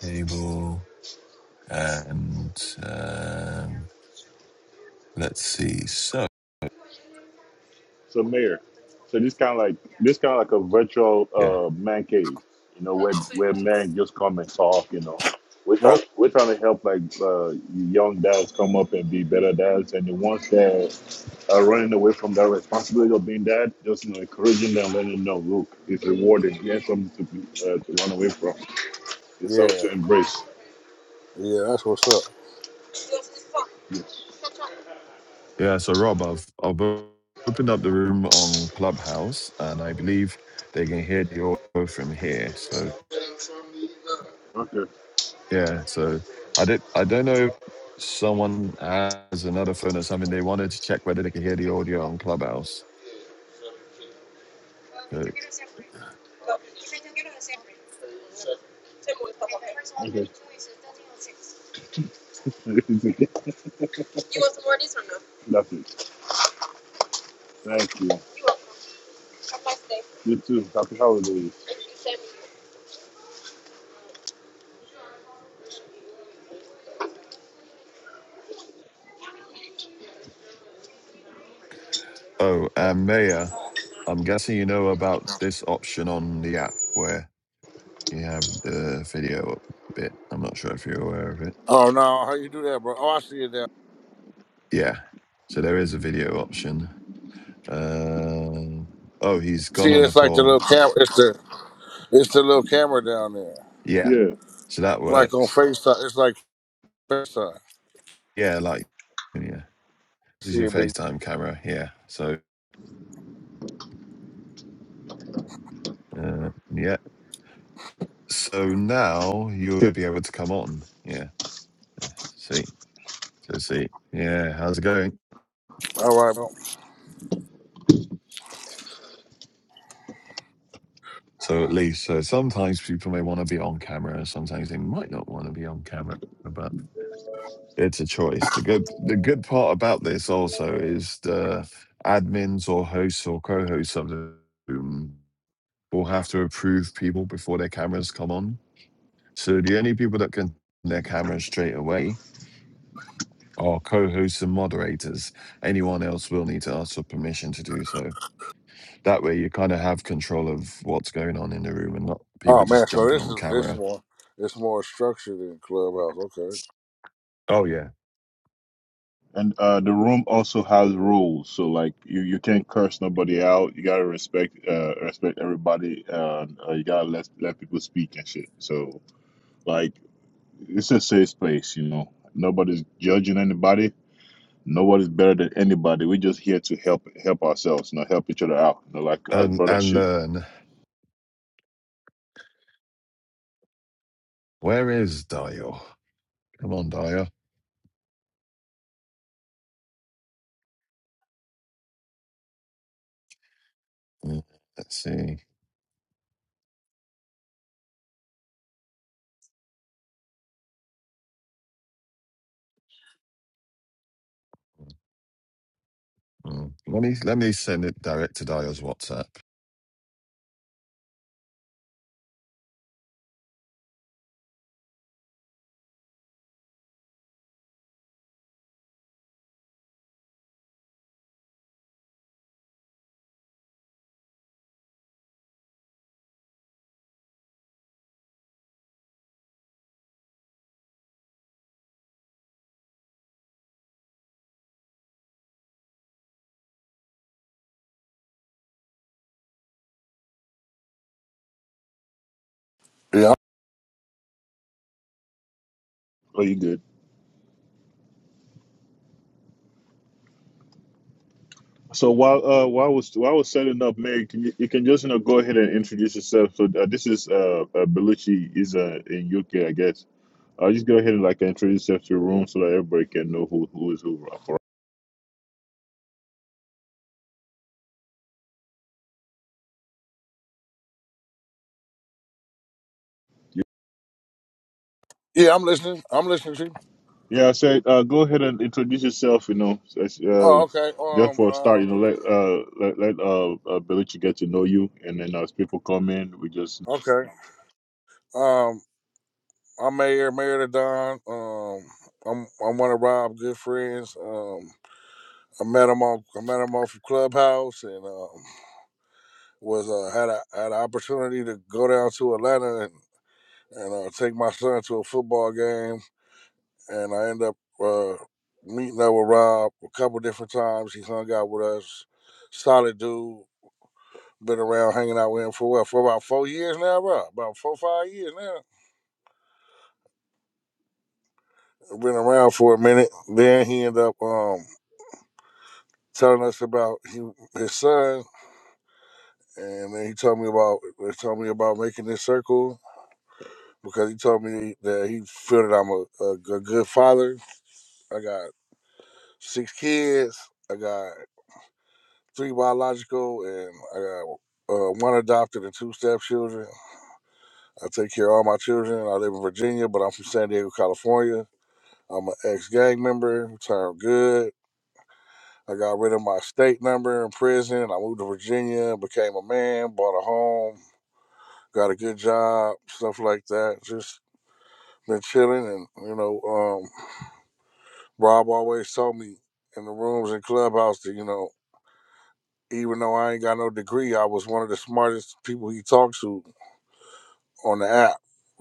table, and um, let's see. So So mayor, so this kind of like this kind of like a virtual yeah, uh, man cave, you know, where where men just come and talk, you know. We're trying well, we're trying to help like uh, young dads come up and be better dads, and the ones that are running away from that responsibility of being dad, just you know, encouraging them, letting them know, look, it's rewarding. Here's something to be, uh, to run away from. It's something yeah. to embrace. Yeah, so Rob, I've, I've opened up the room on Clubhouse, and I believe they can hear the audio from here. So Okay. yeah, so I did. I don't know if someone has another phone or something. They wanted to check whether they could hear the audio on Clubhouse. So- That's it. Thank you. You too. Happy holidays. oh, and Maya, I'm guessing you know about this option on the app where you have the video bit. I'm not sure if you're aware of it. Yeah. So there is a video option. Uh, oh, he's gone See, on a it's like the call. little call. camera. It's the it's the little camera down there. Yeah. Yeah. So that Like on works. FaceTime. It's like FaceTime. Yeah, like yeah. This is See your if it. FaceTime camera Yeah. So uh, yeah. So now you will be able to come on. Yeah. See. So see. Yeah. How's it going? All right, bro. So at least so sometimes people may want to be on camera. Sometimes they might not want to be on camera. It's a choice. The good the good part about this also is the admins or hosts or co-hosts of the room will have to approve people before their cameras come on. So the only people that can turn their cameras straight away are co-hosts and moderators. Anyone else will need to ask for permission to do so. That way you kind of have control of what's going on in the room and not people Oh man, just so jumping this on is this camera. more it's more structured than Clubhouse. Okay. Oh yeah, And uh, the room also has rules, so like you, you can't curse nobody out. You gotta respect uh, respect everybody. Uh, uh, you gotta let let people speak and shit. So like it's a safe space, you know. Nobody's judging anybody. Nobody's better than anybody. We're just here to help help ourselves, you know, help each other out, you know, like uh, And brother and should. learn. Where is Dio? Come on, Dio. Mm, Let's see. Mm. Let me let me send it direct to Dio's WhatsApp. Yeah. Oh, you good? So while uh while I was while I was setting up, Mary, can you, you can just you know go ahead and introduce yourself. So uh, this is uh, uh Belushi is uh in UK, I guess. Uh, just go ahead and like introduce yourself to the room so that everybody can know who who is who. uh, For you. Yeah, I'm listening. I'm listening to you. Yeah, I said uh go ahead and introduce yourself. You know, so uh, Oh, okay. just Um, for a start, uh, you know, um, let uh let let uh, uh Belushi get to know you, and then as people come in, we just okay. I'm Mayor, Mayor to Don. Um, I'm I'm one of Rob's good friends. Um, I met him off I met him off of Clubhouse and um, was uh, had a had an opportunity to go down to Atlanta and, and uh, take my son to a football game and I end up uh, meeting up with Rob a couple different times. He hung out with us. Solid dude. Been around hanging out with him for what for about four years now, Rob. About four five years now. Been around for a minute. Then he ended up. Um, telling us about he, his son, and then he told me about he told me about making this circle because he told me that he feel that I'm a, a, a good father. I got six kids. I got three biological, and I got uh, one adopted and two stepchildren. I take care of all my children. I live in Virginia, but I'm from San Diego, California. I'm an ex-gang member, turned good. I got rid of my state number in prison. I moved to Virginia, became a man, bought a home, got a good job, stuff like that. Just been chilling, and you know, um, Rob always told me in the rooms and clubhouse that you know, even though I ain't got no degree, I was one of the smartest people he talked to on the app.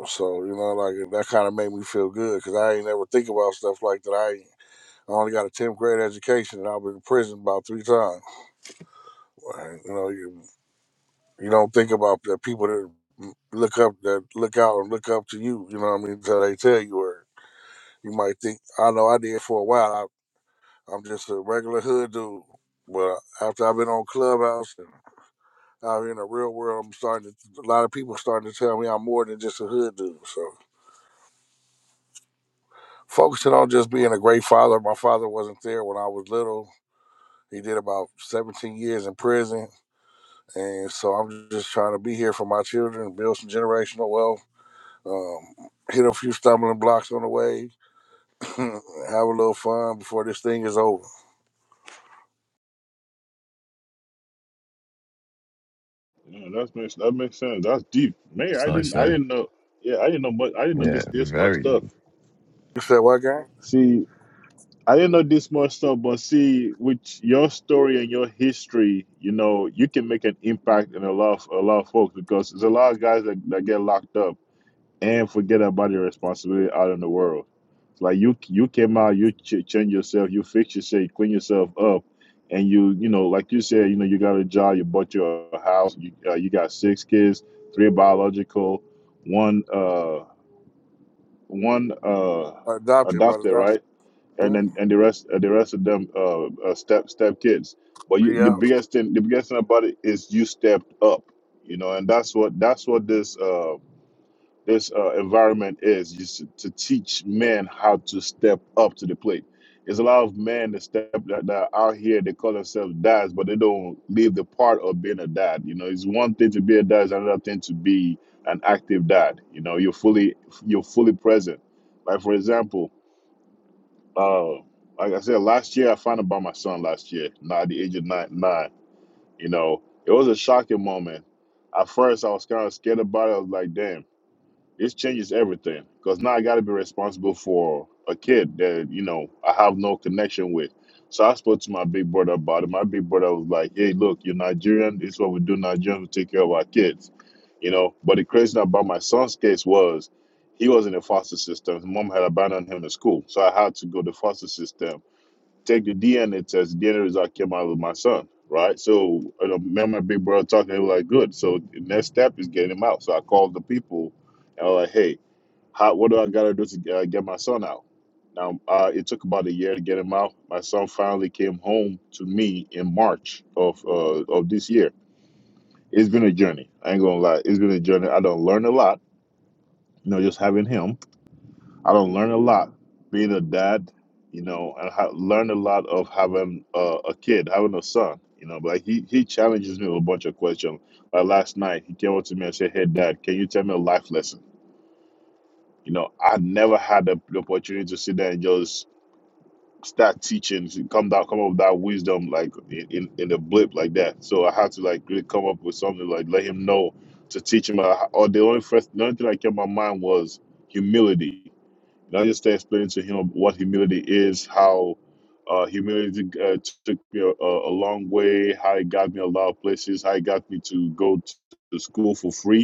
So you know, like that kind of made me feel good because I ain't ever think about stuff like that. I ain't- I only got a tenth grade education, and I've been in prison about three times. Like, You know, you, you don't think about the people that look up that look out and look up to you. You know what I mean? Until they tell you where. You might think I know I did for a while. I, I'm just a regular hood dude, but after I've been on Clubhouse and out in the real world, I'm starting to. A lot of people starting to tell me I'm more than just a hood dude. So focusing on just being a great father. My father wasn't there when I was little. He did about 17 years in prison, and so I'm just trying to be here for my children, build some generational wealth. Um, hit a few stumbling blocks on the way, have a little fun before this thing is over. No, that's makes that makes sense. That's deep. Man, That's I what I didn't I say. didn't know yeah, I didn't know much I didn't know Yeah, this this much very stuff. deep. You said what game? See, I didn't know this much stuff, but see, with your story and your history, you know, you can make an impact in a lot of a lot of folks because there's a lot of guys that, that get locked up and forget about your responsibility out in the world. Like you, you came out, you ch- change yourself, you fix yourself, you clean yourself up, and you, you know, like you said, you know, you got a job, you bought your house, you uh, you got six kids, three biological, one uh one uh Adopted by the adopted, right, and then and the rest uh, the rest of them uh, uh step step kids. But you, the Yeah. biggest thing, the biggest thing about it is you stepped up, you know, and that's what that's what this. uh this uh, environment is just to, to teach men how to step up to the plate. There's a lot of men that step that, that are out here. They call themselves dads, but they don't leave the part of being a dad. You know, it's one thing to be a dad; it's another thing to be an active dad. You know, you're fully you're fully present. Like for example, uh, like I said, last year I found out about my son. Last year, now at the age of nine, nine, you know, it was a shocking moment. At first, I was kind of scared about it. I was like, "Damn." This changes everything because now I got to be responsible for a kid that you know I have no connection with. So I spoke to my big brother about it. My big brother was like, "Hey, look, you're Nigerian. This is what we do. Nigerians we take care of our kids, you know." But the crazy thing about my son's case was he was in the foster system. His mom had abandoned him in school, so I had to go to the foster system take the DNA test. DNA result came out of my son, right? So I remember my big brother talking. They were like, "Good." So the next step is getting him out. So I called the people, and I was like, "Hey, how, what do I gotta do to uh, get my son out?" Now uh, it took about a year to get him out. My son finally came home to me in March of uh, of this year. It's been a journey. I ain't gonna lie. It's been a journey. I done learned a lot. You know, just having him. I don't learn a lot being a dad, you know, and ha- learn a lot of having uh, a kid, having a son, you know. But like, he he challenges me with a bunch of questions. Like last night, he came up to me and said, "Hey, Dad, can you tell me a life lesson?" You know, I never had the, the opportunity to sit there and just start teaching, to come down, come up with that wisdom like in in, in a blip like that. So I had to like really come up with something like let him know to teach him. uh, Or the only first, the only thing that came to my mind was humility and I just started explaining to him what humility is, how uh, humility uh, took me a, a long way, how it got me a lot of places, how it got me to go to school for free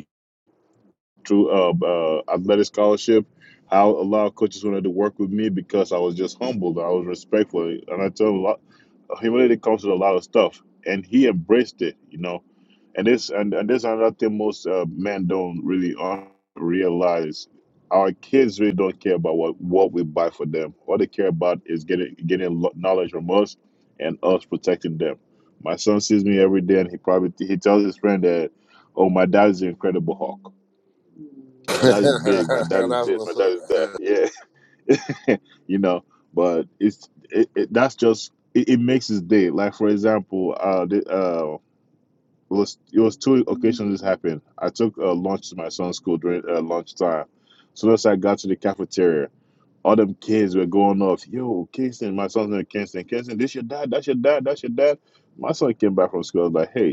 through uh, uh, athletic scholarship. How a lot of coaches wanted to work with me because I was just humbled. I was respectful, and I tell him a lot. Humility comes with a lot of stuff, and he embraced it. You know, and this and, and this another thing most uh, men don't really un- realize. Our kids really don't care about what, what we buy for them. All they care about is getting getting lo- knowledge from us and us protecting them. My son sees me every day, and he probably he tells his friend that, "Oh, my dad is an incredible hawk." that is big, man. That is big, man. That is that. Yeah, you know. But it's it, it that's just it, it makes his day. Like for example, uh, the, uh, it was it was two occasions this happened. I took uh, lunch to my son's school during uh, lunchtime. soon as I got to the cafeteria, all them kids were going off. Yo, Kingston, my son's name is Kingston. Kingston, this your dad? That's your dad? That's your dad? My son came back from school. I was like, hey.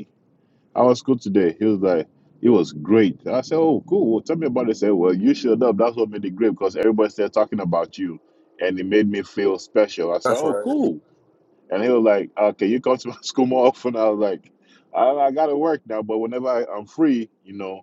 I was good today. He was like, it was great. I said, oh, cool. Well, tell me about it. He said, well, you showed up. That's what made it great because everybody started talking about you and it made me feel special. I said, That's oh, right. cool. And he was like, okay, you come to my school more often. I was like, I, I got to work now, but whenever I, I'm free, you know,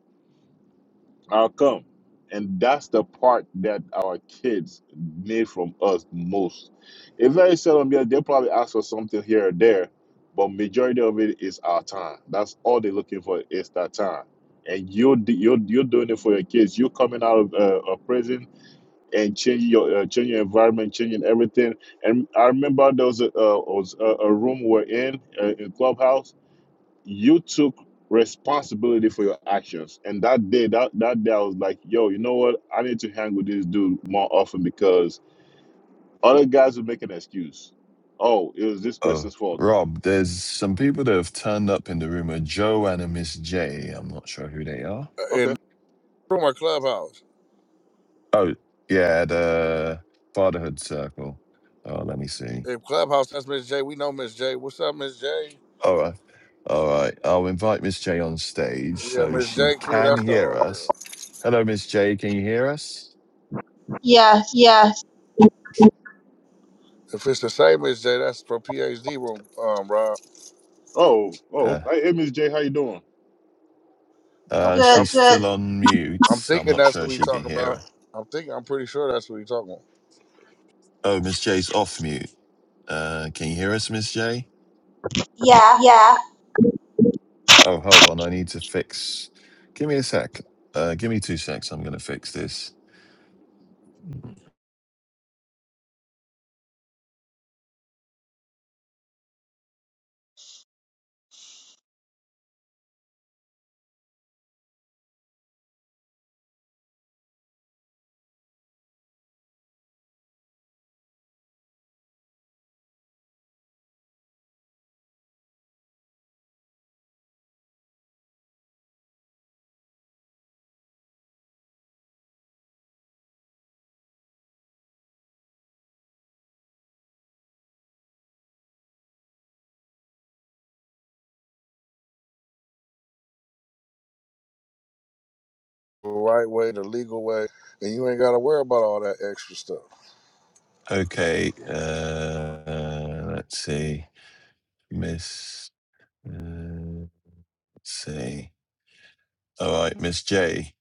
I'll come. And that's the part that our kids need from us most. It's very seldom, yeah, they probably ask for something here or there, but majority of it is our time. That's all they're looking for is that time. And you're d- you're you're doing it for your kids. You're coming out of uh, a prison and changing your uh, changing your environment, changing everything. And I remember there was a uh, was a, a room we're in uh, in clubhouse you took responsibility for your actions. And that day, that, that day, I was like, yo, you know what? I need to hang with this dude more often because other guys will make an excuse. Oh, it was this Oh, person's fault. Rob, there's some people that have turned up in the room, a Joe and a Miss J. I'm not sure who they are. Uh, Okay. And from our clubhouse. Oh, yeah, the Fatherhood Circle. Oh, let me see. If Clubhouse, that's Miss J. We know Miss J. What's up, Miss J? All right. All right. I'll invite Miss J on stage Yeah, so Miss she J. Q, can That's the hear us. Hello, Miss J. Can you hear us? Yes. if it's the same Miss J. That's for PhD room. Um, Rob. Oh, oh, Uh, hey, hey, Miss J, how you doing? I'm uh, I'm, Good. she's still on mute. I'm I'm thinking not that's sure what we she can talking hear about. us. I'm thinking. I'm pretty sure that's what we talking about. Oh, Miss J's off mute. Uh, can you hear us, Miss J? Yeah. Oh, hold on. I need to fix. Give me a sec. Uh, give me two secs. I'm going to fix this. The right way, the legal way, and you ain't got to worry about all that extra stuff. Okay. Uh, let's see. Miss. Uh, let's see. All right, Miss J.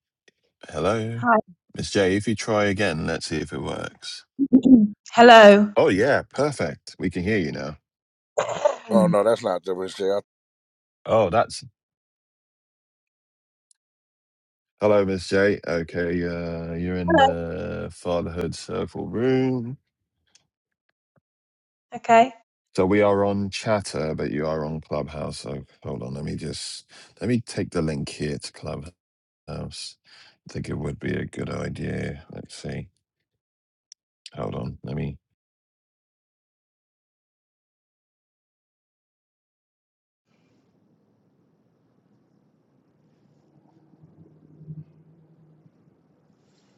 Hello, Hi. Miss J. If you try again, let's see if it works. Hello. Oh yeah, perfect. We can hear you now. Oh no, that's not the Miss J. I, Oh, that's hello, Miss J. Okay, uh, you're in Hello. the fatherhood circle room. Okay. So we are on Chatter, but you are on Clubhouse. So hold on, let me just let me take the link here to Clubhouse. I think it would be a good idea. Let's see. Hold on, let me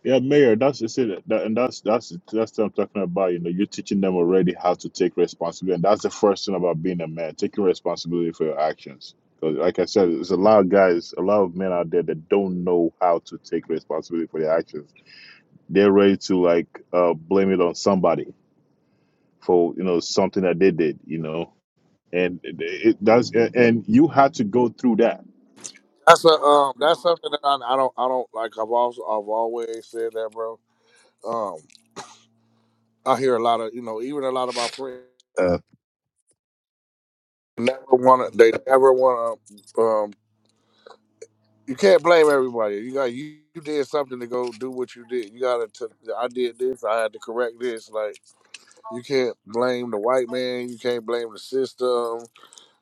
Yeah, Mayor, that's just it. That, and that's that's that's what I'm talking about. You know, you're teaching them already how to take responsibility. And that's the first thing about being a man, taking responsibility for your actions. 'Cause like I said, there's a lot of guys, a lot of men out there that don't know how to take responsibility for their actions. They're ready to like uh, blame it on somebody for you know something that they did. You know, and it, it, that's and and you had to go through that. That's a um. That's something that I, I don't. I don't like. I've also. I've always said that, bro. I hear a lot of you know, even a lot of my friends Uh, never want to. They never want to. Um, you can't blame everybody. You got you, you did something to go do what you did. You got to. I did this. I had to correct this. Like you can't blame the white man. You can't blame the system.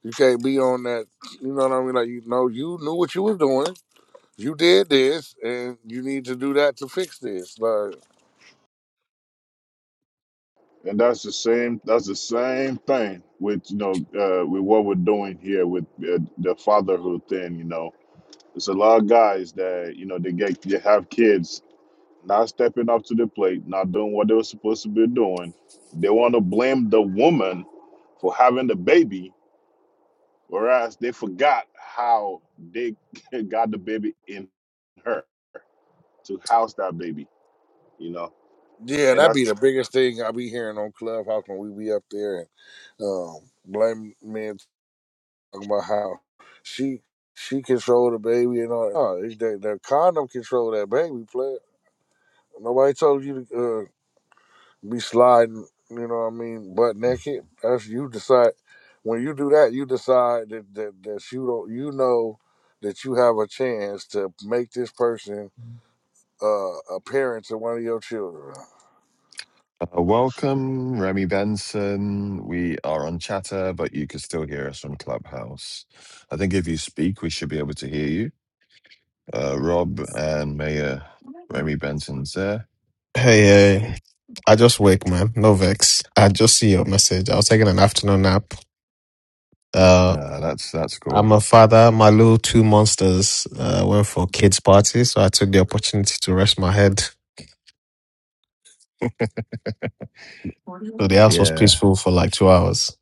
You can't be on that. You know what I mean? Like you know, you knew what you was doing. You did this, and you need to do that to fix this. like. And that's the same. That's the same thing with you know uh, with what we're doing here with uh, the fatherhood thing. You know, there's a lot of guys that you know they get they have kids not stepping up to the plate, not doing what they were supposed to be doing. They want to blame the woman for having the baby, whereas they forgot how they got the baby in her to house that baby. you know. Yeah, And that I be the biggest thing I be hearing on Clubhouse when we be up there and um, blame men talking about how she she controlled the baby and all. that. No, it's that the condom control that baby. Play. Nobody told you to uh, be sliding. You know what I mean? Butt naked. That's you decide. When you do that, you decide that that, that you don't. You know that you have a chance to make this person uh, a parent to one of your children. Uh, welcome, Remy Benson. We are on chatter, but you can still hear us from Clubhouse. I think if you speak, we should be able to hear you. Uh, Rob and Mayor Remy Benson's there. Hey, hey, I just wake, man. No vex. I just see your message. I was taking an afternoon nap. Uh, Uh, that's that's I'm cool. a father. My little two monsters uh, went for kids' party, so I took the opportunity to rest my head. So the house was Yeah. peaceful for like two hours.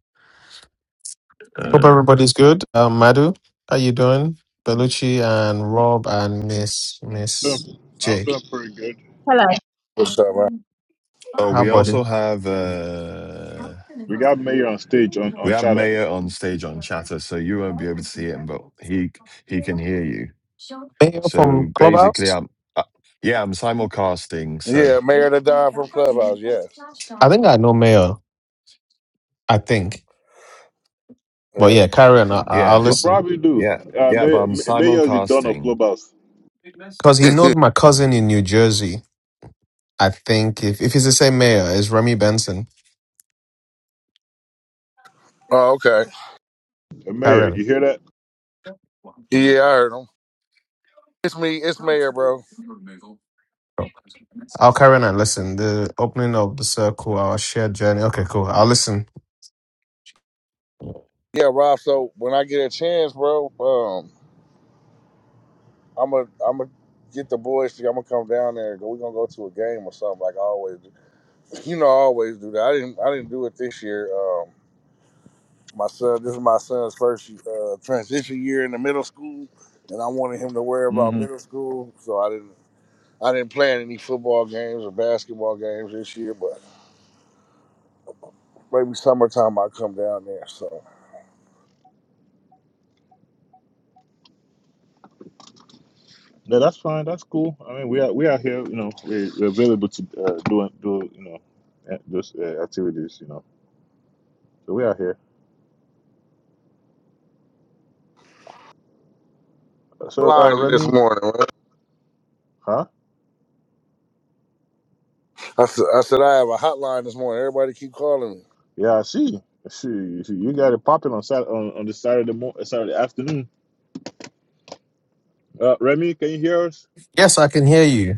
Hope Uh, everybody's good. Uh, Madhu, how you doing? Bellucci and Rob and Miss Miss Doing- I'm J. doing pretty good. Hello. What's up, Oh, How we about also you? have uh We got Mayor on stage on, we on have chatter. Mayor on stage on chatter, so you won't be able to see him, but he he can hear you. Mayor from So basically, Clubhouse. I'm uh, yeah, I'm simulcasting. So Yeah, Mayor the Don from Clubhouse. Yes. I think I know Mayor. I think. But Yeah. yeah, carry on. I, I'll yeah, You but listen. probably do. yeah, Uh, yeah, but Mayor, I'm Mayor the Don of simulcasting. Clubhouse. Because he knows my Mm. cousin in New Jersey. I think if, if he's the same mayor as Remy Benson, oh, okay. Uh, carry Mayor, on. you hear that? Yeah, I heard him. It's me. It's Mayor, bro. Cool. I'll carry on and listen. The opening of the circle, our shared journey. Okay, cool. I'll listen. Yeah, Rob. So when I get a chance, bro, I'm gonna I'm gonna get the boys. I'm gonna come down there. and go We're gonna go to a game or something like I always do. You know, I always do that. I didn't I didn't do it this year. Um, my son, this is my son's first uh, transition year in the middle school, and I wanted him to worry about hmm middle school, so I didn't. I didn't plan any football games or basketball games this year, but maybe summertime I'll come down there. So Yeah, that's fine. That's cool. I mean, we are we are here. You know, we're, we're available to uh, do do you know uh, those uh, activities. You know, so we are here. I said, uh, Line this Remy, morning, man. huh? I said, I said I have a hotline this morning. Everybody keep calling me. Yeah, I see. I see, you see, you got it popping on Saturday, on, on the Saturday, mo- Saturday afternoon. Uh, Remy, can you hear us? Yes, I can hear you.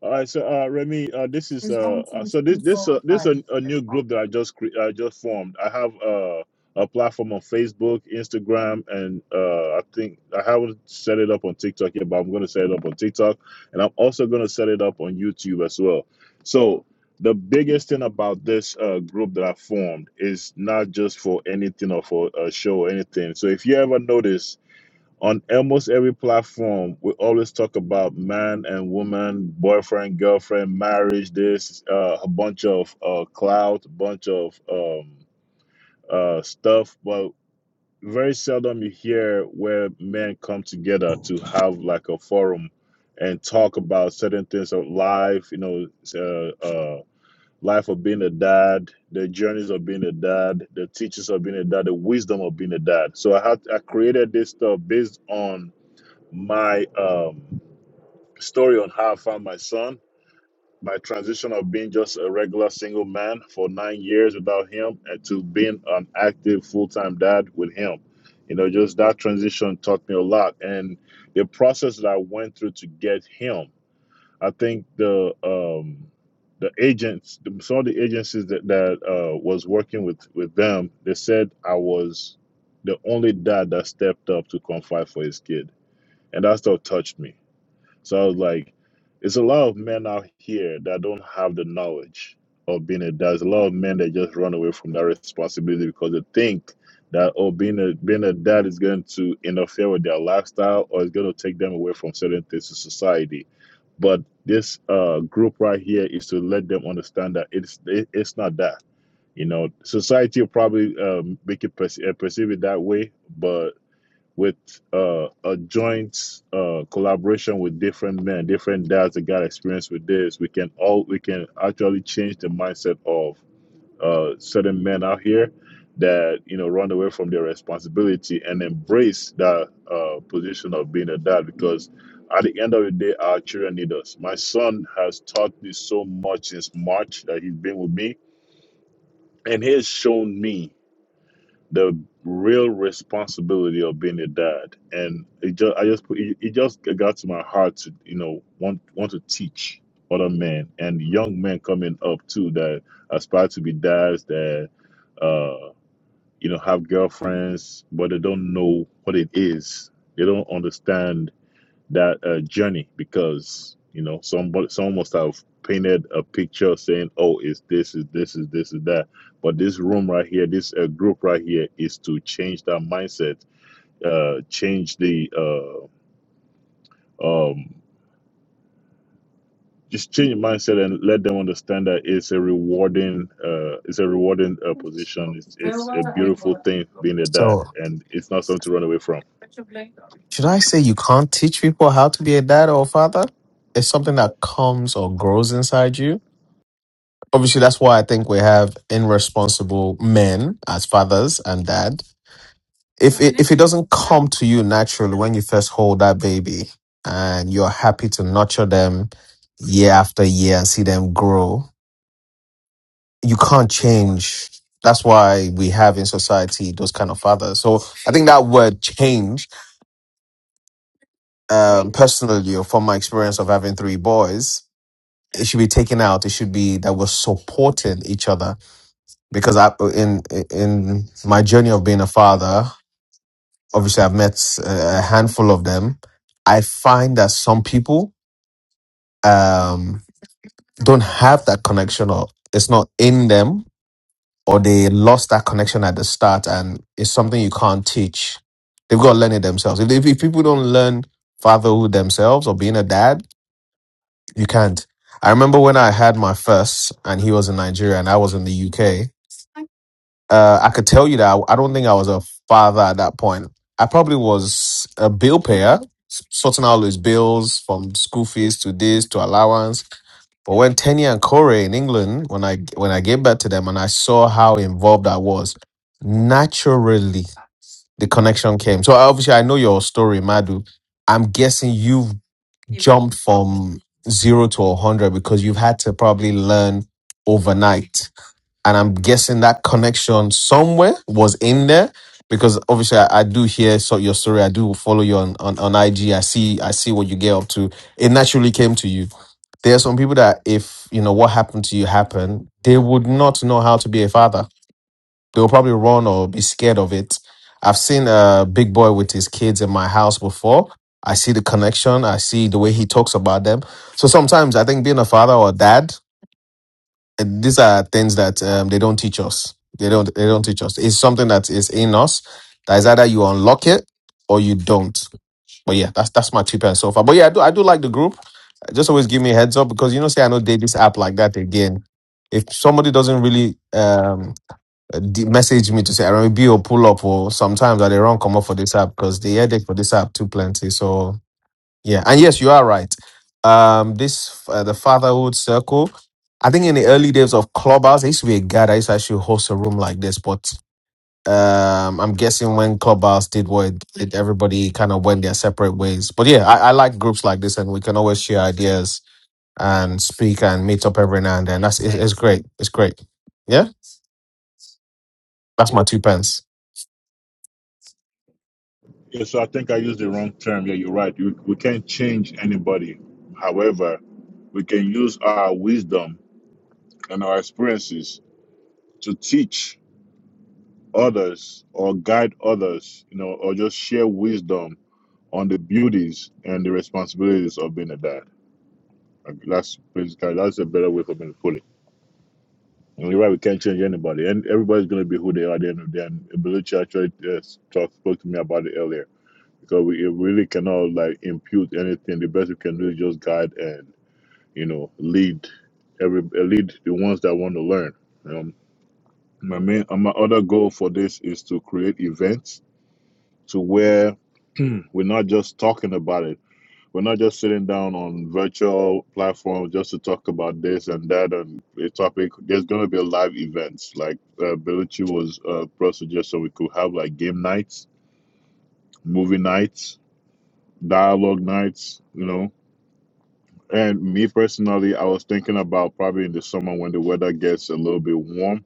All right, so uh, Remy, uh, this is uh, uh, so this this uh, this a, a new group that I just cre- I just formed. I have uh, a platform on Facebook, Instagram, and uh, I think I haven't set it up on TikTok yet, but I'm going to set it up on TikTok, and I'm also going to set it up on YouTube as well. So the biggest thing about this uh, group that I formed is not just for anything or for a show or anything. So if you ever notice on almost every platform we always talk about man and woman boyfriend girlfriend marriage this uh, a bunch of uh, clout a bunch of um, uh, stuff but very seldom you hear where men come together to have like a forum and talk about certain things of life you know uh, uh, life of being a dad the journeys of being a dad the teachings of being a dad the wisdom of being a dad so i had i created this stuff based on my um, story on how I found my son, my transition of being just a regular single man for nine years without him and to being an active full time dad with him. You know, just that transition taught me a lot. And the process that I went through to get him, I think the, um, the agents, some of the agencies that, that uh, was working with, with them, they said I was the only dad that stepped up to confide for his kid. And that still touched me so I was like, it's a lot of men out here that don't have the knowledge of being a dad. There's a lot of men that just run away from that responsibility because they think that oh being a being a dad is going to interfere with their lifestyle or it's going to take them away from certain things in society. But this uh, group right here is to let them understand that it's it, it's not that. You know, society will probably um, make it perce- uh, perceive it that way, but with uh, a joint uh, collaboration with different men, different dads that got experience with this, we can all we can actually change the mindset of uh, certain men out here that you know run away from their responsibility and embrace that uh, position of being a dad because at the end of the day our children need us my son has taught me so much since march that he's been with me and he has shown me the real responsibility of being a dad and it just i just put it, it just got to my heart to you know want want to teach other men and young men coming up too that aspire to be dads that uh you know have girlfriends but they don't know what it is they don't understand that uh, journey because you know somebody someone must have painted a picture saying oh it's this is this is this is that but this room right here this uh, group right here is to change that mindset uh change the uh um just change the mindset and let them understand that it's a rewarding uh it's a rewarding uh, position it's it's a beautiful thing being a dad So, and it's not something to run away from should I say you can't teach people how to be a dad or a father? It's something that comes or grows inside you. Obviously, that's why I think we have irresponsible men as fathers and dads. if it if it doesn't come to you naturally when you first hold that baby and you're happy to nurture them year after year and see them grow you can't change that's why we have in society those kind of fathers so i think that word change um, personally or from my experience of having three boys it should be taken out it should be that we're supporting each other because i in in my journey of being a father obviously I've met uh, a handful of them. I find that some people um, don't have that connection, or it's not in them, or they lost that connection at the start, and it's something you can't teach. They've got to learn it themselves. If, they, if people don't learn fatherhood themselves or being a dad, you can't. I remember when I had my first, and he was in Nigeria and I was in the UK. Uh, I could tell you that I, I don't think I was a father at that point. I probably was a bill payer, s- sorting out his bills from school fees to this to allowance. But when Tenya and Corey in England, when I when I gave back to them and I saw how involved I was, naturally the connection came. So obviously I know your story, Madu. I'm guessing you've jumped from zero to a hundred because you've had to probably learn overnight and I'm guessing that connection somewhere was in there because obviously I, I do hear so your story. I do follow you on, on on IG. I see I see what you get up to. It naturally came to you. There are some people that if you know what happened to you happened, they would not know how to be a father. They'll probably run or be scared of it. I've seen a big boy with his kids in my house before. I see the connection. I see the way he talks about them. So sometimes I think being a father or a dad and these are things that um, they don't teach us. They don't. They don't teach us. It's something that is in us. That is either you unlock it or you don't. But yeah, that's that's my two pence so far. But yeah, I do. I do like the group. Just always give me a heads up because you know, say I know date this app like that again. If somebody doesn't really um d- message me to say I remember be or pull up or sometimes I they run come up for this app because the headache for this app too plenty. So yeah, and yes, you are right. Um, this uh, the fatherhood circle. I think in the early days of Clubhouse, there used to be a guy that used to actually host a room like this. But um, I'm guessing when Clubhouse did what it did, everybody kind of went their separate ways. But yeah, I, I like groups like this, and we can always share ideas and speak and meet up every now and then. That's it's, it's great. It's great. Yeah, that's my two pence. Yeah, so I think I used the wrong term. Yeah, you're right. You, we can't change anybody. However, we can use our wisdom and our experiences to teach others or guide others, you know, or just share wisdom on the beauties and the responsibilities of being a dad. Like, That's basically that's a better way for me to put it. You're right. We can't change anybody, and everybody's going to be who they are at the end of the day. And Belucci actually uh, talk, spoke to me about it earlier because we it really cannot like impute anything. The best we can do is just guide and you know lead every uh, lead the ones that want to learn. Um, my main uh, my other goal for this is to create events to where we're not just talking about it we're not just sitting down on virtual platforms just to talk about this and that and a topic. There's going to be live events. Like uh, Bellucci was uh, pro suggested we could have like game nights, movie nights, dialogue nights, you know. And me personally, I was thinking about probably in the summer when the weather gets a little bit warm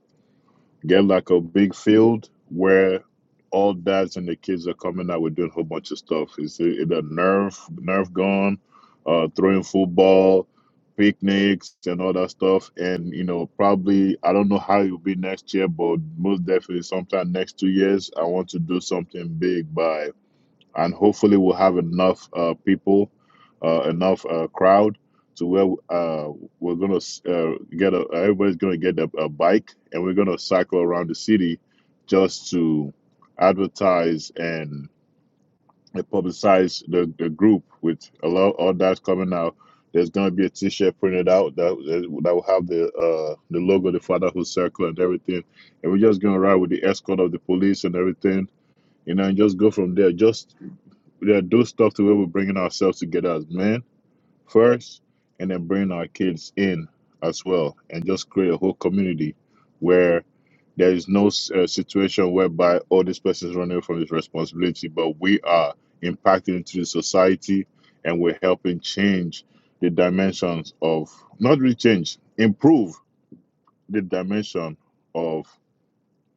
Get like a big field where all dads and the kids are coming out. We're doing a whole bunch of stuff. It's either nerf, nerf gun, uh, throwing football, picnics, and all that stuff. And you know, probably I don't know how it'll be next year, but most definitely sometime next two years, I want to do something big by and hopefully we'll have enough uh, people, uh, enough uh, crowd to where uh, we're gonna uh, get a everybody's gonna get a, a bike and we're gonna cycle around the city just to advertise and publicize the, the group with a lot all that's coming out. There's gonna be a T-shirt printed out that that will have the uh, the logo, the Fatherhood Circle, and everything. And we're just gonna ride with the escort of the police and everything, you know, and just go from there. Just that do stuff to where we're bringing ourselves together as men first, and then bringing our kids in as well, and just create a whole community where there is no uh, situation whereby oh this person is running from his responsibility, but we are impacting into the society, and we're helping change the dimensions of not really change, improve the dimension of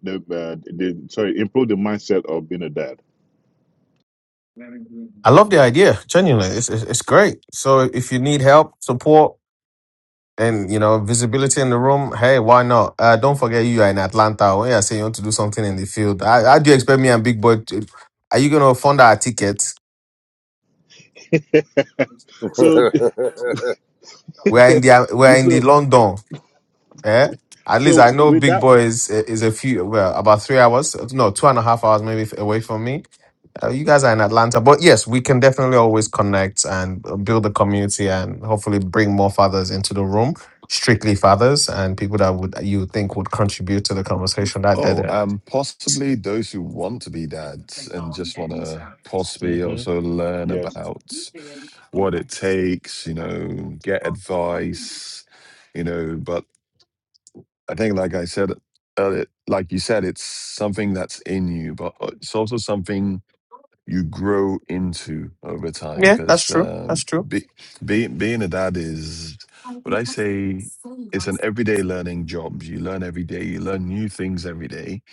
the, uh, the sorry improve the mindset of being a dad. I love the idea. Genuinely, it's it's, it's great. So if you need help, support And you know, visibility in the room. Hey, why not? Uh, don't forget you are in Atlanta. When you are saying you want to do something in the field, how, how do you expect me and Big Boy? To, are you gonna fund our tickets? So We are in the we are yeah, in the so London. Eh? At least I So know with Big that, Boy is is a few well about three hours, no two and a half hours maybe away from me. Uh, you guys are in Atlanta, but yes, we can definitely always connect and uh, build the community and hopefully bring more fathers into the room, strictly fathers and people that would you would think would contribute to the conversation. That that, Oh, that. um, possibly those who want to be dads and just want to possibly hmm also learn yes, about what it takes, you know, get advice, you know. But I think, like I said earlier, like you said, it's something that's in you, but it's also something you grow into over time yeah, that's because true. That's um, true. be, being being a dad is what I say. It's an everyday learning job. You learn every day. You learn new things every day.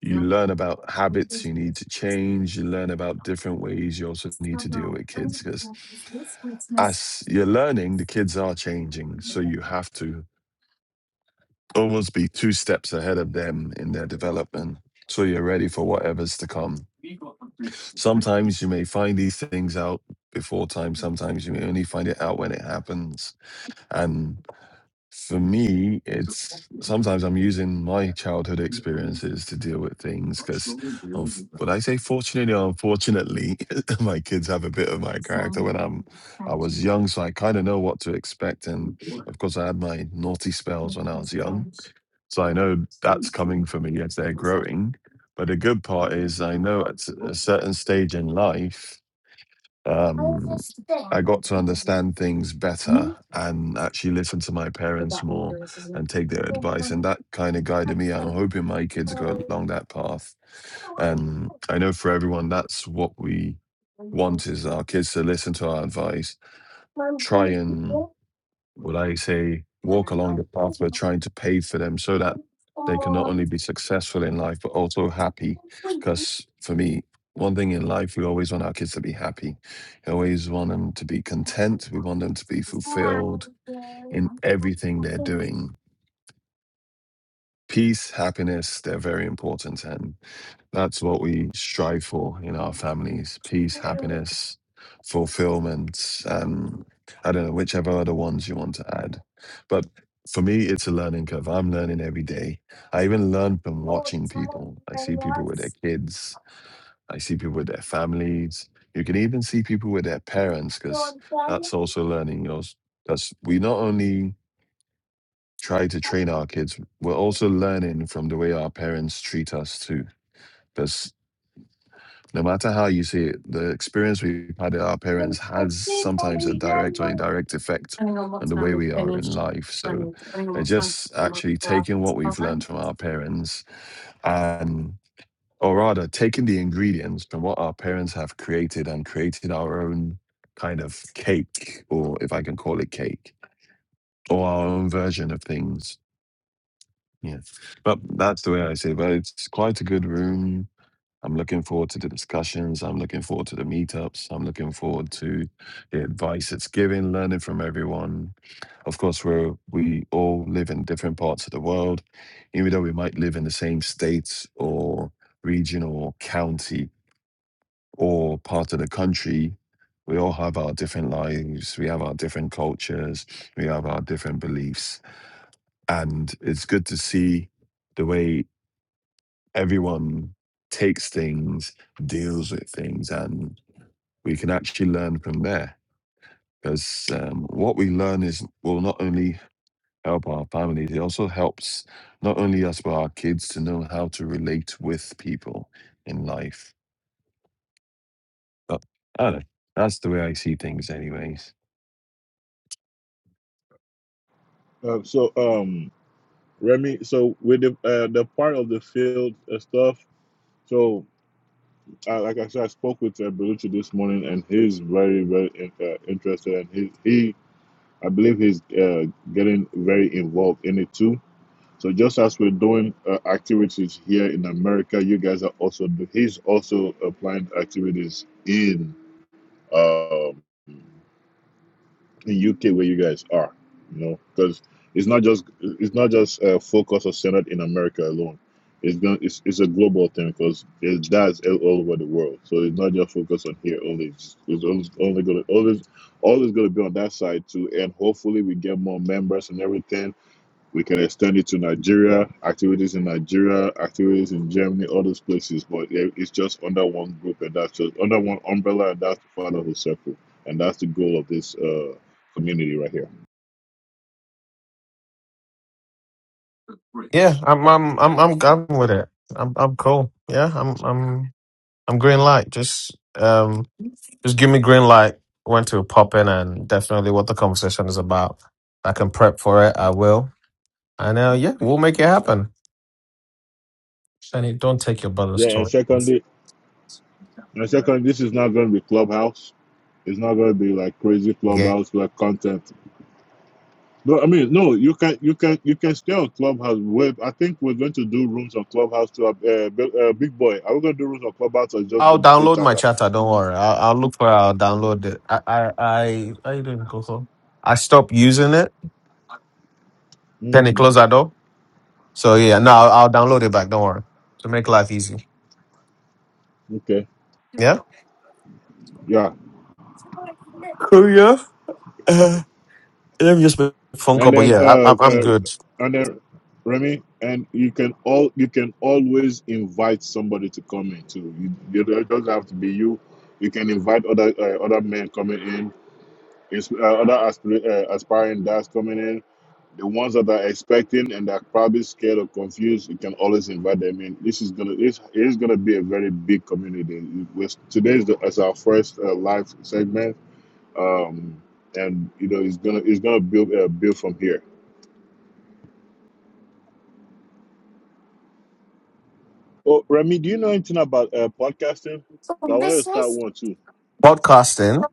You learn about habits you need to change. You learn about different ways you also need to deal with kids because as you're learning, the kids are changing. So you have to almost be two steps ahead of them in their development. So you're ready for whatever's to come. Sometimes you may find these things out before time, sometimes you may only find it out when it happens. And for me, it's sometimes I'm using my childhood experiences to deal with things because of would I say fortunately or unfortunately, my kids have a bit of my character when I'm I was young, so I kind of know what to expect. And of course, I had my naughty spells when I was young so I know that's coming for me as they're growing. But the good part is, I know at a certain stage in life, um, I got to understand things better and actually listen to my parents more and take their advice. And that kind of guided me. I'm hoping my kids go along that path. And I know for everyone, that's what we want is our kids to listen to our advice, try and would I say walk along the path we're trying to pave for them so that they can not only be successful in life, but also happy? Because for me, one thing in life, we always want our kids to be happy. We always want them to be content. We want them to be fulfilled in everything they're doing. Peace, happiness, they're very important. And that's what we strive for in our families peace, happiness, fulfillment. Um, I don't know, whichever other ones you want to add. But for me, it's a learning curve. I'm learning every day. I even learn from watching people. I see people with their kids, I see people with their families. You can even see people with their parents because that's also learning. Because we not only try to train our kids. We're also learning from the way our parents treat us too, because no matter how you see it, the experience we've had at our parents has sometimes a direct or indirect effect on the way we are in life. So, uh, just actually taking what we've learned from our parents and or rather taking the ingredients from what our parents have created and created our own kind of cake or if i can call it cake or our own version of things Yeah, but that's the way I see it. But it's quite a good room. I'm looking forward to the discussions. I'm looking forward to the meetups. I'm looking forward to the advice it's giving, learning from everyone. Of course, we're, we all live in different parts of the world, even though we might live in the same state or region or county or part of the country. We all have our different lives. We have our different cultures. We have our different beliefs. And it's good to see the way everyone takes things, deals with things, and we can actually learn from there. Because um, what we learn is will not only help our families, it also helps not only us but our kids to know how to relate with people in life. But I don't know. That's the way I see things, anyways. Uh, so um Remy, so with the uh, the part of the field uh, stuff, so I, like I said, I spoke with uh, Belucci this morning, and he's very, very in- uh, interested, and he, he, I believe he's uh, getting very involved in it too. So just as we're doing uh, activities here in America, you guys are also do- he's also applying activities in um, in UK where you guys are, you know, because it's not just it's not just uh, focused or centered in America alone. It's going it's, it's a global thing because there's dads all all over the world. So it's not just focused on here only. It's, it's always only gonna always always gonna be on that side too. And hopefully we get more members and everything we can extend it to Nigeria, activities in Nigeria, activities in Germany, all those places. But it's just under one group, and that's just under one umbrella, and that's part of the fatherhood circle, and that's the goal of this uh, community right here. Yeah, I'm I'm I'm I'm I'm with it. I'm I'm cool. Yeah, I'm I'm I'm green light. Just um just give me green light when to pop in and definitely what the conversation is about. I can prep for it. I will. And uh, yeah, we'll make it happen. And don't take your brother's Yeah, and toy. secondly, and secondly, this is not going to be clubhouse. It's not going to be like crazy again. clubhouse like content. No, I mean, no, you can you can you can stay on clubhouse. With I think we're going to do rooms on clubhouse to uh, uh, big boy. Are we going to do rooms on clubhouse or just going I'll straight download my chatter? charter. Don't worry. I'll, I'll look for. it, I'll download it. I I I how you doing, Coco? I stopped using it. Then it hmm closed that door. So yeah, no, I'll, I'll download it back. Don't worry. To make life easy. Okay. Yeah. Yeah, Cool. Yeah. Phone call, And but then yeah, I, uh, I'm I'm uh good. and then Remy, and you can all you can always invite somebody to come in too. You, you don't- it doesn't have to be you. You can invite other uh, other men coming in, ins- uh, other aspir- uh, aspiring dads coming in. The ones that are expecting and are probably scared or confused, you can always invite them in. This is gonna this is gonna be a very big community. With today's the, is our first uh, live segment, um, and you know it's gonna it's gonna build uh, build from here. Oh, Remy, do you know anything about uh, podcasting? 'Cause I wanted to start one too. Podcasting.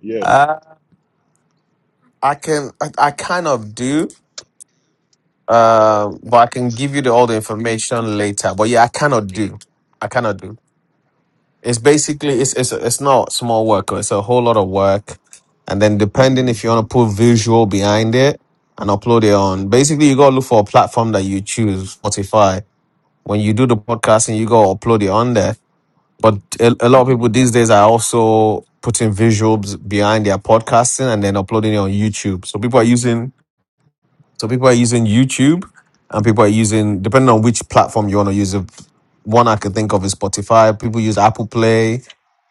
Yes. Uh, I can I, I kind of do. Um, but I can give you the, all the information later. But yeah, I cannot do. I cannot do. It's basically it's it's it's not small work. It's a whole lot of work, and then depending hmm if you want to put visual behind it and upload it on. Basically, you gotta look for a platform that you choose. Spotify. When you do the podcasting, you gotta upload it on there. But a, a lot of hmm people these days are also putting visuals behind their podcasting and then uploading it on YouTube. So people are using so people are using YouTube, and people are using depending on which platform you want to use. If one I can think of is Spotify. People use Apple Play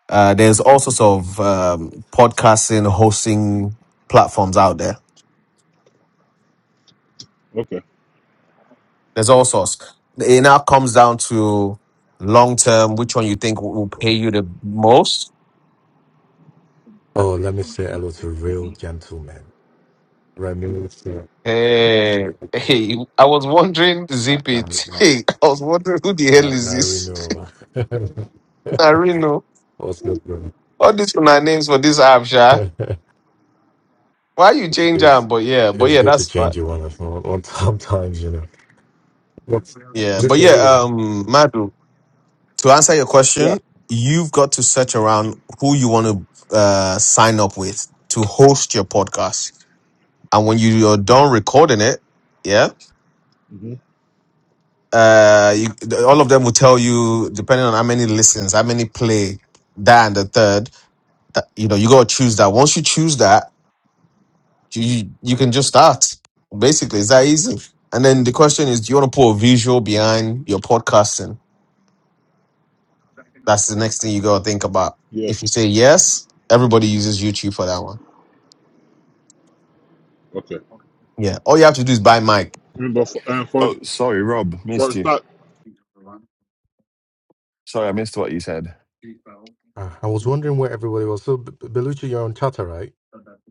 uh, there's all sorts of um, podcasting hosting platforms out there. Okay. There's all sorts. It now comes down to long term, which one you think will will pay you the most. Oh, let me say hello to real hmm gentlemen. Let me say, Hey, hey, I was wondering, Na- zip na- it. na- Hey, I was wondering who the hell na- is this? Narino. Narino. What's good, bro? All these una names for this app, Sha. Why you It's, change it's, them? But yeah, but it's yeah, good to that's fine. change you one of on, on sometimes, you know. What's Yeah, is but this your yeah, room? um, Madu. to answer your Yeah. question, you've got to search around who you want to uh, sign up with to host your podcast. And when you are done recording it, yeah, hmm uh, you, all of them will tell you, depending on how many listens, how many play, that and the third, that, you know, you got to choose that. Once you choose that, you, you you can just start. Basically, it's that easy. And then the question is, do you want to put a visual behind your podcasting? That's the next thing you got to think about. If you Yes. say yes, everybody uses YouTube for that one. Okay. Yeah. All you have to do is buy mic. Mm, But for, uh, for Oh, sorry, Rob, for a missed you. start, Sorry, I missed what you said. Uh, I was wondering where everybody was. So, B- B- Belucci, you're on Tata, right?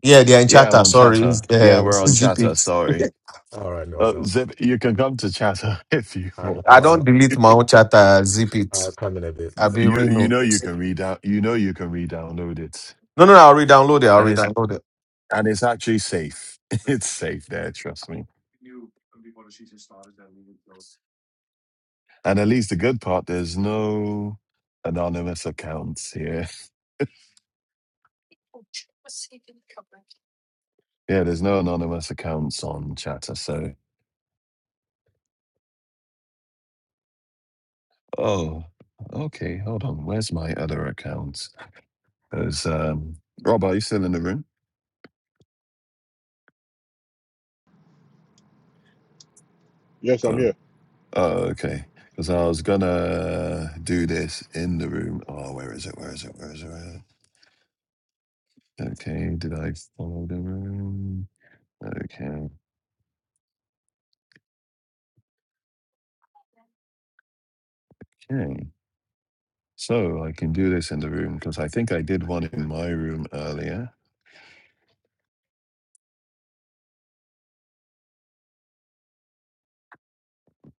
Yeah, they are in Yeah, I'm chatter. on Sorry. chatter. Yeah, Um, we're on Okay. zip chatter. it. Sorry. All right. No, Uh, no. Zip, you can come to chatter if you I, I want. don't I'll, delete my own chatter. Zip it. I'll come in a bit. I'll be you you Reno. know you can read out. You know you can re-download it, No, no, no. no. I'll re-download it. I'll and it's re-download it. and it's actually safe. It's safe there, trust me. And at least the good part, there's no anonymous accounts here. Yeah, there's no anonymous accounts on Chatter. So, oh, okay, hold on. Where's my other accounts? There's um, Rob. Are you still in the room? Yes, I'm Go. here. Oh, okay. Because I was gonna do this in the room. Oh, where is it? Where is it? Where is it? Where is it? Okay, did I follow the room? Okay, okay. So I can do this in the room because I think I did one in my room earlier.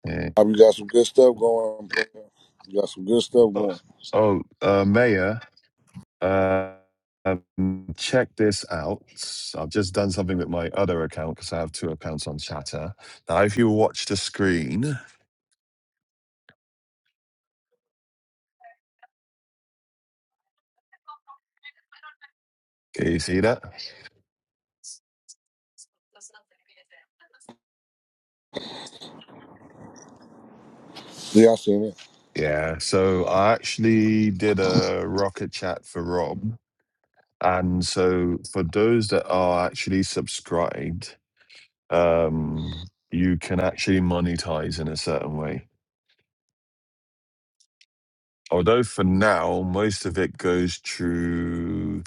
Eh, Bob, you got some good stuff going brother. You got some good stuff Oh, going. oh uh, Mayor, uh, um, check this out. I've just done something with my other account because I have two accounts on Chatter. Now, if you watch the screen, can you see that? Yeah, I seen it. Yeah, so I actually did a rocket chat for Rob. And so for those that are actually subscribed, um, you can actually monetize in a certain way. Although for now, most of it goes through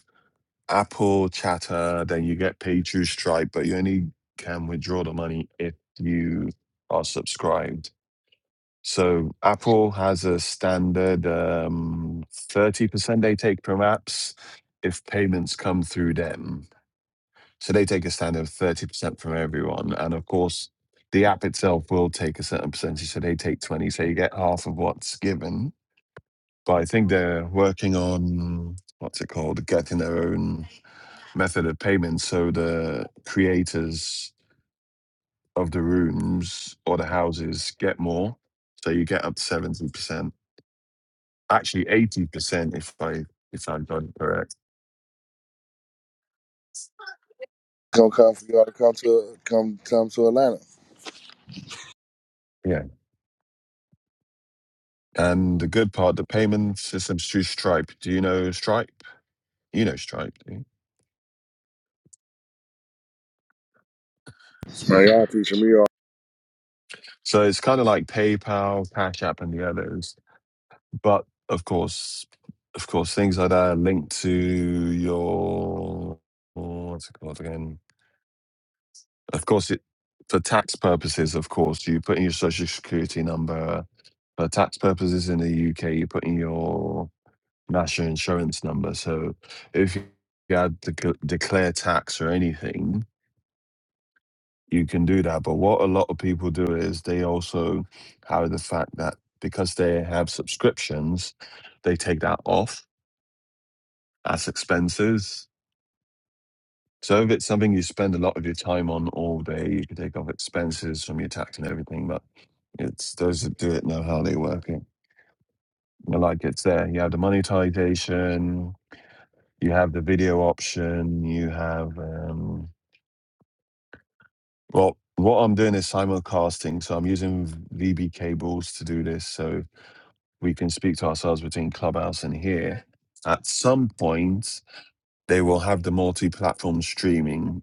Apple Chatter, then you get paid through Stripe, but you only can withdraw the money if you are subscribed. So Apple has a standard um, 30% they take from apps if payments come through them. So they take a standard of 30% from everyone. And of course, the app itself will take a certain percentage. So they take 20. So you get half of what's given. But I think they're working on what's it called? Getting their own method of payment. So the creators of the rooms or the houses get more. So you get up to 70%. Actually 80% if I if I got it correct. Gonna come for y'all to come to come come to Atlanta. Yeah. And the good part, the payment system's through Stripe. Do you know Stripe? You know Stripe, do you? Man, y'all teaching me all. So it's kind of like PayPal, Cash App, and the others. But of course, of course, things like that are linked to your oh, what's it called again? Of course, it for tax purposes. Of course, you put in your social security number for tax purposes in the UK. You put in your National insurance number. So if you had to c- declare tax or anything, you can do that. But what a lot of people do is they also have the fact that because they have subscriptions, they take that off as expenses. So if it's something you spend a lot of your time on all day, you can take off expenses from your tax and everything. But it's those that do it know how they work it. You Like it's there. You have the monetization, you have the video option, you have. Um, Well, what I'm doing is simulcasting, so I'm using VB cables to do this, so we can speak to ourselves between Clubhouse and here. At some point, they will have the multi-platform streaming.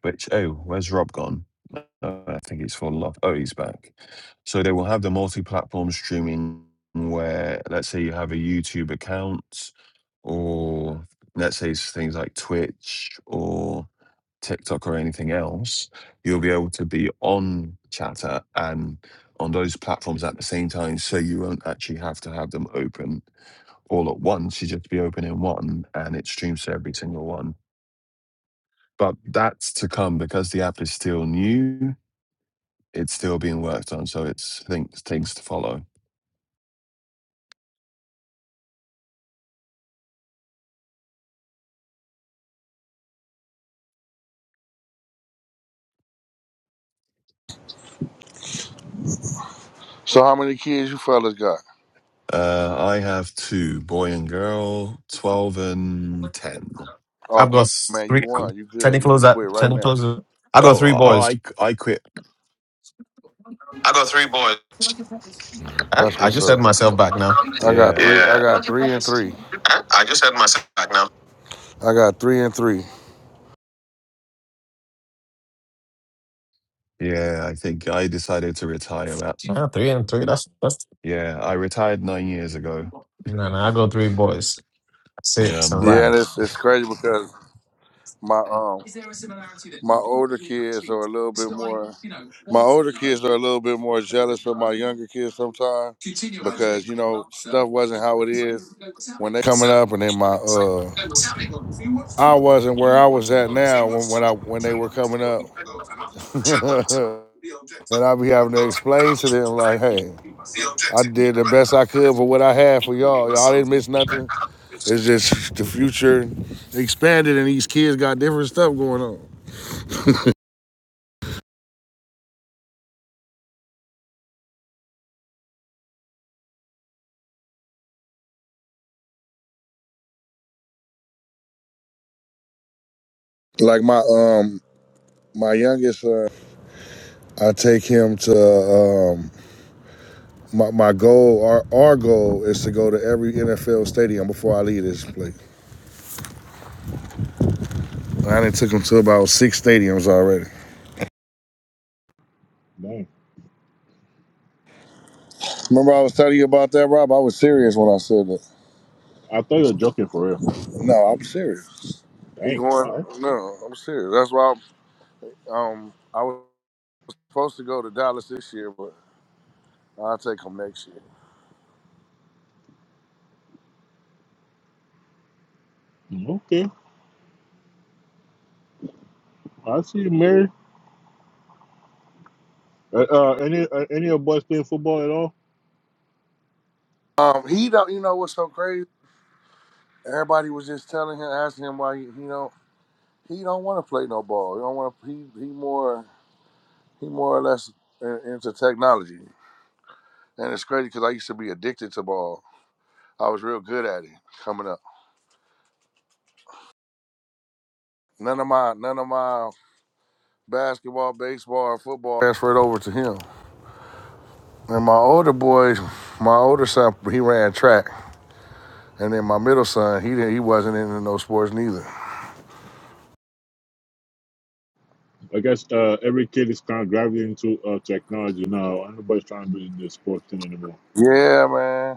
Which oh, where's Rob gone? Uh, I think he's fallen off. Oh, he's back. So they will have the multi-platform streaming where, let's say, you have a YouTube account or let's say s- things like Twitch or TikTok or anything else, you'll be able to be on Chatter and on those platforms at the same time. So you won't actually have to have them open all at once. You just be open in one and it streams to every single one. But that's to come because the app is still new. It's still being worked on. So it's things, things to follow. So how many kids you fellas got? Uh, I have two, boy and girl, 12 and 10. Oh I've got man, you three. won. You Can you good. You close could that? quit Can right you now. close it? I got three Oh, oh boys. I, I quit. Huh? That's I what's just had up. myself back now. I got Yeah. three. I Yeah. got three and three. I just had my sack now. I got three and three. Yeah, I think I decided to retire. At, Yeah, three and three. That's that's yeah, I retired nine years ago. No, no, I go three boys. That's it. Yeah, It's a I'm Yeah, wrap. done. and it's it's crazy because my um my older kids are a little bit more my older kids are a little bit more jealous of my younger kids sometimes because you know stuff wasn't how it is when they coming up and then my uh I wasn't where I was at now when, when I when they were coming up and I be having to explain to them like hey I did the best I could for what I had for y'all y'all didn't miss nothing it's just the future expanded and these kids got different stuff going on like my um my youngest son I take him to um, my, my goal. Our, our goal is to go to every NFL stadium before I leave this place. I done took him to about six stadiums already. Dang. Remember, I was telling you about that, Rob. I was serious when I said that. I thought you were joking for real. No, I'm serious. We Dang. going? right. No, I'm serious. That's why I'm, um, I was supposed to go to Dallas this year, but I'll take him next year. Okay. I see you, Mary. Uh, uh, any uh, any of boys playing football at all? Um, he don't. You know what's so crazy? Everybody was just telling him, asking him why he, he do He don't want to play no ball. He don't want to. He he more he more or less in- into technology. And it's crazy because I used to be addicted to ball. I was real good at it coming up. None of my none of my basketball, baseball, or football transferred over to him. And my older boys, my older son, he ran track, and then my middle son, he didn't. He wasn't into no sports neither. I guess uh, every kid is kind of gravitating into uh, technology now. Nobody's trying to be in the sports thing anymore. Yeah, man. I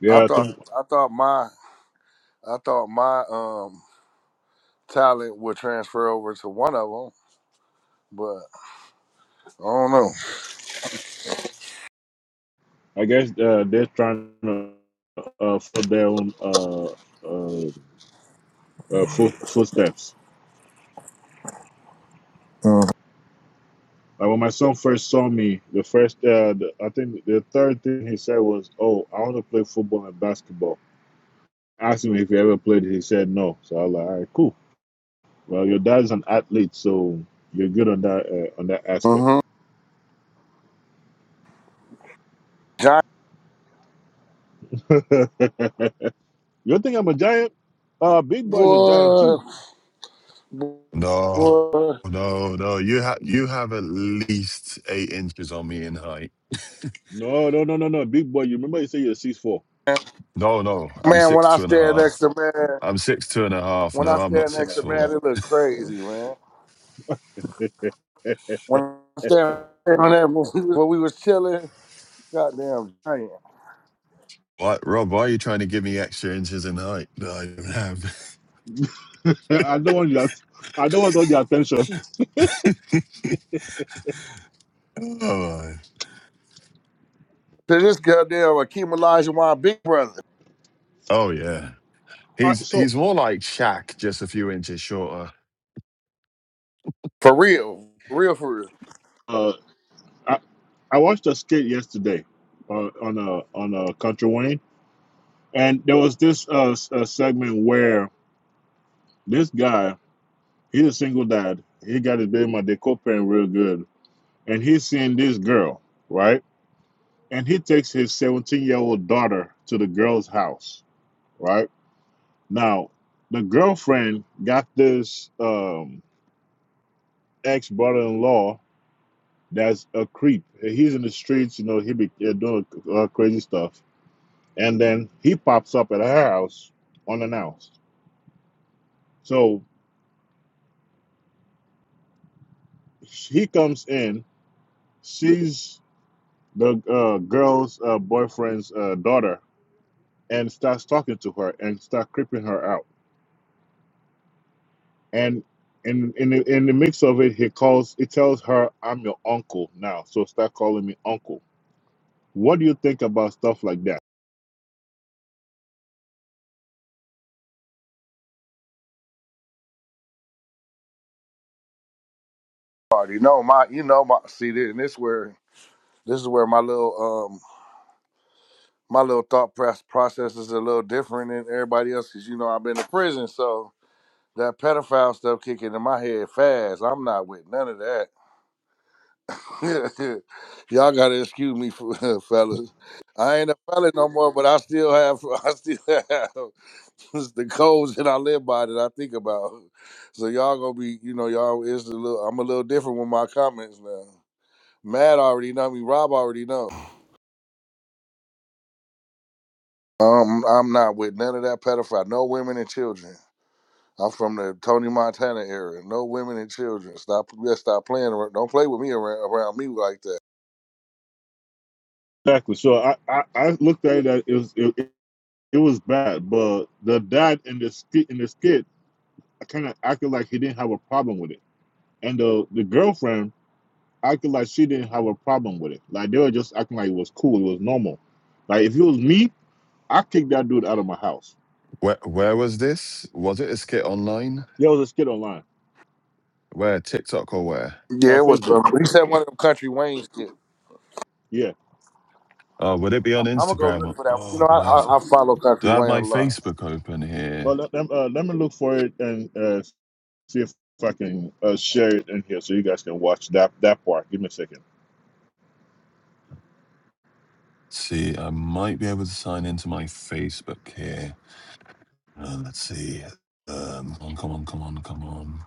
Yeah, I thought think. I thought my I thought my um talent would transfer over to one of them, but I don't know. I guess uh, they're trying to uh, follow their own uh, uh, uh, foot, footsteps. Mhm. Like when my son first saw me, the first, uh, the, I think the third thing he said was, "Oh, I want to play football and basketball." asked him if he ever played. He said no. So I was like, all right, cool. Well, your dad's an athlete, so you're good on that uh, on that aspect. Mm-hmm. John, you think I'm a giant? Uh, Big boy's a giant too. boy, No, boy. no, no. You have you have at least eight inches on me in height. No, no, no, no, no. Big Boy, you remember you say you're six four. No, no. I'm Man, when six I two and a stand half. next to man, I'm six two and a half. when I No, I'm not stand next six to man, four. it look crazy, man. When I said on that when we when we was chilling, goddamn giant. Why, Rob, why are you trying to give me extra inches in height that I don't have? I don't want your, I don't want all the attention. oh, my. To this goddamn Akeem Olajuwon big brother. oh, yeah. Uh, He's so he's more like Shaq, just a few inches shorter. For real. For real, for real. uh, I, I watched a skit yesterday uh, on a on a Country Wayne, and there was this uh, s- uh segment where This guy, he's a single dad. He got his baby mother, they co-parent real good. And he's seeing this girl, right? And he takes his 17-year-old daughter to the girl's house, right? Now, the girlfriend got this um, ex-brother-in-law that's a creep. He's in the streets, you know, he be uh, doing uh, crazy stuff. And then he pops up at her house unannounced. So he comes in, sees the uh, girl's uh, boyfriend's uh, daughter and starts talking to her and start creeping her out. And in in the, in the mix of it, he calls he tells her, "I'm your uncle now, so start calling me uncle." What do you think about stuff like that? Already know my, you know my. See, this, and this where this is where my little um my little thought pro- process is a little different than everybody else because you know I've been to prison, so that pedophile stuff kicking in my head fast. I'm not with none of that. Y'all gotta excuse me, for, fellas. I ain't a fella no more, but I still have, I still have the codes that I live by that I think about. So y'all gonna be, you know, y'all is a little. I'm a little different with my comments now. Matt already know me. Rob already know. Um, I'm not with none of that pedophile. No women and children. I'm from the Tony Montana era. No women and children. Stop. Just stop playing. around. Don't play with me around, around me like that. Exactly. So I, I, I looked at it as it, It was bad, but the dad in the skit in the skit kind of acted like he didn't have a problem with it, and the the girlfriend acted like she didn't have a problem with it. Like they were just acting like it was cool, it was normal. Like if it was me, I kick that dude out of my house. Where where was this? Was it a skit online? There was a skit online Where TikTok or where? on Yeah, it was. Uh, Facebook. Uh, he said one of them country Wayne's. kids. Yeah. Uh, would it be on I'm, I'm gonna go Instagram? look for that. one. You oh know, I man, I, I follow do Country I have Wayne my a lot. Facebook open here? Well, let, let- uh, let me look for it and uh, see if I can uh, share it in here so you guys can watch that that part. Give me a second. see, I might be able to sign into my Facebook here. Uh, let's see. Um, come on, come on, come on, come on.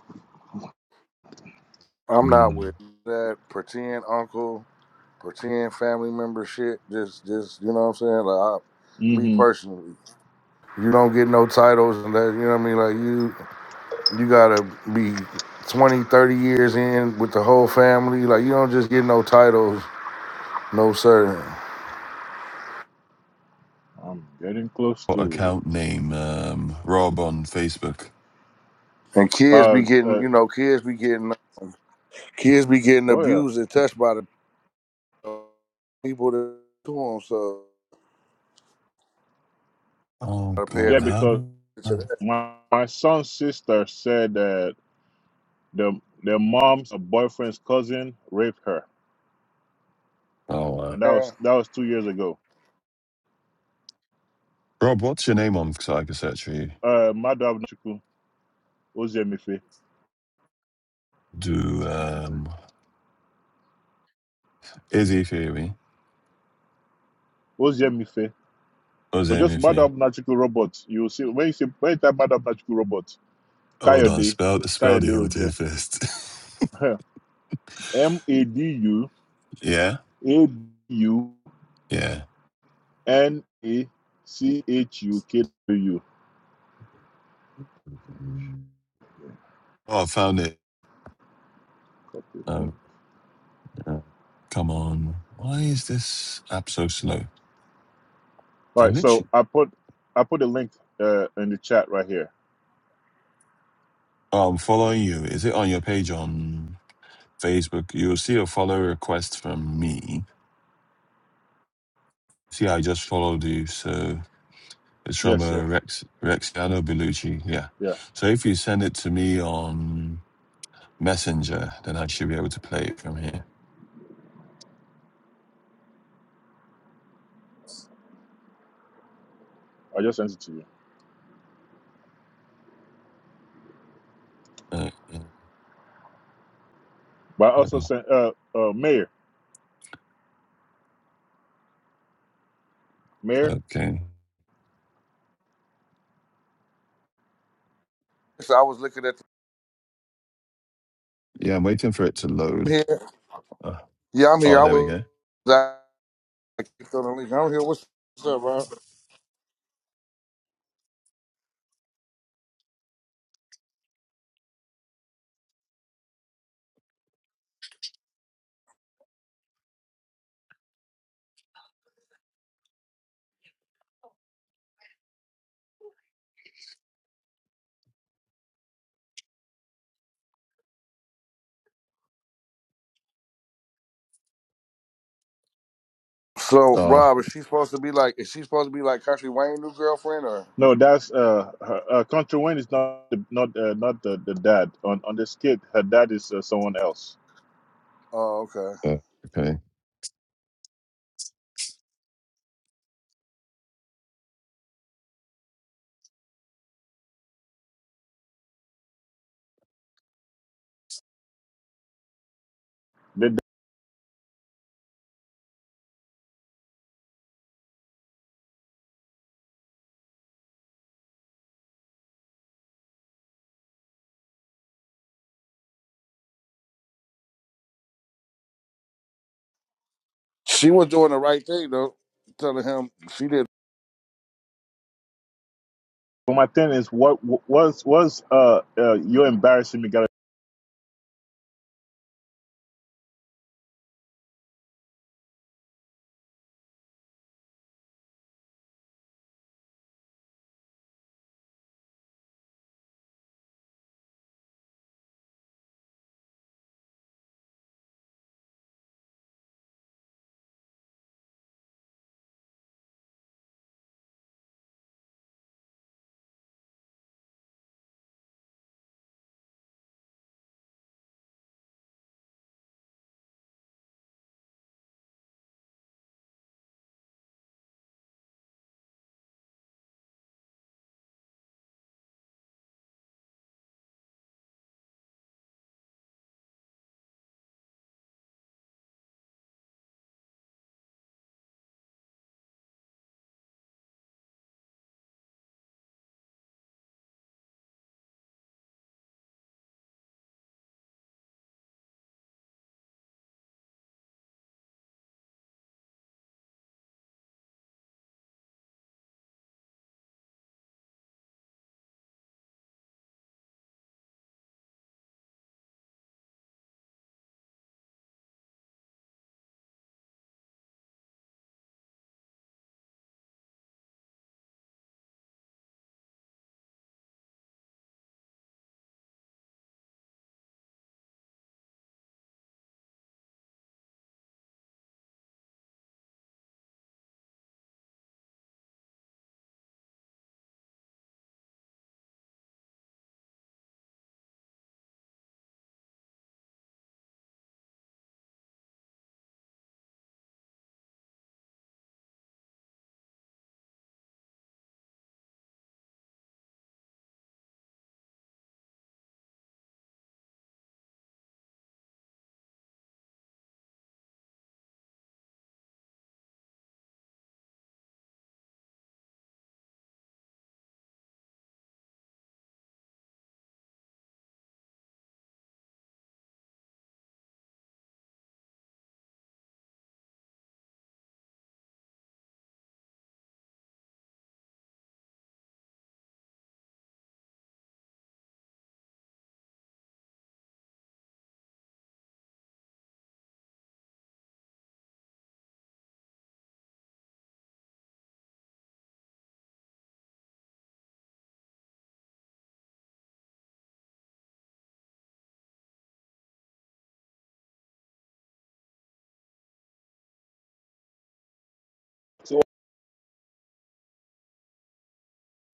I'm not Mm. with that pretend uncle, pretend family member shit. Just just you know what I'm saying? Like I, me Mm-hmm. personally, you don't get no titles and that. You know what I mean? Like you. You gotta be 20, 30 years in with the whole family. Like you don't just get no titles, no sir. I'm getting close What to it. account name? Um, Rob on Facebook. And kids Uh, be getting, uh, you know, kids be getting, kids be getting oh yeah, abused and touched by the people that do them. So Oh gotta pay God, yeah. bloody attention Because how? to that. my my son's sister said that the their mom's boyfriend's cousin raped her, Oh, uh, and that Yeah. was that was two years ago. Rob, what's your name on Psycho Search for you? Uh, Madu Abnuchukwu, Oziemefe, Do um Izzy Theory. Oziemefe. So just Madu Theory. Abnuchukwu robot. You see when you see when you type Madu Abnuchukwu robot, Oh no, Kayode, spell spell the will old here there. first. Ojo, M A D U yeah? A D U Yeah. N A C H U K W. Oh I found it. Um, come on. Why is this app so slow? All I right, so Connection. I put I put a link uh, in the chat right here. I'm following you. Is it on your page on Facebook? You'll see a follow request from me. See, I just followed you. So it's from Yes, uh, yes, Rex Rexiano Bellucci. Yeah. yeah. So if you send it to me on Messenger, then I should be able to play it from here. I just sent it to you. Uh, yeah. But I also Oh, sent uh, uh, Mayor, Mayor. okay. So I was looking at Yeah, I'm waiting for it to load. here. Uh, Yeah, I'm here. oh, I there we was go. I clicked on the link. I'm here. What's, what's up, Rob? So, Oh, Rob, is she supposed to be like? Is she supposed to be like Country Wayne new girlfriend or? No, that's uh, her, uh Country Wayne is not the, not uh, not the, the dad on on this kid. Her dad is uh, someone else. Oh, okay. uh, okay. The, dad- She was doing the right thing though, telling him she did. but my thing is, what was was uh, uh you're embarrassing me, guy?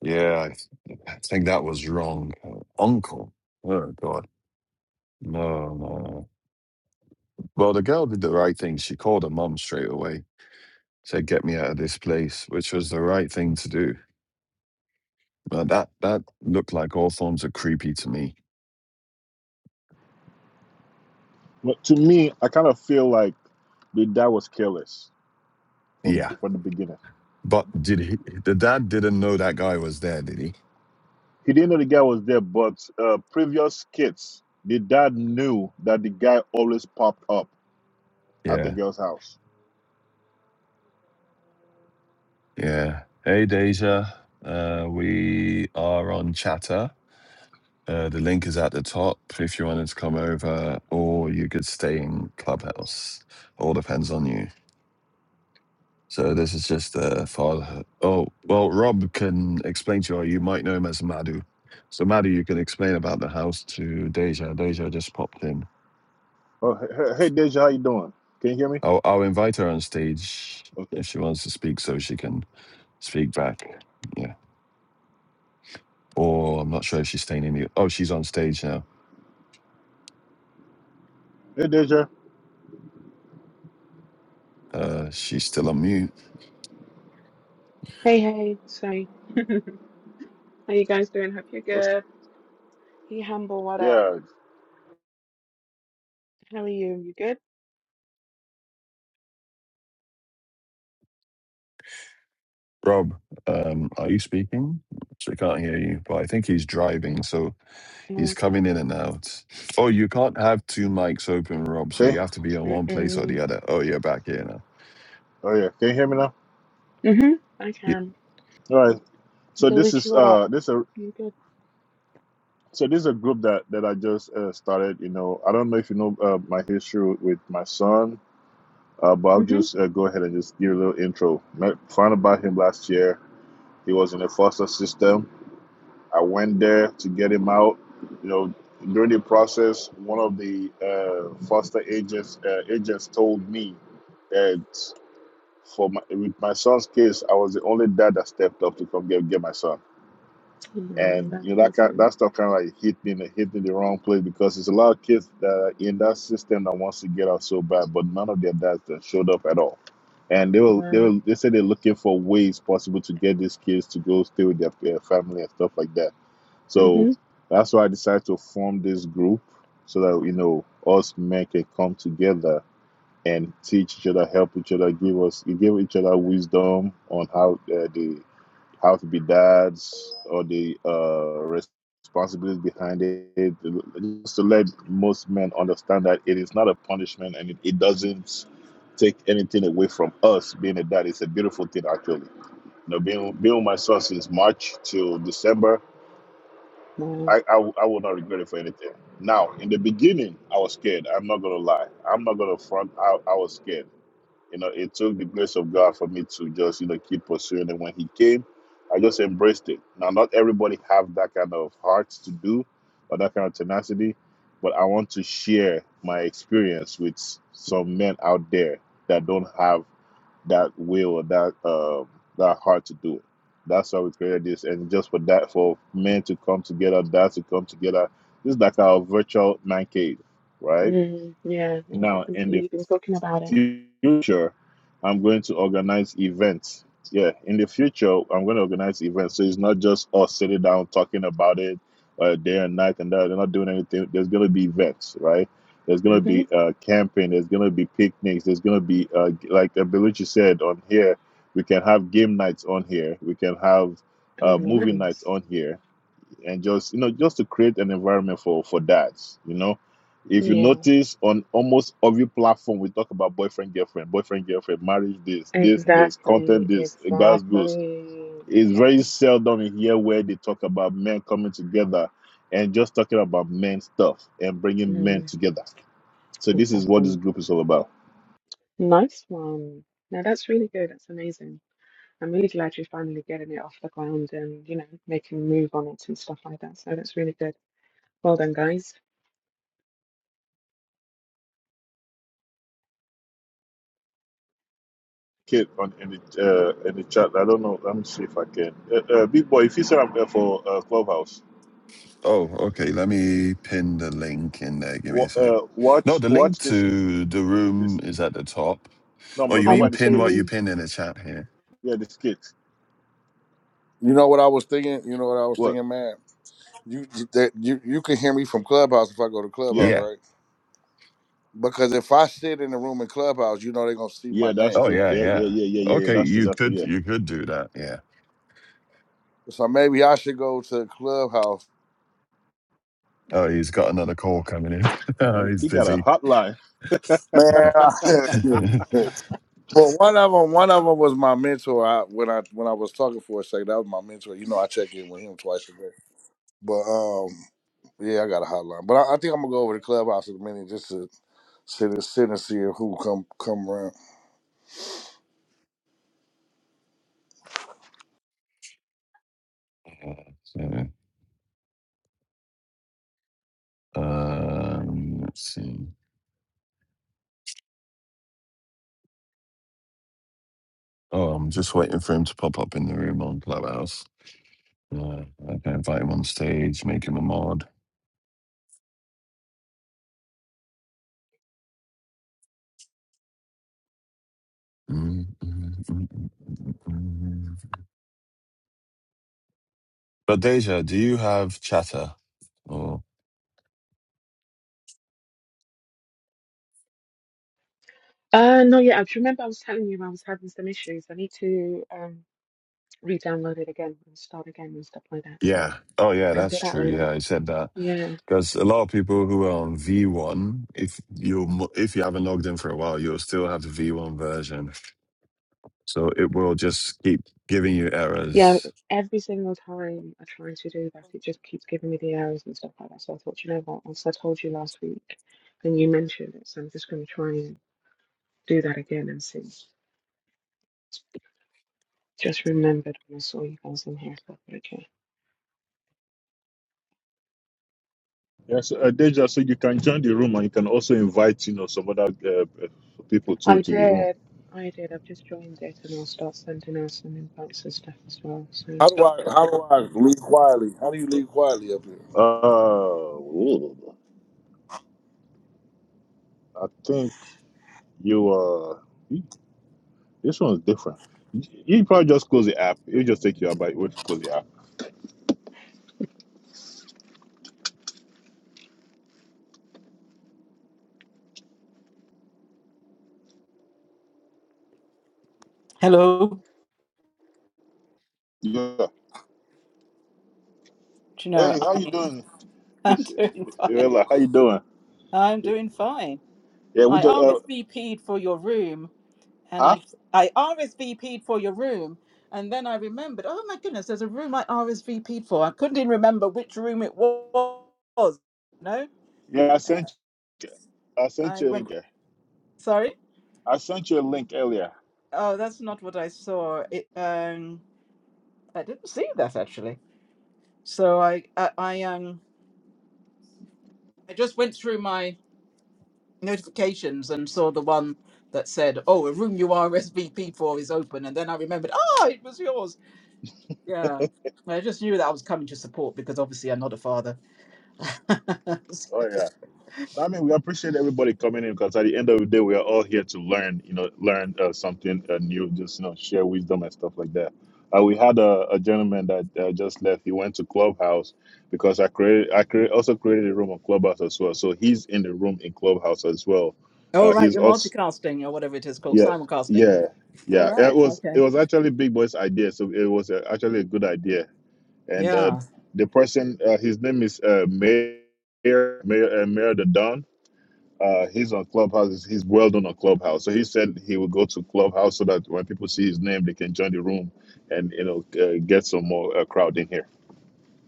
Yeah, I, I think that was wrong. Uncle. Oh God. No, no, no. Well, the girl did the right thing. She called her mum straight away, said, "Get me out of this place," which was the right thing to do. But that that looked like all forms of creepy to me. But to me, I kind of feel like the dad was careless from Yeah, from the beginning. but did he? The dad didn't know that guy was there, did he? He didn't know the guy was there, but uh, previous kids, the dad knew that the guy always popped up at the Yeah, girl's house. Yeah. Hey, Deja. Uh, we are on Chatter. Uh, the link is at the top if you wanted to come over, or you could stay in Clubhouse. All depends on you. So this is just uh, fatherhood. Oh, well, Rob can explain to you, or you might know him as Madhu. So Madhu, you can explain about the house to Deja. Deja just popped in. Oh, hey, hey Deja, how you doing? Can you hear me? I'll, I'll invite her on stage Okay. if she wants to speak, so she can speak back. Yeah. or I'm not sure if she's staying in mute. Oh, she's on stage now. Hey, Deja. Uh, she's still on mute. Hey, hey, sorry. How you guys doing? Hope you're What's, good. Hey, Humble, what up? yeah, How are you? You good? Rob, um, are you speaking? So we can't hear you, but I think he's driving, so I'm he's coming in okay. and out. Oh, you can't have two mics open, Rob, so see? you have to be in one place or the Mm-mm. other. Oh, you're back here now. Oh, yeah. Can you hear me now? Mm-hmm. I Ye- can. All right. So this Delucci, is what up? uh this a You good? so this is a group that that I just uh, started. You know, I don't know if you know uh, my history with my son. Uh, Bob, Mm-hmm. just uh, go ahead and just give a little intro. Met, found about him last year. He was in the foster system. I went there to get him out. You know, during the process, one of the uh, foster agents uh, agents told me that for my, with my son's case, I was the only dad that stepped up to come get, get my son No, and that's you know that kind, awesome. that stuff kind of like hit me in the, hit me in the wrong place because there's a lot of kids that are in that system that wants to get out so bad, but none of their dads that showed up at all, and they will they Wow. will they say they're looking for ways possible to get these kids to go stay with their, their family and stuff like that. So Mm-hmm. that's why I decided to form this group so that you know us men can come together and teach each other, help each other, give us, give each other wisdom on how uh, the how to be dads or the uh, responsibilities behind it. Just to let most men understand that it is not a punishment and it, it doesn't take anything away from us being a dad. It's a beautiful thing, actually. You know, being being with my son since March till December, Wow. I, I I will not regret it for anything. Now, in the beginning, I was scared. I'm not gonna lie. I'm not gonna front. I, I was scared you know, it took the grace of God for me to just, you know, keep pursuing it. When he came, I just embraced it. Now, not everybody have that kind of heart to do or that kind of tenacity, but I want to share my experience with some men out there that don't have that will or that um that heart to do it. That's why we created this, and just for that, for men to come together, dads to come together. This is like our virtual man cave, right? Mm, yeah, well, Now, in definitely. the You've been talking about it. future, I'm going to organize events. Yeah, in the future, I'm going to organize events. So it's not just us sitting down talking about it uh, day and night and that. They're not doing anything. There's going to be events, right? There's going to Mm-hmm. be uh, camping. There's going to be picnics. There's going to be, uh, like Belucci said on here, we can have game nights on here. We can have Oh, uh, movie nights nice. on here and just you know just to create an environment for for dads you know if you Yeah, notice on almost every platform we talk about boyfriend girlfriend boyfriend girlfriend marriage this this this content exactly. this girls goes Exactly. it's Yeah. very seldom in here where they talk about men coming together and just talking about men stuff and bringing men Mm, together so this is what this exactly. group is all about Nice one. Now that's really good. That's amazing. I'm really glad you're finally getting it off the ground and, you know, making a move on it and stuff like that. So that's really good. Well done, guys. kid on in the uh, in the chat i don't know let me see if i can uh, uh, big boy if you said i'm there for uh, clubhouse Oh, okay. Let me pin the link in there. Give me a Wa- sec. uh, watch No, watch, the watch link this to the this room this. is at the top. no I'm Oh, you remember I mean about need the pin skit. what you to. pin in the chat here? yeah the skits You know what I was thinking? You know what I was what thinking, man? You that you you can hear me from Clubhouse if I go to Clubhouse, yeah Yeah. right? Because if I sit in the room in Clubhouse, you know they're gonna see my yeah that's name. Oh, true yeah, yeah yeah yeah. yeah yeah yeah yeah, Okay, that's you that's could yeah you could do that. Yeah. So maybe I should go to Clubhouse. Oh, he's got another call coming in. oh he's he got a busy. hotline Man, I, but one of them, one of them was my mentor. I, when I when I was talking for a second, that was my mentor. You know, I check in with him twice a day. But um, yeah, I got a hotline. But I, I think I'm gonna go over to clubhouse in a minute just to sit and sit and see who come come around. Okay. um, let's see. Oh, I'm just waiting for him to pop up in the room on Clubhouse. Uh, I can invite him on stage, make him a mod. Mm, mm, mm, mm, mm, mm. But Deja, do you have chatter? Or Uh, no, yeah, I remember I was telling you I was having some issues. I need to um re-download it again and start again and stuff like that. So yeah. Oh yeah, I'll do that's that true. later. Yeah, I said that Yeah, because a lot of people who are on V1, if you mo- if you haven't logged in for a while, you'll still have the V1 version. So it will just keep giving you yeah. errors. Every single time I try to do that, it just keeps giving me the errors and stuff like that. So I thought, you know what? As I told you last week, and you mentioned it, so I'm just going to try and do that again and see. Just remembered when I saw you guys in here. So okay. Yes, uh, Deja, so you can join the room and you can also invite, you know, some other uh, uh, people too I to the room. did. I did. I've just joined it and I'll start sending out some invites and stuff as well. So. How do I how do I leave quietly? How do you leave quietly up here? Uh, ooh, I think you are. This one's different. You probably just close the app. You just take your bike. when close the app. Hello, Yeah. Hey, how you doing? I'm doing fine. like, how you doing? I'm doing fine. Yeah, we I just uh, RSVP'd for your room, and huh? I RSVP'd for your room, and then I remembered. Oh my goodness, there's a room I RSVP'd for. I couldn't even remember which room it was. No, Yeah, I sent I sent I you a went. link. Sorry? I sent you a link earlier. Oh, that's not what I saw. It, um, I didn't see that actually. So I, I, I, um, I just went through my notifications and saw the one that said, "Oh, a room you are SVP for is open," and then I remembered, "Ah, it was yours." Yeah, I just knew that I was coming to support because obviously I'm not a father. So- Oh I mean, we appreciate everybody coming in because at the end of the day, we are all here to learn, you know, learn uh, something uh, new, just, you know, share wisdom and stuff like that. Uh, we had a, a gentleman that uh, just left. He went to Clubhouse because I created, I create, also created a room on Clubhouse as well. So he's in the room in Clubhouse as well. Oh, Uh, right, he's you're also, multicasting or whatever it is called, yeah, simulcasting. yeah, All yeah. It right, was okay. it was actually Big Boy's idea, so it was uh, actually a good idea. And uh, Yeah. the person, uh, his name is uh, Mayor Mayor uh, Mayor the Don. Uh, he's on Clubhouse. He's well known on Clubhouse. So he said he would go to Clubhouse so that when people see his name, they can join the room and you know uh, get some more uh, crowd in here.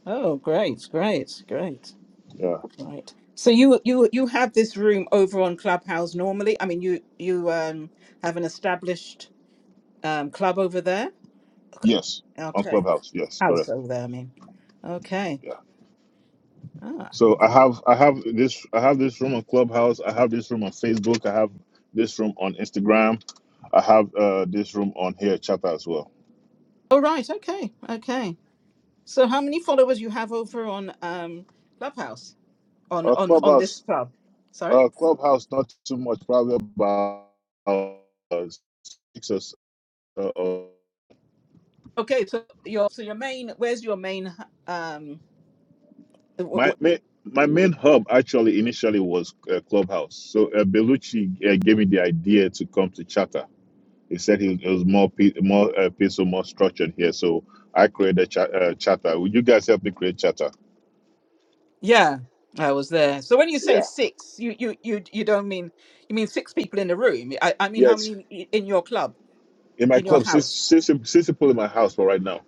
Oh, great, great, great, Yeah. right. So you you you have this room over on Clubhouse normally. I mean, you you um have an established um club over there. Yes. On Okay, Clubhouse. Yes. house Correct. over there. I mean, okay. Ah. So I have I have this I have this room on Clubhouse. I have this room on Facebook. I have this room on Instagram. I have uh, this room on here chat as well. Oh, right. Okay. Okay. So, how many followers you have over on um, Clubhouse on Uh, on on this Clubhouse club? Sorry. uh, Clubhouse not too much, probably about uh, six or s- uh, uh, Okay. So your so your main where's your main? Um. Wh- My wh- my, my main hub actually initially was uh, Clubhouse. So uh, Bellucci uh, gave me the idea to come to Chatter. He said he, it was more pe- more uh, peaceful, more structured here. So I created cha- uh, Chatter. Would you guys help me create Chatter? Yeah, I was there. So when you say Yeah. six, you you you you don't mean you mean six people in the room. I, I mean how Yes. many i- in your club, In my in your club, six, house? six, six people in my house for right now,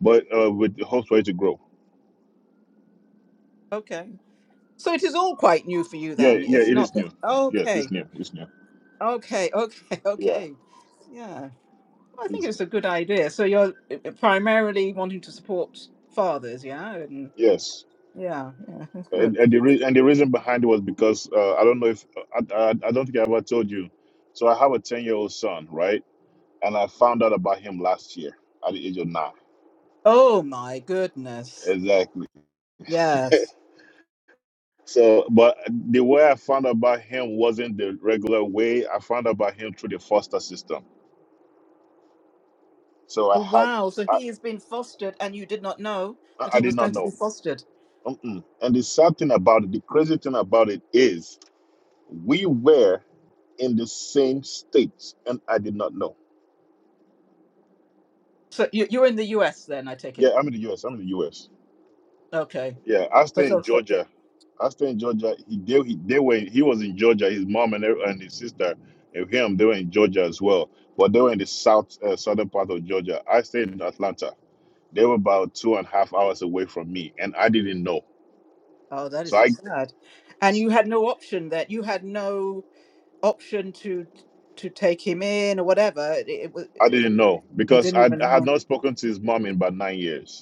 but uh, with the hopes for it to grow. Okay, So it is all quite new for you Yeah, then. yeah, It's it not is that. new. Yes, Okay. it's new. It's new. Okay, okay, Yeah, okay. Yeah. Well, I think it's it's a good idea. So you're uh, primarily wanting to support fathers, yeah? And yes. yeah, yeah, that's good. And, and the re- and the reason behind it was because uh, I don't know if I, I I don't think I ever told you. So I have a ten year old son, right? And I found out about him last year at the age of nine. Oh my goodness. Exactly. Yes. So, but the way I found about him wasn't the regular way. I found about him through the foster system. So I Oh, had, wow. So I, he has been fostered, and you did not know I that I he did was not going to be know. fostered. Mm-mm. And the sad thing about it, the crazy thing about it is, we were in the same states, and I did not know. So you, you're in the US then, I take it. Yeah, I'm in the U.S. I'm in the U.S. Okay. Yeah, I But stay in so, so Georgia. I stay in Georgia. He, they, he, they were he was in Georgia. His mom and her- and his sister and him they were in Georgia as well. But they were in the south uh, southern part of Georgia. I stayed in Atlanta. They were about two and a half hours away from me, and I didn't know. oh, that is So so I sad. And you had no option that you had no option to to take him in or whatever. It, it was I didn't know you because didn't I, even I had know. not spoken to his mom in about nine years.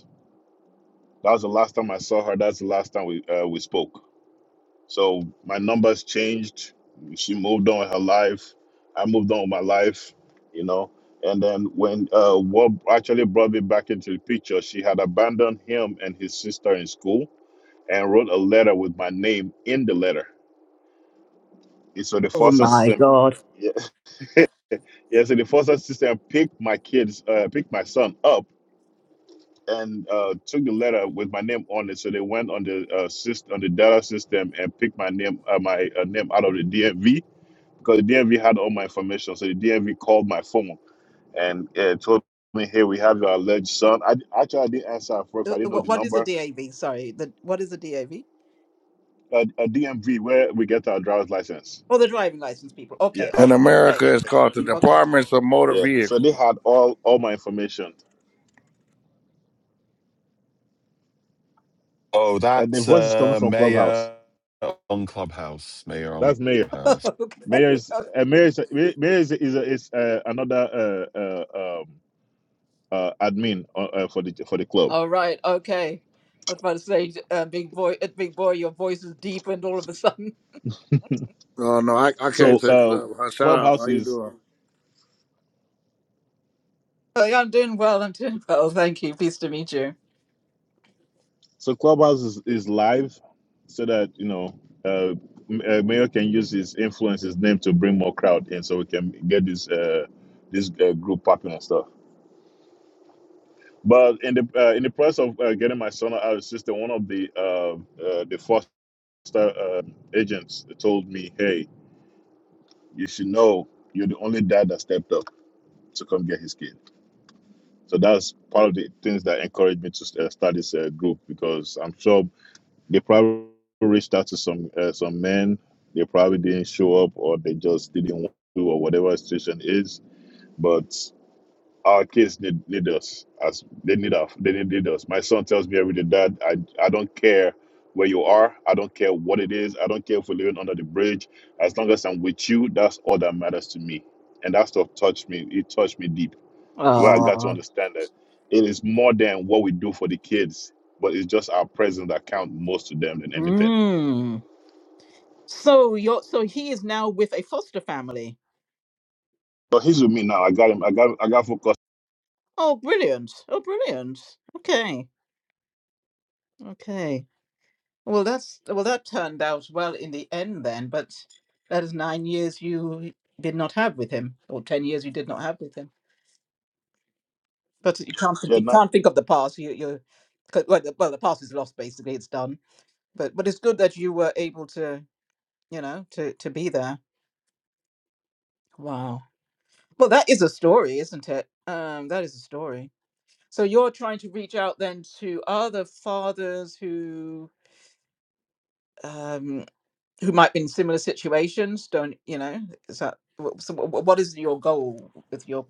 That was the last time I saw her. That's the last time we uh, we spoke. So my numbers changed. She moved on with her life. I moved on with my life, you know. And then when uh, what actually brought me back into the picture, she had abandoned him and his sister in school and wrote a letter with my name in the letter. And so the Oh foster my system, God. yeah, yeah so the foster system picked my kids, uh, picked my son up and uh, took the letter with my name on it. So they went on the uh, system, on the data system and picked my name, uh, my uh, name out of the DMV because the DMV had all my information. So the DMV called my phone and uh, told me, "Hey, we have your alleged son." I actually I didn't answer at first. Uh, I didn't know What, the what is a number. DAV? Sorry, the, what is a DAV? A, DMV where we get our driver's license. Oh, the driving license people. Okay, Yes. In okay, America, it's called the okay. Departments of Motor Yeah. So they Vehicles. had all all my information. Oh, And their that's voice is coming uh, from Clubhouse. Mayor on Clubhouse. Mayor on That's Mayor. Clubhouse. Mayor okay. is Okay. uh, Mayor is Mayor Mayor is is, is uh, another uh, uh, um, uh, admin uh, uh, for the for the club. All right. Okay. I was about to say, uh, big boy, uh, big boy, your voice is deepened all of a sudden. No, no, I, I can't So take uh, uh, uh, shout out. Clubhouse How you is doing? Oh, yeah, I'm doing well. I'm doing well. Thank you. Pleased to meet you. So Clubhouse is, is live, so that you know, uh, M- uh, Mayor can use his influence, his name to bring more crowd in, so we can get this uh, this uh, group popping and stuff. But in the uh, in the process of uh, getting my son out of the system, one of the uh, uh, the foster uh, agents told me, "Hey, you should know you're the only dad that stepped up to come get his kid." So that's part of the things that encouraged me to uh, start this uh, group because I'm sure They probably reached out to some uh, some men. They probably didn't show up, or they just didn't want to, or whatever the situation is. But our kids need, need us as they need us they need, need us my son tells me every day dad I, I don't care where you are i don't care what it is i don't care if we're living under the bridge as long as i'm with you that's all that matters to me and that stuff touched me it touched me deep where i got to Uh, understand that it is more than what we do for the kids but it's just our presence that count most to them than anything mm. So you're so he is now with a foster family. but he's with me now i got him i got i got focused Oh, brilliant! Oh, brilliant. Okay, okay. Well, that's well, that turned out well in the end then. But that is nine years you did not have with him, or ten years you did not have with him. But you can't think- Yeah, you no, can't think of the past. You you 'cause- well, the, well, the past is lost. Basically, it's done. But but it's good that you were able to you know to to be there. Wow. Well, that is a story, isn't it? Um, that is a story. So you're trying to reach out then to other fathers who. um, who might be in similar situations don't you know is that so what is your goal with your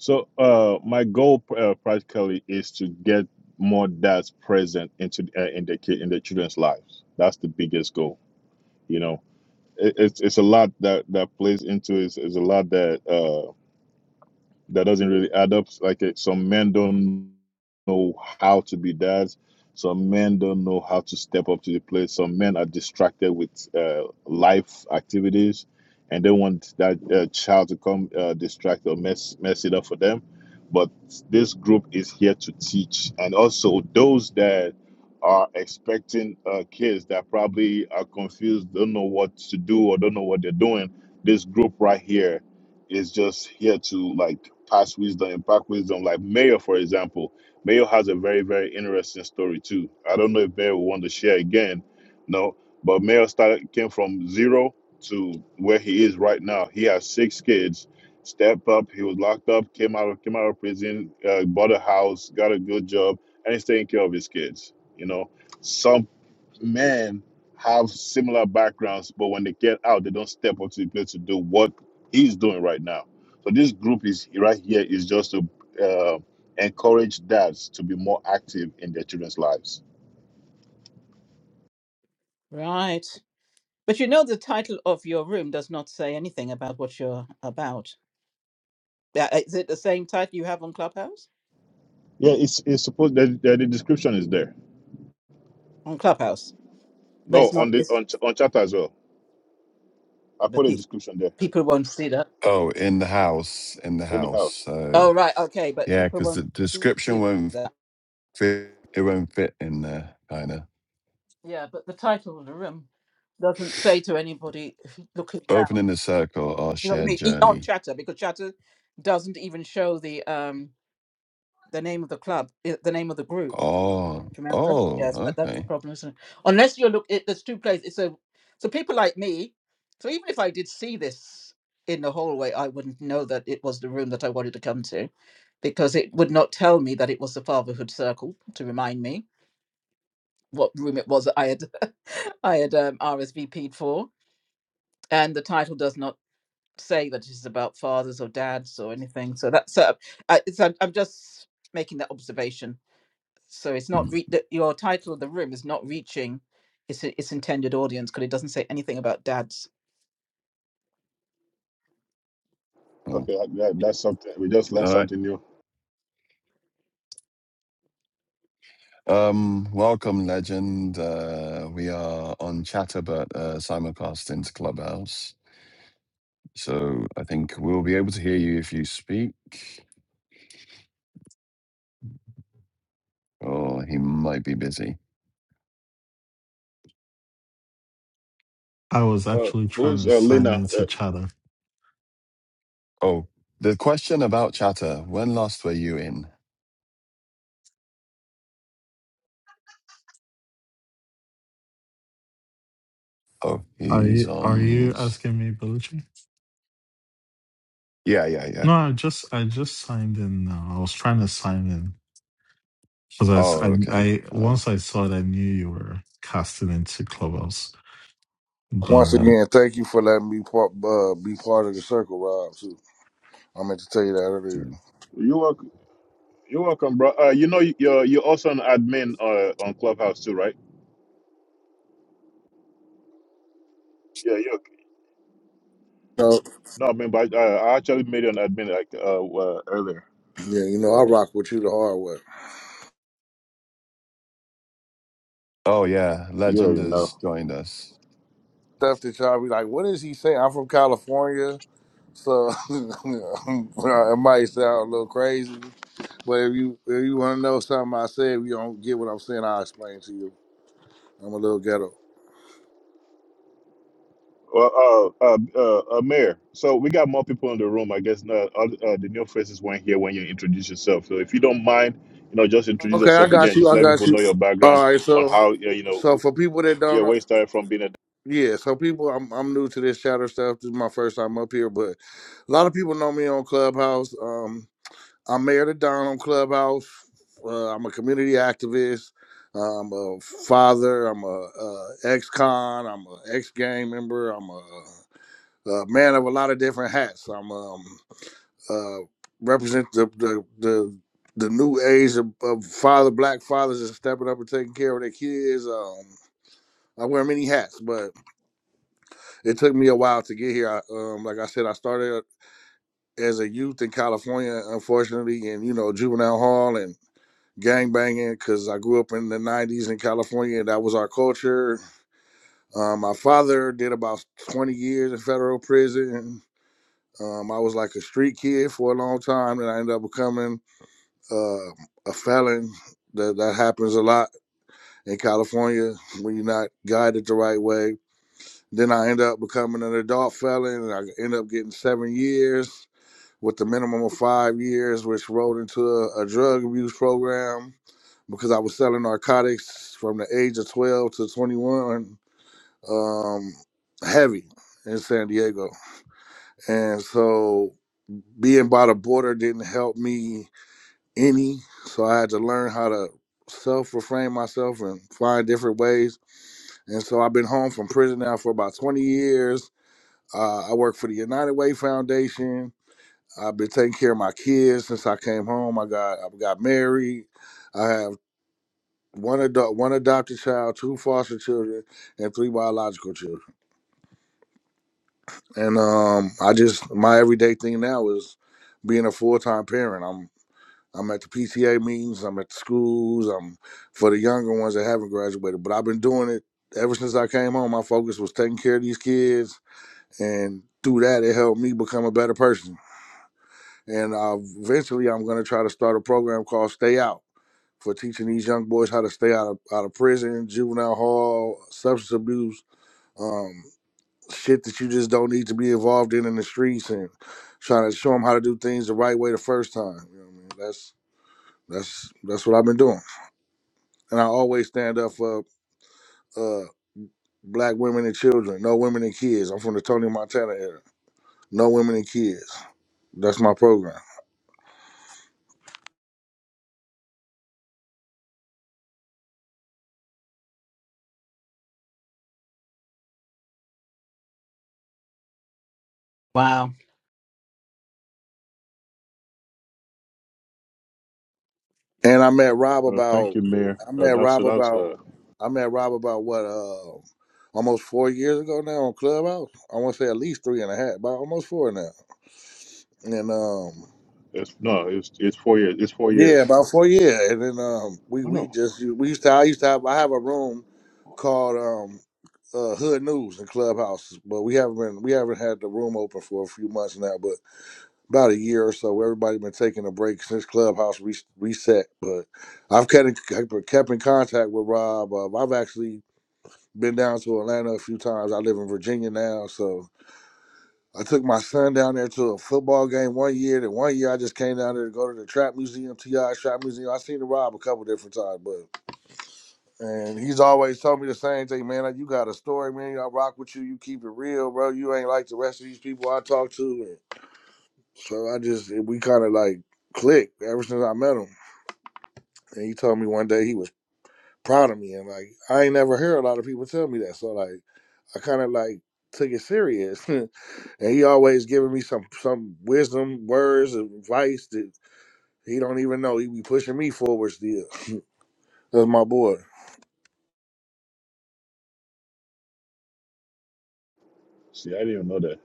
So uh, my goal uh, practically is to get more dads present into uh, in the kid in the children's lives. That's the biggest goal. You know, it, it's it's a lot that that plays into it. It's, it's a lot that uh, that doesn't really add up. Like uh, some men don't know how to be dads. Some men don't know how to step up to the plate. Some men are distracted with uh, life activities, and they want that uh, child to come uh, distract or mess mess it up for them. But this group is here to teach, and also those that are expecting uh, kids that probably are confused, don't know what to do or don't know what they're doing. This group right here is just here to like pass wisdom, impart wisdom. Like Mayo, for example, Mayo has a very, very interesting story too. I don't know if Mayo will want to share again, no, but Mayo started came from zero to where he is right now. He has six kids. Stepped up, he was locked up, came out came out of prison, uh, bought a house, got a good job, and he's taking care of his kids. You know, some men have similar backgrounds, but when they get out, they don't step up to the plate to do what he's doing right now. So this group is right here is just to uh, encourage dads to be more active in their children's lives. Right. But you know, the title of your room does not say anything about what you're about. Yeah, Is it the same title you have on Clubhouse? Yeah, it's it's supposed that the, the description is there. On Clubhouse, but Oh, it's not. on the It's on ch- on chat as well. I The put a pe- description there people won't see that. Oh, in the house, in the in the house. house. So Oh, right. Okay. But yeah, people because the won't see description won't that. fit. It won't fit in there, kind of. Yeah. But the title of the room doesn't say to anybody looking down. Opening the circle, our You know what I shared mean? E- On journey. Chatter, because Chatter doesn't even show the um the name of the club, i- the name of the group. Oh, Do you remember? oh, Yes, but that's the okay. problem, isn't it? Unless you look, it, there's two places. So, so people like me. So even if I did see this in the hallway, I wouldn't know that it was the room that I wanted to come to, because it would not tell me that it was the fatherhood circle to remind me what room it was that I had, I had um, RSVP'd for, and the title does not say that it is about fathers or dads or anything. So that's uh, I, it's, I'm I'm just making that observation so it's not re- the, your title of the room is not reaching its its intended audience because it doesn't say anything about dads. Mm. Okay, that, that's something. We just learned All right. something new. Um, welcome, legend. Uh, we are on Chatterbot uh, simulcast into Clubhouse, so I think we'll be able to hear you if you speak. Or he might be busy. I was Uh, actually trying who's to uh, sign Lena? into Uh, chatter. Oh, the question about Chatter. When last were you in? Oh, Are he's you are on you mute. asking me, Belucci? Yeah, yeah, yeah. No, I just I just signed in now. I was trying to sign in because I, s- Oh, I okay. I- Uh, once I saw it, I knew you were casting into Clubhouse, Once uh, but. again, thank you for letting me part, uh, be part of the circle, Rob. Too. I meant to tell you that earlier. mm. You're welcome. You're welcome, bro. Uh, you know, you're you're also an admin uh, on Clubhouse too, right? Yeah, you. So, No, I mean, but I, uh, I actually made you an admin like uh, uh earlier, yeah, you know, I so rock with you the hard way. oh yeah, you Legend already know. has joined us. Stuff that y'all be like, what is he saying? I'm from California, so it might sound a little crazy, but if you if you want to know something I said, you don't get what I'm saying, I'll explain to you. I'm a little ghetto. Well, uh, uh, uh, uh, Mayor. So we got more people in the room. I guess not. uh, uh, the new faces weren't here when you introduced yourself. So if you don't mind, you know, just introduce Okay, I yourself got again. you. Just I let got people you. know your background All right, on so how uh, you so know, for people that yeah, don't know, where you started from being a yeah, so people I'm I'm new to this chatter stuff. This is my first time up here, but a lot of people know me on Clubhouse. Um I'm Mayor to Don on Clubhouse. Uh, I'm a community activist. I'm a father. I'm a, uh ex-con. I'm a ex-gang member. I'm a, a man of a lot of different hats. I'm um uh, represent the, the the the new age of, of father black fathers is stepping up and taking care of their kids. Um, I wear many hats, but it took me a while to get here. I, um, like I said, I started as a youth in California, unfortunately, in you know juvenile hall and gang banging because I grew up in the '90s in California. That was our culture. Um, my father did about 20 years in federal prison. Um, I was like a street kid for a long time, and I ended up becoming uh, a felon that that happens a lot in California when you're not guided the right way. Then I end up becoming an adult felon, and I end up getting seven years with the minimum of five years, which rolled into a, a drug abuse program because I was selling narcotics from the age of 12 to 21, um, heavy in San Diego, and so being by the border didn't help me any. So I had to learn how to self refrain myself and find different ways. And so I've been home from prison now for about 20 years. Uh, I work for the United Way Foundation. I've been taking care of my kids since I came home. I got I got married. I have one adult, one adopted child, two foster children, and three biological children. And um, I just my everyday thing now is being a full time parent. I'm at the PTA meetings. I'm at the schools. I'm for the younger ones that haven't graduated. But I've been doing it ever since I came home. My focus was taking care of these kids, and through that, it helped me become a better person. And uh, eventually, I'm going to try to start a program called Stay Out for teaching these young boys how to stay out of out of prison, juvenile hall, substance abuse, um, shit that you just don't need to be involved in in the streets, and trying to show them how to do things the right way the first time. You know what I mean? That's that's that's what I've been doing. and I always stand up for uh, black women and children, no women and kids. I'm from the Tony Montana era, no women and kids. That's my program. Wow. And I met Rob Uh, thank about, you, Mayor. I Uh, met that's so Rob that's about, uh, I met Rob about what, uh, almost four years ago now on Clubhouse. I want to say at least three and a half, about almost four now. And um, it's no, it's it's four years. It's four Yeah, years. about four years, and then um, we Oh we no, just we used to I used to have I have a room called um, uh, Hood News and Clubhouse, but we haven't been we haven't had the room open for a few months now, but about a year or so. Everybody been taking a break since Clubhouse re- reset, but I've kept in, kept kept in contact with Rob. Uh, I've actually been down to Atlanta a few times. I live in Virginia now, so I took my son down there to a football game one year. Then one year I just came down there to go to the trap museum, TI trap museum. I seen the Rob a couple different times, but and he's always told me the same thing, man. Like, you got a story, man. I rock with you. You keep it real, bro. You ain't like the rest of these people I talk to. And so I just we kind of like clicked ever since I met him. And he told me one day he was proud of me. And like I ain't never heard a lot of people tell me that. So like I kind of like took it serious. and he always giving me some some wisdom, words, advice that he don't even know. He be pushing me forward still. That's my boy. see, I didn't even know that.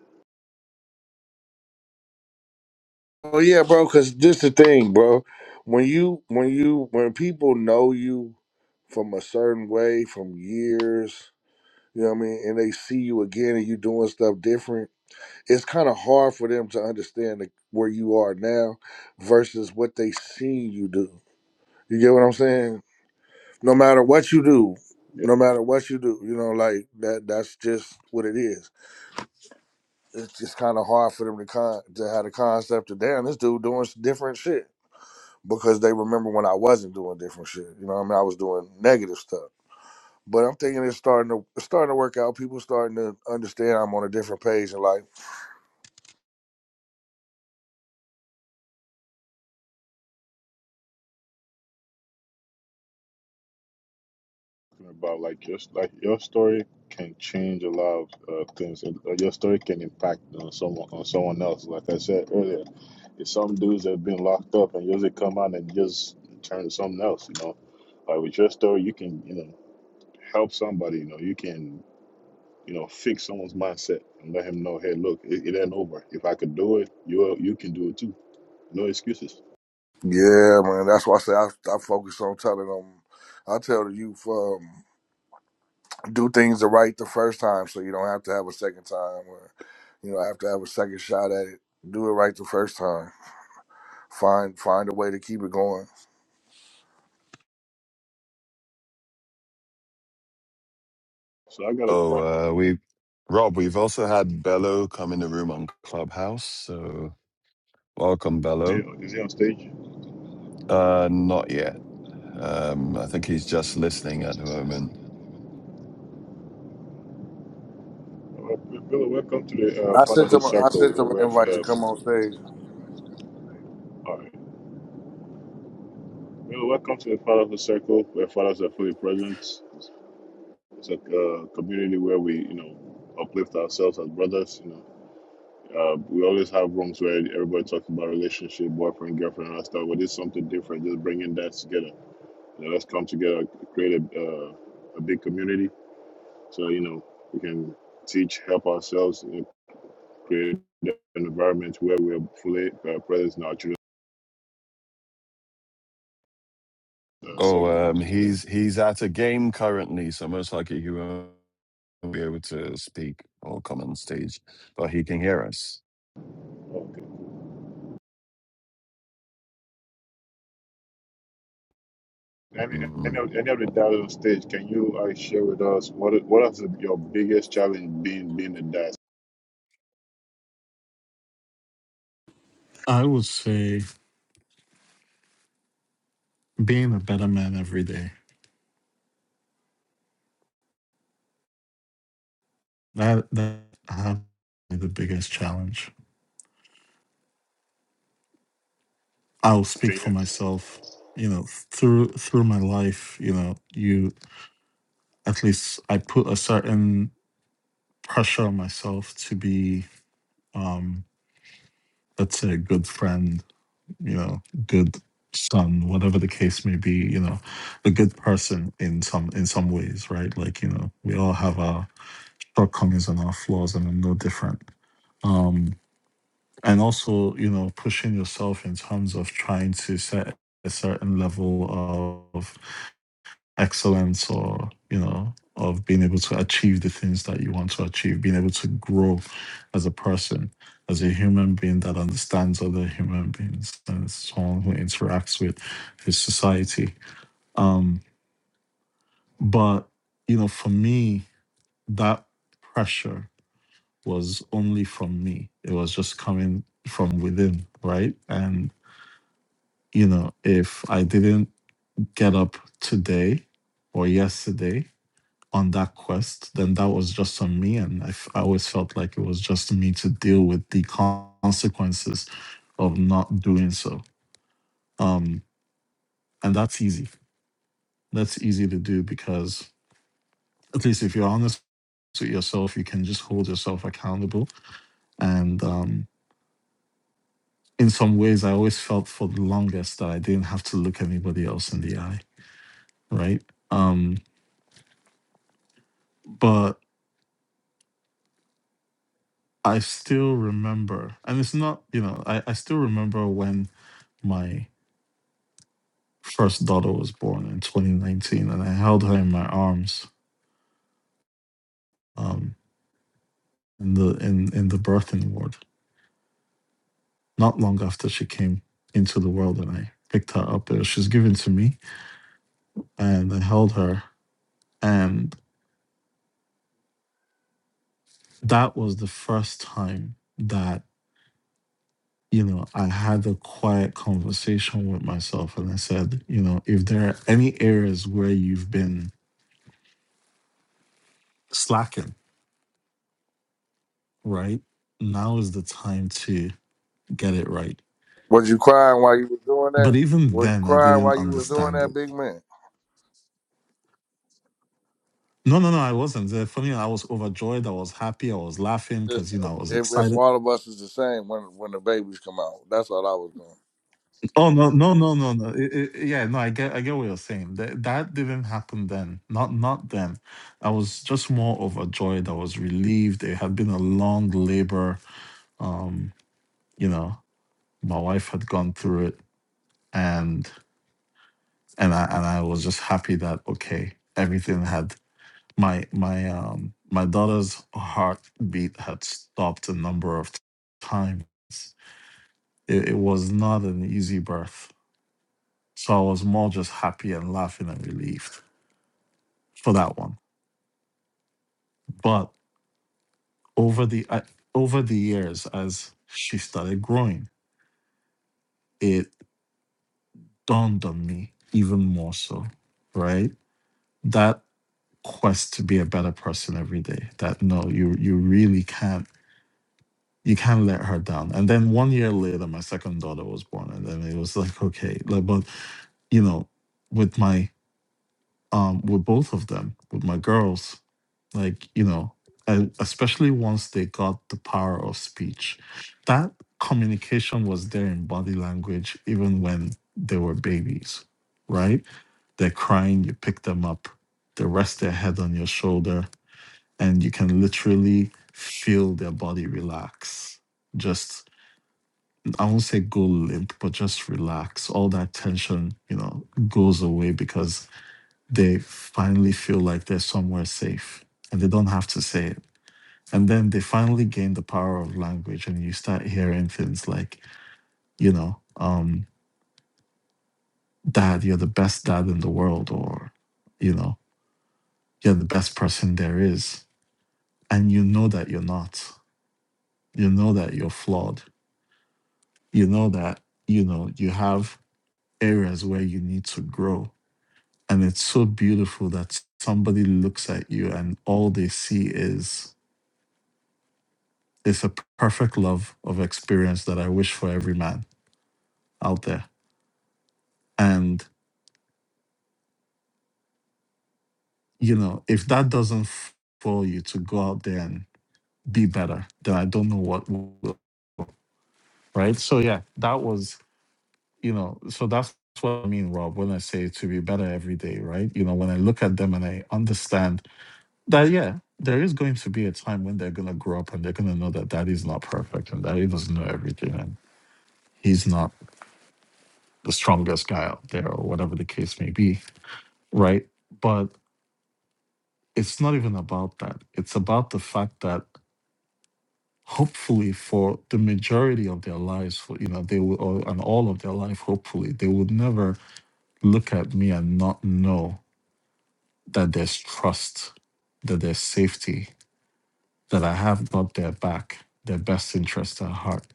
Oh yeah, bro. Cause this the thing, bro. When you when you when people know you from a certain way from years, you know what I mean, and they see you again and you doing stuff different it's kind of hard for them to understand the, where you are now versus what they seen you do. You get what I'm saying? No matter what you do, Yeah, no matter what you do, you know, like that. That's just what it is. It's just kind of hard for them to con to have the concept of damn this dude doing s- different shit because they remember when I wasn't doing different shit. You know, what I mean, I was doing negative stuff. But I'm thinking it's starting to it's starting to work out. People starting to understand I'm on a different page in life talking about like your like your story can change a lot of uh, things. Uh, your story can impact on someone on someone else. Like I said earlier, it's some dudes that have been locked up and usually come out and just turn to something else. You know, like with your story, you can you know help somebody. You know, you can you know fix someone's mindset and let him know, hey, look, it, it ain't over. If I could do it, you you can do it too No excuses. Yeah, man. That's why I say I, I focus on telling them. I tell the youth, um, do things the right the first time, so you don't have to have a second time, or you know, have to have a second shot at it. Do it right the first time. Find find a way to keep it going. So I got a pro- Oh, uh, we, Rob, we've also had Bello come in the room on Clubhouse. So welcome, Is he, Bello. is he on stage? Uh, not yet. Um, I think he's just listening at the moment. Well, Bill, welcome to the uh, I sent Fatherhood them. I Circle. You sent know, them where an invite to uh, come on stage. all right. Bill, welcome to the Fatherhood Circle, where fathers are fully present. It's a uh, community where we, you know, uplift ourselves as brothers. Uh, we always have rooms where everybody talks about relationship, boyfriend, girlfriend, and all that stuff. But it's something different. Just bringing that together. You know, let's come together, create a, uh, a big community. So you know, we can teach, help ourselves, and create an environment where we're fully uh, present in our children. Uh, so Oh, um, he's he's at a game currently, so most likely he won't be able to speak or come on stage, but he can hear us. I I know, I know the diaspora stage. Can you uh, share with us what is- what is your biggest challenge being being a diaspora? I would say being a better man every day. That that has been the biggest challenge. I'll speak for myself. You know, through through my life, you know, you at least I put a certain pressure on myself to be, um, let's say, a good friend, you know, good son, whatever the case may be, you know, a good person in some in some ways, right? Like, you know, we all have our shortcomings and our flaws and I'm no different. Um and also, you know, pushing yourself in terms of trying to set a certain level of excellence or you know of being able to achieve the things that you want to achieve being able to grow as a person as a human being that understands other human beings and someone who interacts with his society um but you know for me that pressure was only from me it was just coming from within right and you know if i didn't get up today or yesterday on that quest, then that was just on me. And I, f- I always felt like it was just me to deal with the consequences of not doing so. Um, and that's easy. That's easy to do because, at least if you're honest with yourself, you can just hold yourself accountable. And um, in some ways, I always felt for the longest that I didn't have to look anybody else in the eye, right? Um, but I still remember, and it's not, you know, I, I still remember when my first daughter was born in 2019, and I held her in my arms um, in the in in the birthing ward. Not long after she came into the world, and I picked her up. Uh, She was given to me, and I held her, and that was the first time that you know I had a quiet conversation with myself, and I said, you know, if there are any areas where you've been slacking, right now is the time to get it right Was you crying while you was doing But that? even Was you then, I crying didn't while you was doing understand that, it. big man? No, no, no, I wasn't. Uh, Funny, I was overjoyed. I was happy. I was laughing Just because you know I was say, If, if excited. all of us is the same when when the babies come out, that's all I was doing. Oh no, no, no, no, no. It- it- yeah, no, I get, I get what you're saying. That that didn't happen then. Not, not then. I was just more overjoyed. I was relieved. It had been a long labor. Um, you know, my wife had gone through it, and and I and I was just happy that okay, everything had my my um my daughter's heartbeat had stopped a number of times. It, it was not an easy birth, so I was more just happy and laughing and relieved for that one. But over the I over the years, as she started growing, it dawned on me even more so, right? That quest to be a better person every day. That no, you you really can't you can't let her down. And then one year later, my second daughter was born, and then it was like, okay, like, but you know, with my um, with both of them, with my girls, like you know, and especially once they got the power of speech, that communication was there in body language, even when they were babies, right? They're crying, you pick them up, they rest their head on your shoulder, and you can literally feel their body relax, just I won't say go limp, but just relax. All that tension, you know, goes away because they finally feel like they're somewhere safe and they don't have to say it. And then they finally gain the power of language and you start hearing things like, you know, um, dad, you're the best dad in the world, or, you know, you're the best person there is. And you know that you're not. You know that you're flawed. You know that, you know, you have areas where you need to grow And it's so beautiful that somebody looks at you and all they see is it's a perfect love of experience that I wish for every man out there. And, you know, if that doesn't f- for you to go out there and be better, then I don't know what will. Right. So, yeah, that was, you know, so that's what I mean, Rob, when I say to be better every day, right? You know, when I look at them and I understand That yeah, there is going to be a time when they're gonna grow up and they're gonna know that daddy's not perfect and daddy doesn't know everything and he's not the strongest guy out there or whatever the case may be, right? But it's not even about that. It's about the fact that hopefully for the majority of their lives, for you know, they will or, and all of their life, hopefully, they would never look at me and not know that there's trust, that there's safety, that I have got their back, their best interest at heart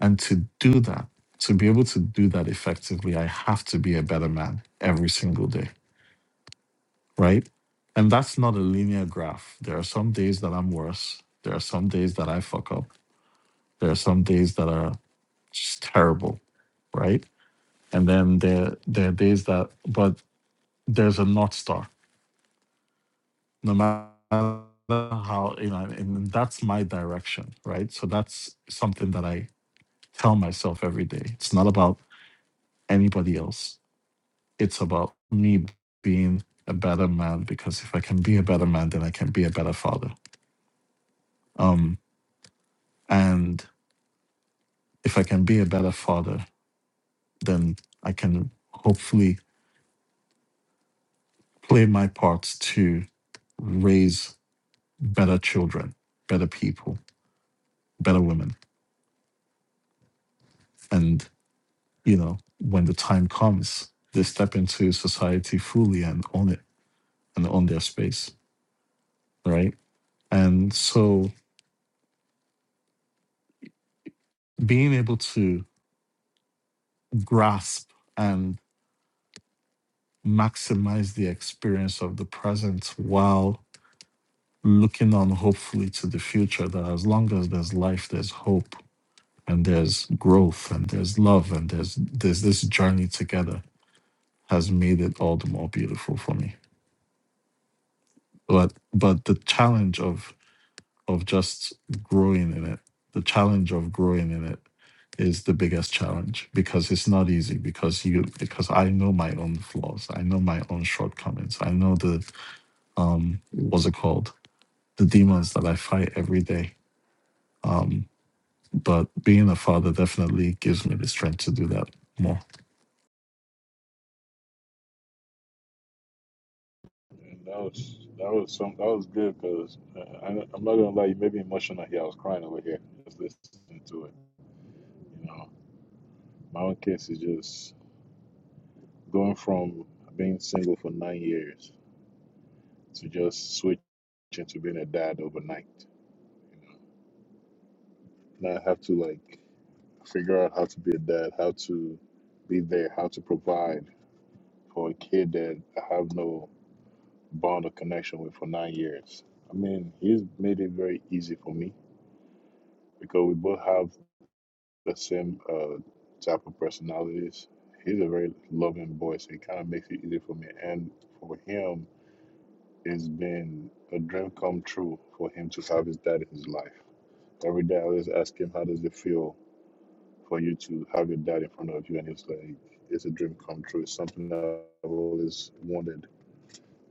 And to do that, to be able to do that effectively, I have to be a better man every single day, right? And that's not a linear graph. There are some days that I'm worse. There are some days that I fuck up. There are some days that are just terrible, right? And then there there are days that, but there's a north star. No matter how you know, and that's my direction, right? So that's something that I tell myself every day. It's not about anybody else It's about me being a better man because if I can be a better man, then I can be a better father. Um, and if I can be a better father, then I can hopefully play my part to raise better children, better people, better women. And, you know, when the time comes, they step into society fully and own it and own their space. Right. And so being able to grasp and maximize the experience of the present while looking on hopefully to the future that as long as there's life there's hope and there's growth and there's love and there's there's this journey together has made it all the more beautiful for me but but the challenge of of just growing in it the challenge of growing in it is the biggest challenge because it's not easy because you because I know my own flaws I know my own shortcomings I know the um what's it called the demons that i fight every day um but being a father definitely gives me the strength to do that more And that was that was some that was good because uh, I, I'm not gonna lie, you made me emotional here. I was crying over here just listening to it. You know, my own case is just going from being single for nine years to just switching to being a dad overnight. You know, now I have to like figure out how to be a dad, how to be there, how to provide. for a kid that I have no bond or connection with for nine years. I mean, he's made it very easy for me because we both have the same uh, type of personalities. He's a very loving boy, so it kind of makes it easy for me. And for him, it's been a dream come true for him to have his dad in his life. Every day I always ask him, How does it feel for you to have your dad in front of you? And he was like, It's a dream come true. It's something that I've always wanted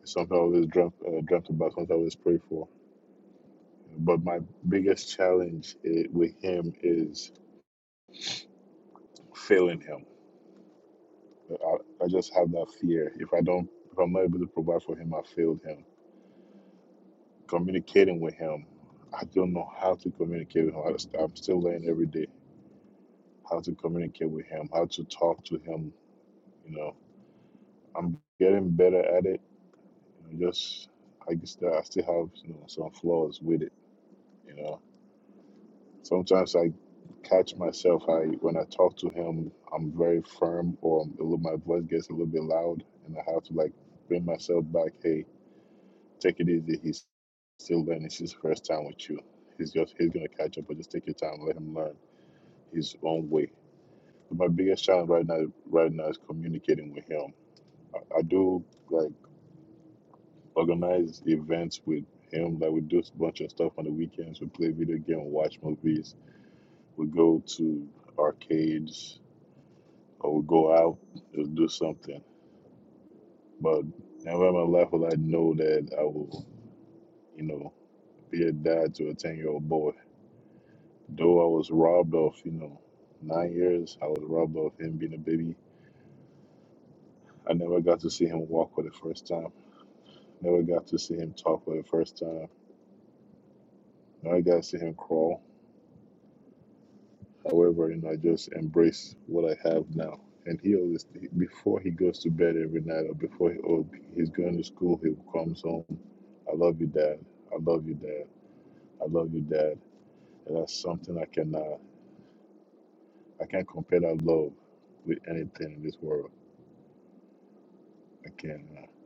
It's Something I always dreamt, uh, dreamt about, something I always pray for. But my biggest challenge i with him is failing him. I, I just have that fear. If I don't, if I'm not able to provide for him, I failed him. Communicating with him, I don't know how to communicate with him. I just, I'm still learning every day how to communicate with him, how to talk to him. You know, I'm getting better at it. You know, just like I guess that I still have you know some flaws with it. You know, Sometimes I catch myself. I when I talk to him, I'm very firm, or I'm a little, my voice gets a little bit loud, and I have to like bring myself back. Hey, take it easy. He's still learning. It's his first time with you. He's just he's gonna catch up, but just take your time. Let him learn his own way. But my biggest challenge right now, right now, is communicating with him. I, I do like organize events with him. Like we do a bunch of stuff on the weekends. We play video game, watch movies. We go to arcades or go out just do something. But never in my life will I know that I will, you know, be a dad to a 10 year old boy. Though I was robbed of, you know, nine years, I was robbed of him being a baby. I never got to see him walk for the first time, never got to see him talk for the first time, never got to see him crawl. However, you know, I just embrace what I have now. And he always, before he goes to bed every night or before he, or he's going to school, he comes home. I love you, Dad. I love you, Dad. I love you, Dad. And that's something I can, uh, I can't compare that love with anything in this world. I can't. Uh,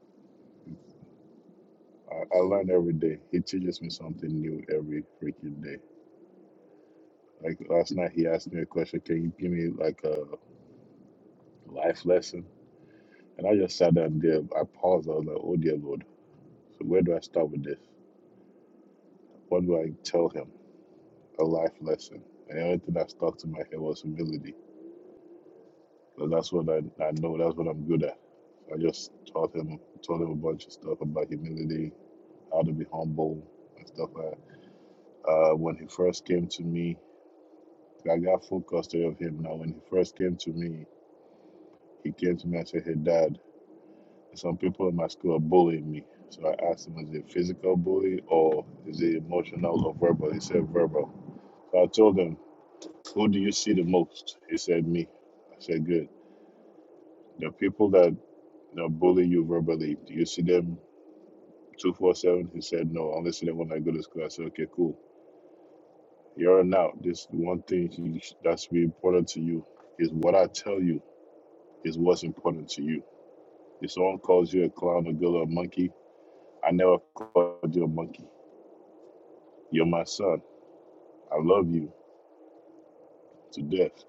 I, I learn every day. He teaches me something new every freaking day. Like last night, he asked me a question. Can you give me like a life lesson? And I just sat down there. I paused. I was like, "Oh dear Lord." So where do I start with this? What do I tell him? A life lesson. And the only thing that stuck to my head was humility. Because that's what I, I know, that's what I'm good at. So I just taught him told him a bunch of stuff about humility, how to be humble and stuff like that. Uh, when he first came to me, I got full custody of him now. When he first came to me, he came to me and said, Hey dad, some people in my school are bullying me. So I asked him, is it physical bully or is it emotional or verbal? He said verbal. So I told him Who do you see the most? He said, Me. I said, Good. The people that that bully you verbally, do you see them 247? He said, No, I only see them when I go to school. I said, Okay, cool. You're an out. This one thing you that's be important to you is what I tell you is what's important to you. If someone calls you a clown, a girl, or a monkey, I never called you a monkey. You're my son. I love you to death.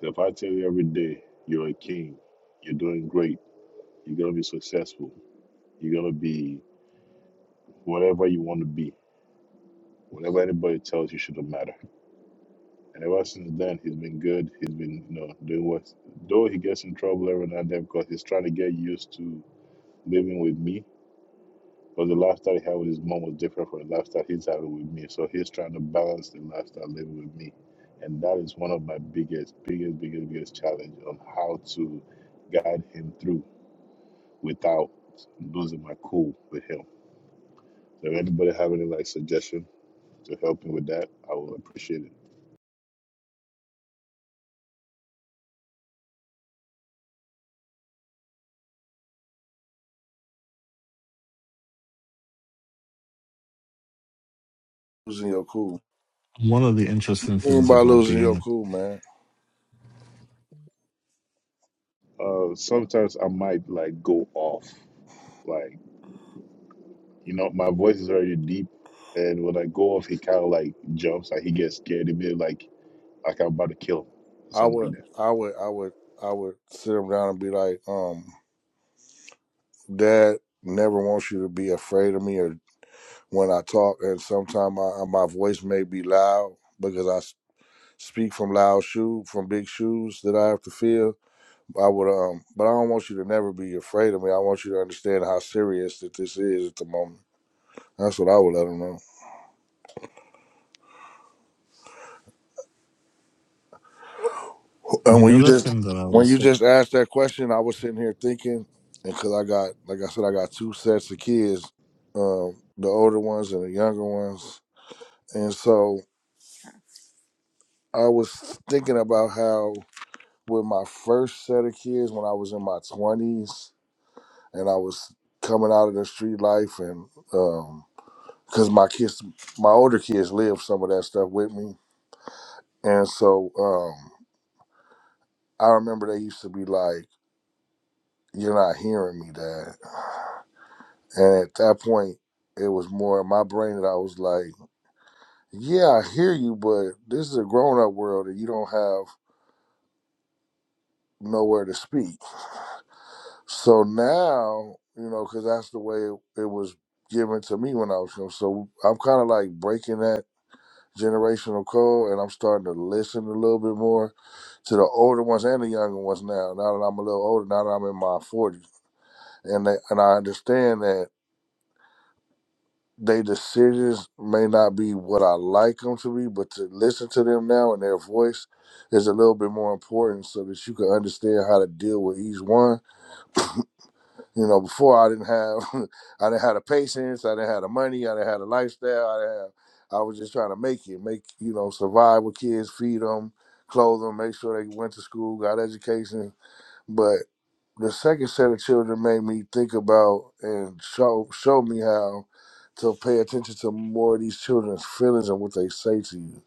So if I tell you every day you're a king, you're doing great, you're going to be successful, You're gonna be whatever you want to be. Whatever anybody tells you shouldn't matter. And ever since then, he's been good. He's been, you know, doing what. Though he gets in trouble every now and then because he's trying to get used to living with me. But the lifestyle he had with his mom was different from the lifestyle he's having with me. So he's trying to balance the lifestyle living with me. And that is one of my biggest, biggest, biggest, biggest challenge on how to guide him through without losing my cool with him. Does anybody have any like suggestion? to help me with that, I will appreciate it. Losing your cool. One of the interesting What you things about losing being your cool, man? Uh, sometimes I might like go off, like you know, my voice is already deep, and when I go off, he kind of like jumps, like he gets scared of me, like like I'm about to kill him or I would, something like that. I would, I would, I would sit him down and be like, um, Dad never wants you to be afraid of me or when I talk, and sometimes my my voice may be loud because I s- speak from loud shoe from big shoes that I have to fill. I would, um, but I don't want you to never be afraid of me. I want you to understand how serious that this is at the moment. That's what I would let him know. a, Uh, the when you other just thing that I would when you say, just asked that question, I was sitting here thinking, and because I got like I said, I got two sets of kids, um, the older ones and the younger ones, and so I was thinking about how with my first set of kids when I was in my twenties and I was coming out of the street life, and because my kids, my older kids, lived some of that stuff with me, and so um, I remember they used to be like, "You're not hearing me, Dad." And at that point, it was more in my brain that I was like, yeah, I hear you, but this is a grown up world and you don't have nowhere to speak. So now, you know, because that's the way it, it was given to me when I was young. So I'm kind of like breaking that generational code and I'm starting to listen a little bit more to the older ones and the younger ones now. Now that I'm a little older, now that I'm in my 40s, and they, and I understand that. They decisions may not be what I like them to be, but to listen to them now and their voice is a little bit more important, so that you can understand how to deal with each one. You know, before I didn't have, I didn't have the patience, I didn't have the money, I didn't have the lifestyle, I didn't have. I was just trying to make it, make you know, survive with kids, feed them, clothe them, make sure they went to school, got education, but the second set of children made me think about and show show me how to pay attention to more of these children's feelings and what they say to you.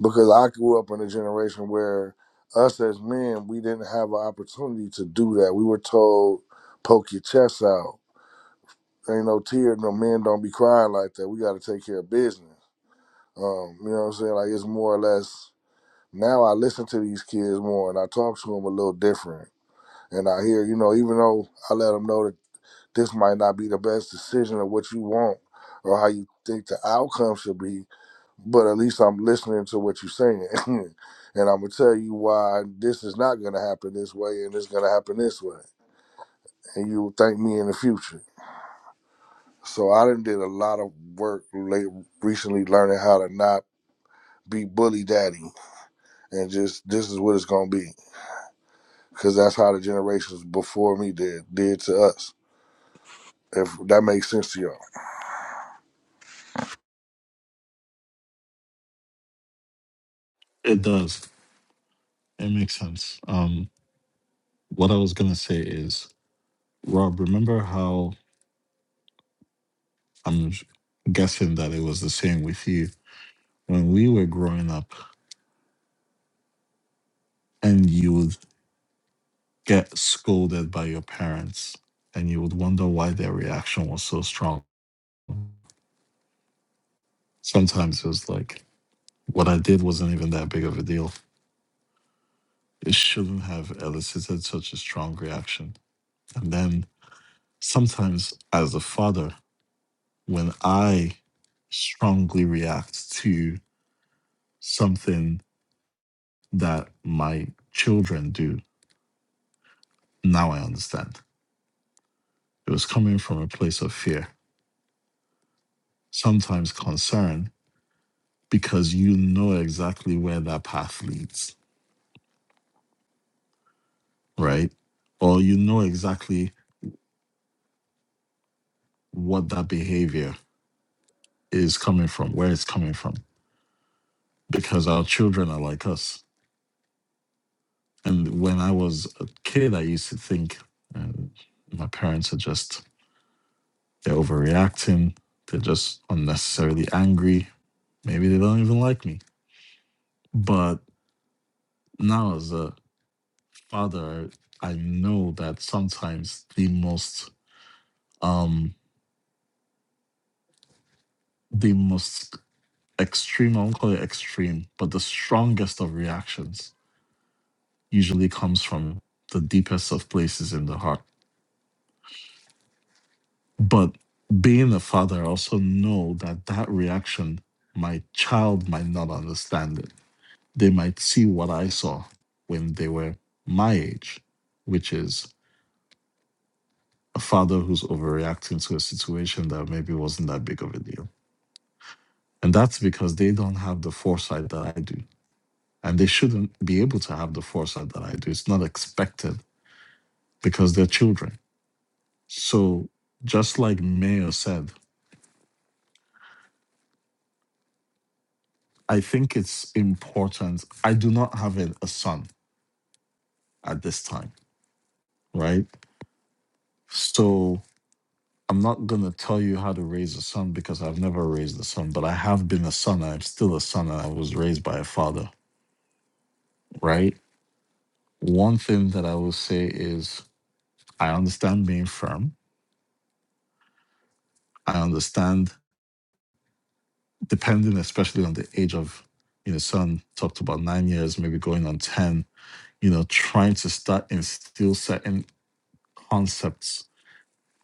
Because I grew up in a generation where us as men, we didn't have an opportunity to do that. We were told, poke your chest out. Ain't no tear, no men don't be crying like that. We gotta take care of business. Um, you know what I'm saying? Like it's more or less now I listen to these kids more and I talk to them a little different and I hear, you know, even though I let them know that this might not be the best decision of what you want or how you think the outcome should be, but at least I'm listening to what you're saying. and I'm going to tell you why this is not going to happen this way and it's going to happen this way. And you'll thank me in the future. So I done did a lot of work late, recently learning how to not be bully daddy and just this is what it's going to be because that's how the generations before me did did to us if that makes sense to y'all it does. It makes sense. what I was gonna say is, Rob, remember how I'm sh- guessing that it was the same with you when we were growing up, and you would get scolded by your parents, and you would wonder why their reaction was so strong. Sometimes it was like, what I did wasn't even that big of a deal. It shouldn't have elicited such a strong reaction. And then sometimes, as a father, when I strongly react to something that my children do. Now I understand. It was coming from a place of fear, sometimes concern, because you know exactly where that path leads, right? Or you know exactly what that behavior is coming from, where it's coming from, because our children are like us. And when I was a kid, I used to think uh, my parents are just, they're overreacting. They're just unnecessarily angry. Maybe they don't even like me. But now as a father i know that sometimes the most um the most extreme i won't call it extreme but the strongest of reactions usually comes from the deepest of places in the heart but being a father i also know that that reaction my child might not understand it they might see what i saw when they were my age which is a father who's overreacting to a situation that maybe wasn't that big of a deal. And that's because they don't have the foresight that I do. And they shouldn't be able to have the foresight that I do. It's not expected because they're children. So, just like Mayo said, I think it's important. I do not have a, a son at this time, right? So, I'm not going to tell you how to raise a son because I've never raised a son, but I have been a son. I'm still a son and I was raised by a father, right? One thing that I will say is I understand being firm. I understand depending especially on the age of you know, son talked about nine years, maybe going on ten, you know, trying to start instill certain concepts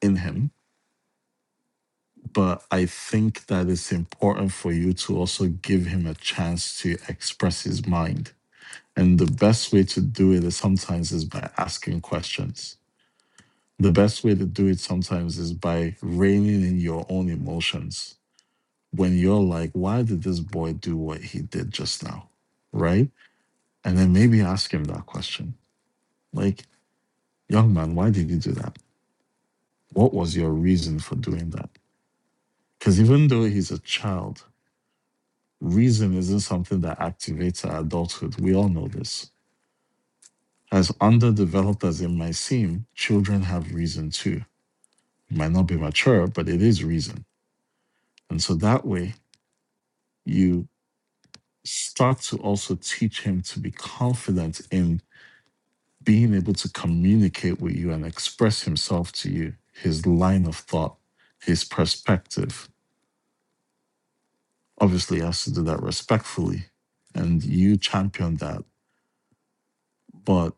in him. But I think that it's important for you to also give him a chance to express his mind. And the best way to do it is sometimes is by asking questions The best way to do it sometimes is by reining in your own emotions when you're like, why did this boy do what he did just now? Right? And then maybe ask him that question like, young man, why did you do that? What was your reason for doing that? Because even though he's a child, reason isn't something that activates our adulthood. We all know this. As underdeveloped as it might seem, children have reason too. It might not be mature, but it is reason. And so that way, you start to also teach him to be confident in being able to communicate with you and express himself to you, his line of thought, his perspective. Obviously, he has to do that respectfully, and you champion that. But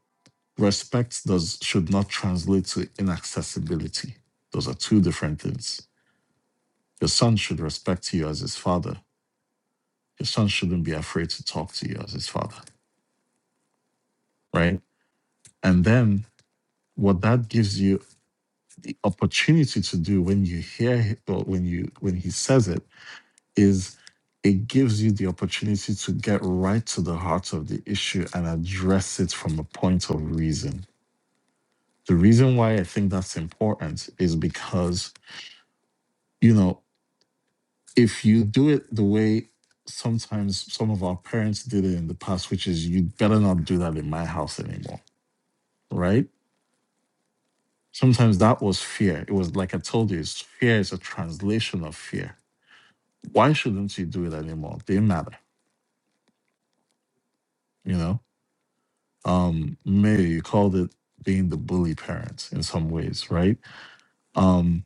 respect does should not translate to inaccessibility. Those are two different things. Your son should respect you as his father. Your son shouldn't be afraid to talk to you as his father, right? And then what that gives you the opportunity to do when you hear it or when you when he says it is it gives you the opportunity to get right to the heart of the issue and address it from a point of reason. The reason why I think that's important is because, you know, if you do it the way sometimes some of our parents did it in the past, which is you better not do that in my house anymore, right? Sometimes that was fear. It was like I told you, it's fear is a translation of fear why shouldn't you do it anymore? Didn't matter, you know. Um, Mary, you called it being the bully parent in some ways, right? Um,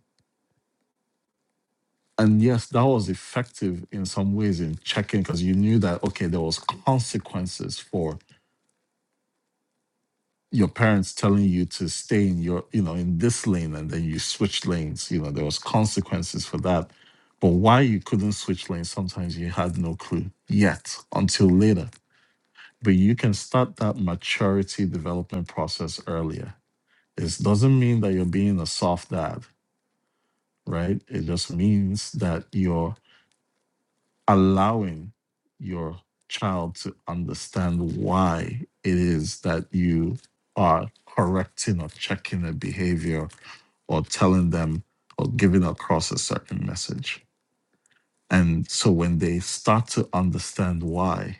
and yes, that was effective in some ways in checking because you knew that okay, there was consequences for your parents telling you to stay in your, you know, in this lane, and then you switched lanes. You know, there was consequences for that. But why you couldn't switch lanes, sometimes you had no clue yet until later but you can start that maturity development process earlier. It doesn't mean that you're being a soft dad, right? It just means that you're allowing your child to understand why it is that you are correcting or checking a behavior or telling them or giving across a certain message. And so when they start to understand why,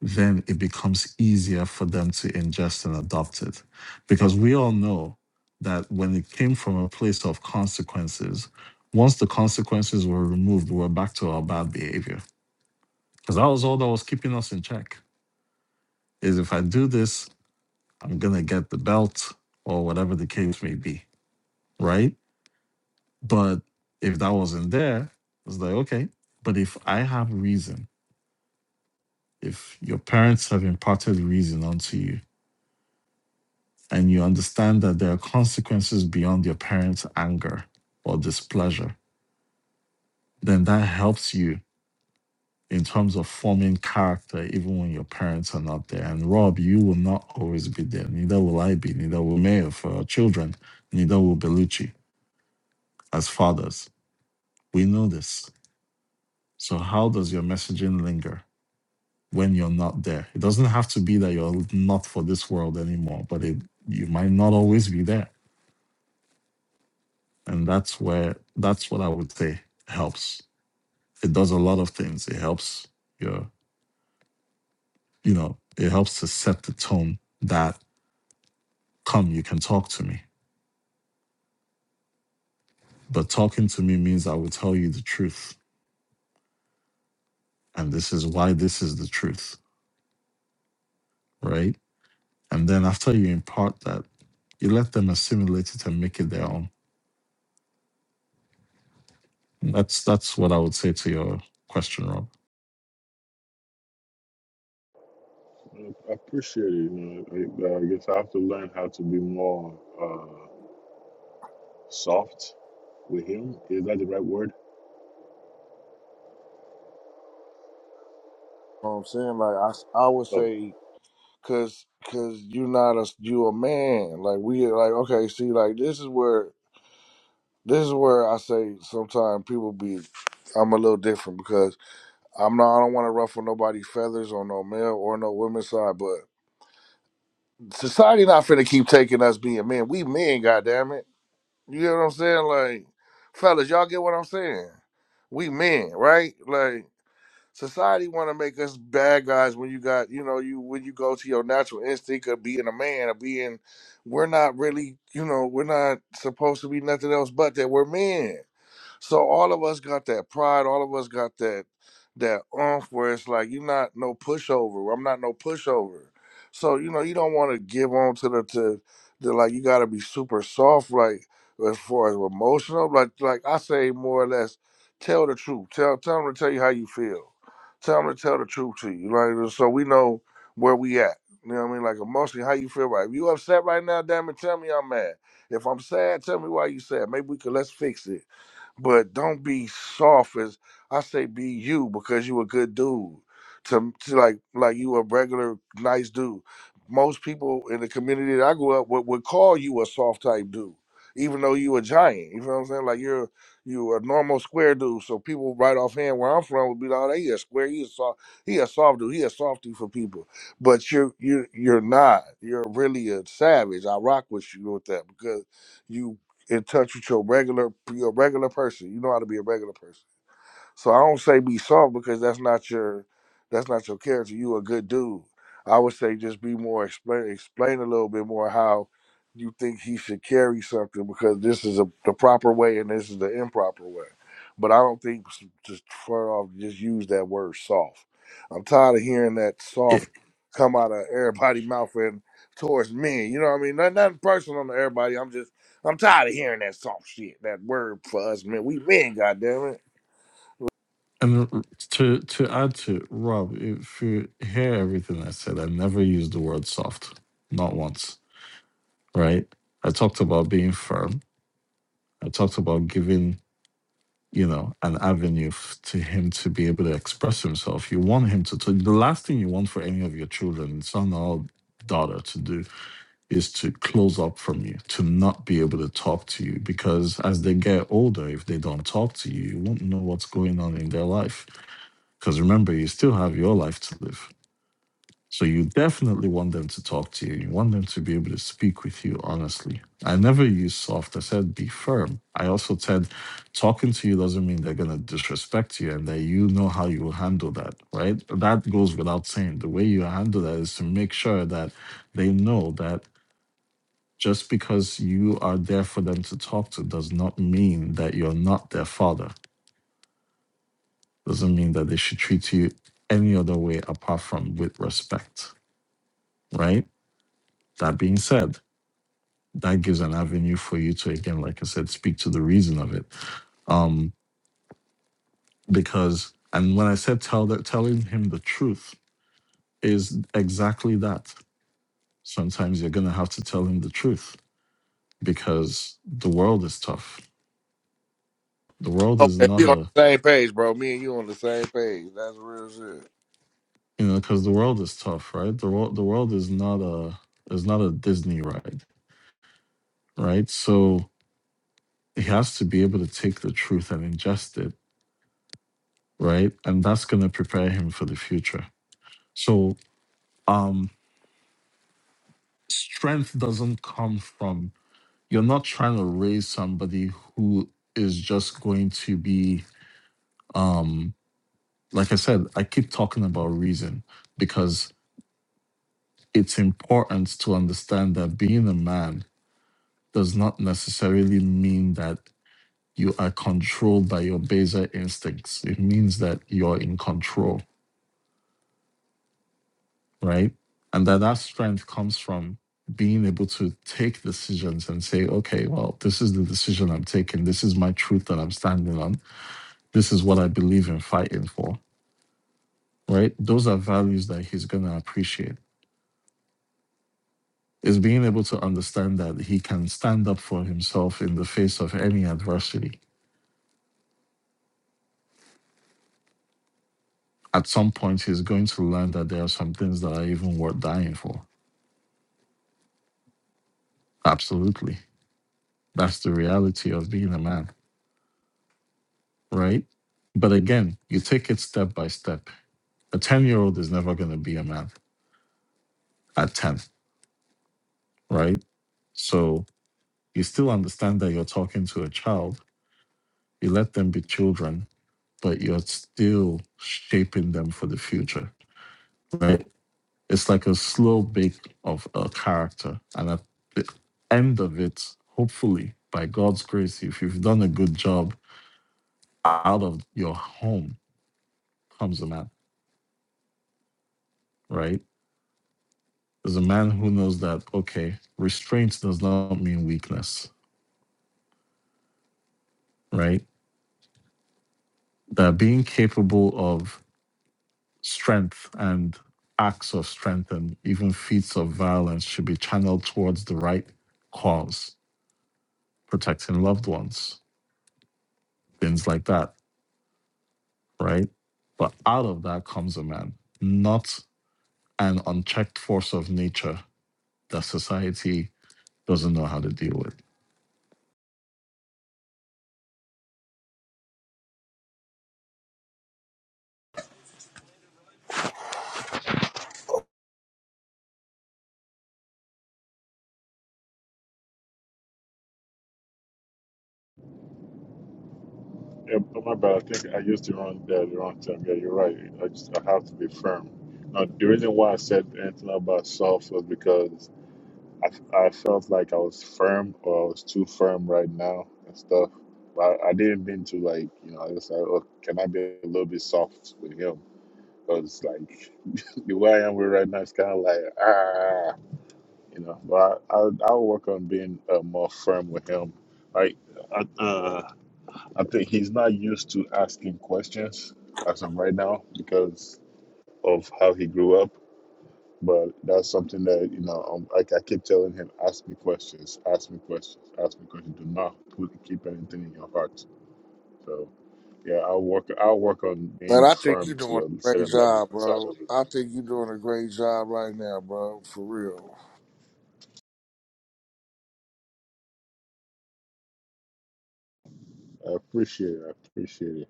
then it becomes easier for them to ingest and adopt it. Because we all know that when it came from a place of consequences, once the consequences were removed, we were back to our bad behavior. Because that was all that was keeping us in check is if I do this, I'm going to get the belt or whatever the case may be. Right. But if that wasn't there, it's like, okay. But if I have reason, if your parents have imparted reason onto you, and you understand that there are consequences beyond your parents' anger or displeasure, then that helps you in terms of forming character even when your parents are not there. And Rob, you will not always be there. Neither will I be, neither will Mayor for our children, neither will Bellucci as fathers. We know this. So how does your messaging linger when you're not there? It doesn't have to be that you're not for this world anymore, but it you might not always be there. And that's where that's what I would say helps. It does a lot of things. It helps your, you know, it helps to set the tone that come, you can talk to me. But talking to me means I will tell you the truth. And this is why this is the truth, right? And then after you impart that, you let them assimilate it and make it their own. That's that's what I would say to your question, Rob. I appreciate it. You know, I, I guess I have to learn how to be more uh, soft with him. Is that the right word? know what I'm saying? Like I I would Oh, say, cause, cause you not a, you a man. Like we, like okay, see, like this is where, this is where I say sometimes people be, I'm a little different because I'm not, I don't want to ruffle nobody's feathers on no male or no women's side, but society not finna keep taking us being men. We men, goddamn it. You know what I'm saying? Like, fellas, y'all get what I'm saying? We men, right? Like. Society want to make us bad guys when you got, you know, you when you go to your natural instinct of being a man, of being, we're not really, you know, we're not supposed to be nothing else but that. We're men. So all of us got that pride. All of us got that that oomph where it's like you're not no pushover. I'm not no pushover. So you know you don't want to give on to the to the like you got to be super soft like as far as emotional like like I say more or less tell the truth. Tell tell them to tell you how you feel. Tell them to tell the truth to you. Like uh, so we know where we at. You know what I mean? Like emotionally, how you feel right. If you upset right now, damn it, tell me I'm mad. If I'm sad, tell me why you sad. Maybe we could let's fix it but don't be soft as I say be you because you a good dude. To, to like like you a regular nice dude. Most people in the community that I grew up with would call you a soft type dude, even though you a giant. You know what I'm saying? Like you're you a normal square dude. So people right offhand where I'm from would be like, oh, he a square, he a soft, he a soft dude, he a softy for people. But you're you you're you're not. You're really a savage. I rock with you with that because you in touch with your regular your regular person. You know how to be a regular person. So I don't say be soft because that's not your that's not your character. You a good dude. I would say just be more explain explain a little bit more how you think he should carry something because this is a the proper way and this is the improper way. But I don't think s- just flat off just use that word soft. I'm tired of hearing that soft come out of everybody's mouth and towards me. You know what I mean? Not, nothing personal to everybody. I'm just I'm tired of hearing that soft shit. That word for us, man. We men, goddamn it. And to to add to Rob, if you hear everything I said, I never used the word soft, not once. Right? I talked about being firm. I talked about giving you know an avenue f- to him to be able to express himself. You want him to. to the last thing you want for any of your children, son or daughter, to do is to close up from you, to not be able to talk to you, because as they get older, if they don't talk to you, you won't know what's going on in their life Because remember, you still have your life to live. So you definitely want them to talk to you. You want them to be able to speak with you honestly. I never use soft. I said be firm. I also said talking to you doesn't mean they're going to disrespect you and that you know how you will handle that, right? That goes without saying. The way you handle that is to make sure that they know that just because you are there for them to talk to does not mean that you're not their father doesn't mean that they should treat you any other way apart from with respect, right? That being said, that gives an avenue for you to, again, like I said, speak to the reason of it. Um, because, and when I said tell that, telling him the truth is exactly that. Sometimes you're going to have to tell him the truth because the world is tough. The world is Okay, not we on a, the same page, bro. Me and you on the same page. That's real shit. you know, because the world is tough, right? The world, the world is not a, is not a Disney ride, right? So he has to be able to take the truth and ingest it, right? And that's going to prepare him for the future. So, um, strength doesn't come from you're not trying to raise somebody who is just going to be, um, like I said, I keep talking about reason because it's important to understand that being a man does not necessarily mean that you are controlled by your baser instincts. It means that you're in control right? And that that strength comes from being able to take decisions and say, okay, well, this is the decision I'm taking. This is my truth that I'm standing on. This is what I believe in fighting for, right? Those are values that he's going to appreciate. Is being able to understand that he can stand up for himself in the face of any adversity. At some point, he's going to learn that there are some things that are even worth dying for. Absolutely. That's the reality of being a man right? But again, you take it step by step. A 10 year old is never going to be a man at 10, right? So you still understand that you're talking to a child, you let them be children, but you're still shaping them for the future, right? It's like a slow bake of a character. And at the end of it, hopefully, by God's grace, if you've done a good job, out of your home comes a man, right? is a man who knows that, okay, restraint does not mean weakness, right? That being capable of strength and acts of strength and even feats of violence should be channeled towards the right cause, protecting loved ones, things like that, right? But out of that comes a man, not an unchecked force of nature that society doesn't know how to deal with. Yeah, but my bad. I think I used the wrong yeah, the, wrong term. Yeah, you're right. I just I have to be firm. Now, the reason why I said anything about soft was because I, I felt like I was firm or I was too firm right now and stuff. But I, I didn't mean to like you know I just like oh can I be a little bit soft with him because like the way I am with right now it's kind of like ah you know. But I I I'll work on being uh, more firm with him. Like uh, uh, I think he's not used to asking questions as of right now because of how he grew up. But that's something that you know um, I, I keep telling him: ask me questions, ask me questions, ask me questions. Do not put, keep anything in your heart. So yeah, I'll work. I'll work on Man, being I think you firm doing to a a great certain level. job, Side bro. of it. I think you doing a great job right now, bro. For real. I appreciate it. I appreciate it.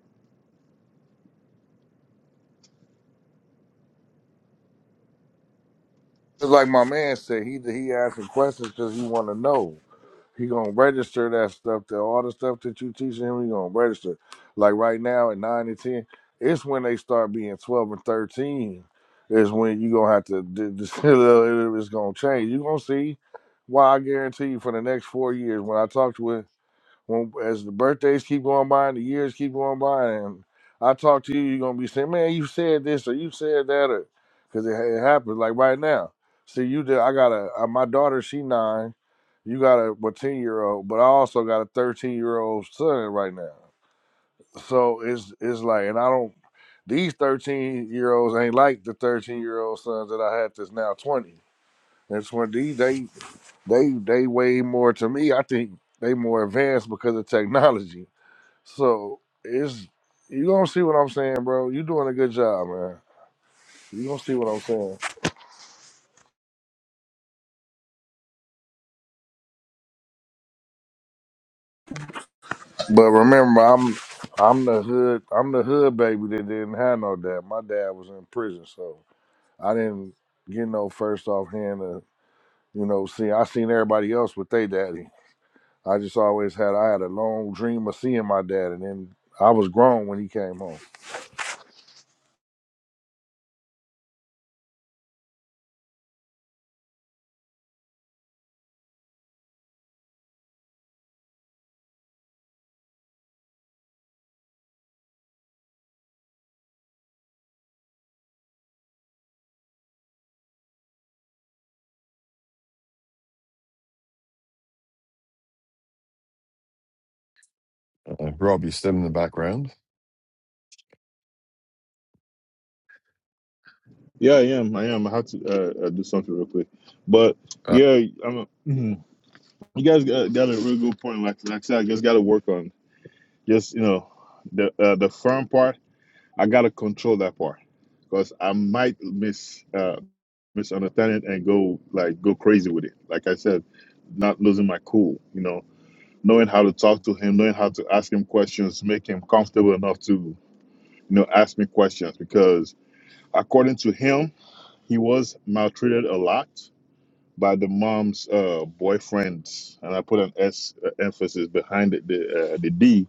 It's like my man said, he he asking questions because he want to know. He gonna register that stuff. That all the stuff that you teaching him, he gonna register. Like right now at nine and ten, it's when they start being twelve and thirteen. Is when you gonna have to. d- d- It's gonna change. You gonna see. Why I guarantee you for the next four years, when I talked with when, as the birthdays keep going by and the years keep going by, and I talk to you, you're gonna be saying, "Man, you said this or you said that," or because it, it happens. Like right now, see you did. I got a uh, my daughter. She nine. You got a what ten year old, but I also got a thirteen year old son right now. So it's it's like, and I don't. These thirteen year olds ain't like the thirteen year old sons that I had that's now twenty. That's when these they they they way more to me. I think they more advanced because of technology so it's you gonna see what I'm saying, bro. You doing a good job, man. You gonna see what I'm saying. But remember, I'm I'm the hood I'm the hood baby that didn't have no dad. My dad was in prison, so I didn't get no first offhand. to you know see. I seen everybody else with their daddy. I just always had I had a long dream of seeing my dad, and then I was grown when he came home. Uh, Rob, you still in the background? Yeah, I am. I am. I have to uh, uh, do something real quick. But Uh, yeah, I'm. you guys got, got a real good point. Like, like I said, I just got to work on just you know the uh, the firm part. I got to control that part because I might miss uh, misunderstand it and go like go crazy with it. Like I said, not losing my cool. You know, knowing how to talk to him, knowing how to ask him questions, make him comfortable enough to you know ask me questions because according to him, he was maltreated a lot by the mom's uh, boyfriends, and I put an S uh, emphasis behind it, the uh, the D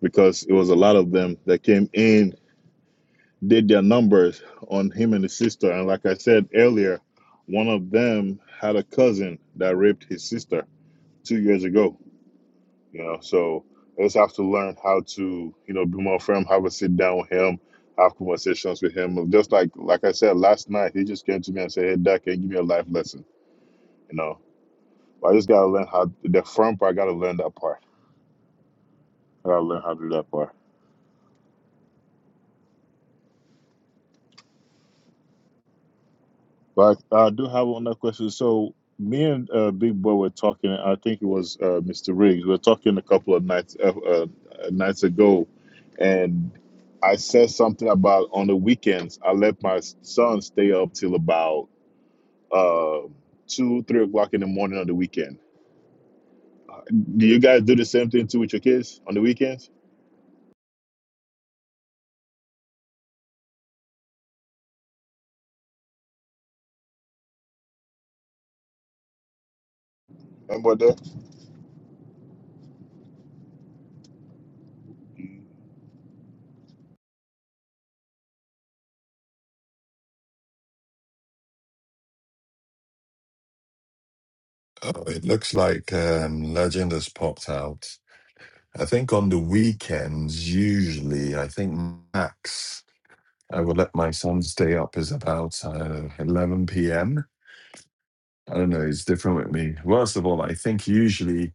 because it was a lot of them that came in, did their numbers on him and his sister, and like I said earlier, one of them had a cousin that raped his sister two years ago. You know, so I just have to learn how to you know be more firm, have a sit down with him. Have conversations with him, just like like I said last night. He just came to me and said, "Hey, Dad, can you give me a life lesson?" I just gotta learn how the front part. I gotta learn that part. I gotta learn how to do that part. But I, I do have another question. So me and uh, Big Boy were talking. I think it was uh, Mr. Riggs. We were talking a couple of nights uh, uh, nights ago, and I said something about on the weekends. I let my son stay up till about uh, two, three o'clock in the morning on the weekend Do you guys do the same thing too with your kids on the weekends? Remember that? Oh, it looks like um, Legend has popped out. I think on the weekends, usually, I think max I will let my son stay up is about uh, 11 p.m. I don't know, it's different with me. Worst of all, I think usually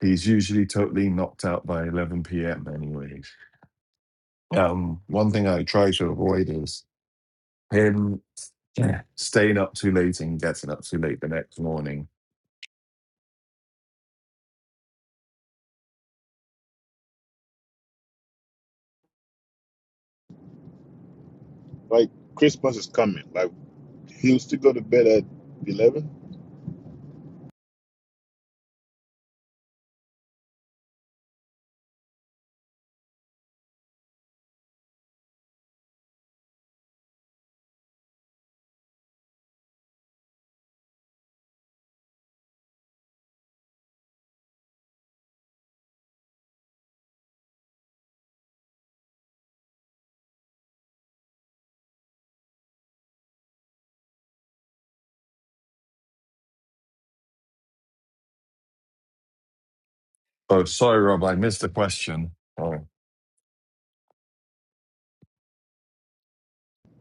He's usually totally knocked out by 11 p.m. Anyways, Um, one thing I try to avoid is him yeah, staying up too late and getting up too late the next morning. Like Christmas is coming. Like he used to go to bed at eleven. Oh, sorry, Rob, I missed the question. Oh,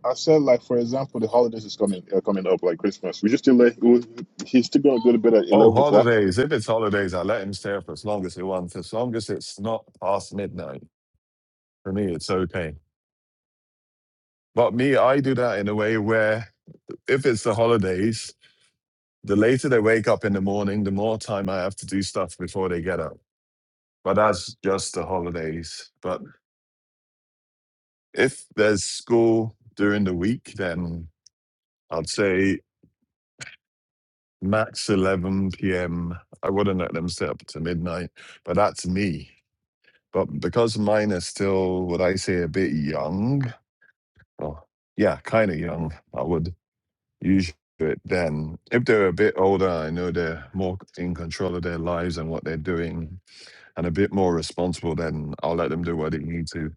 I said like for example, the holidays is coming uh, coming up like Christmas. We just still let we, he's still gonna go to bed at eleven. Oh, o'clock. holidays. If it's holidays, I let him stay up as long as he wants, as long as it's not past midnight. For me, it's okay. But me, I do that in a way where if it's the holidays, the later they wake up in the morning, the more time I have to do stuff before they get up. But that's just the holidays. But if there's school during the week, then I'd say max 11 p.m. I wouldn't let them stay up to midnight, but that's me. But because mine is still, what I say, a bit young, well, yeah, kind of young, I would Usually, then if they're a bit older, I know they're more in control of their lives and what they're doing, and a bit more responsible. Then I'll let them do what they need to,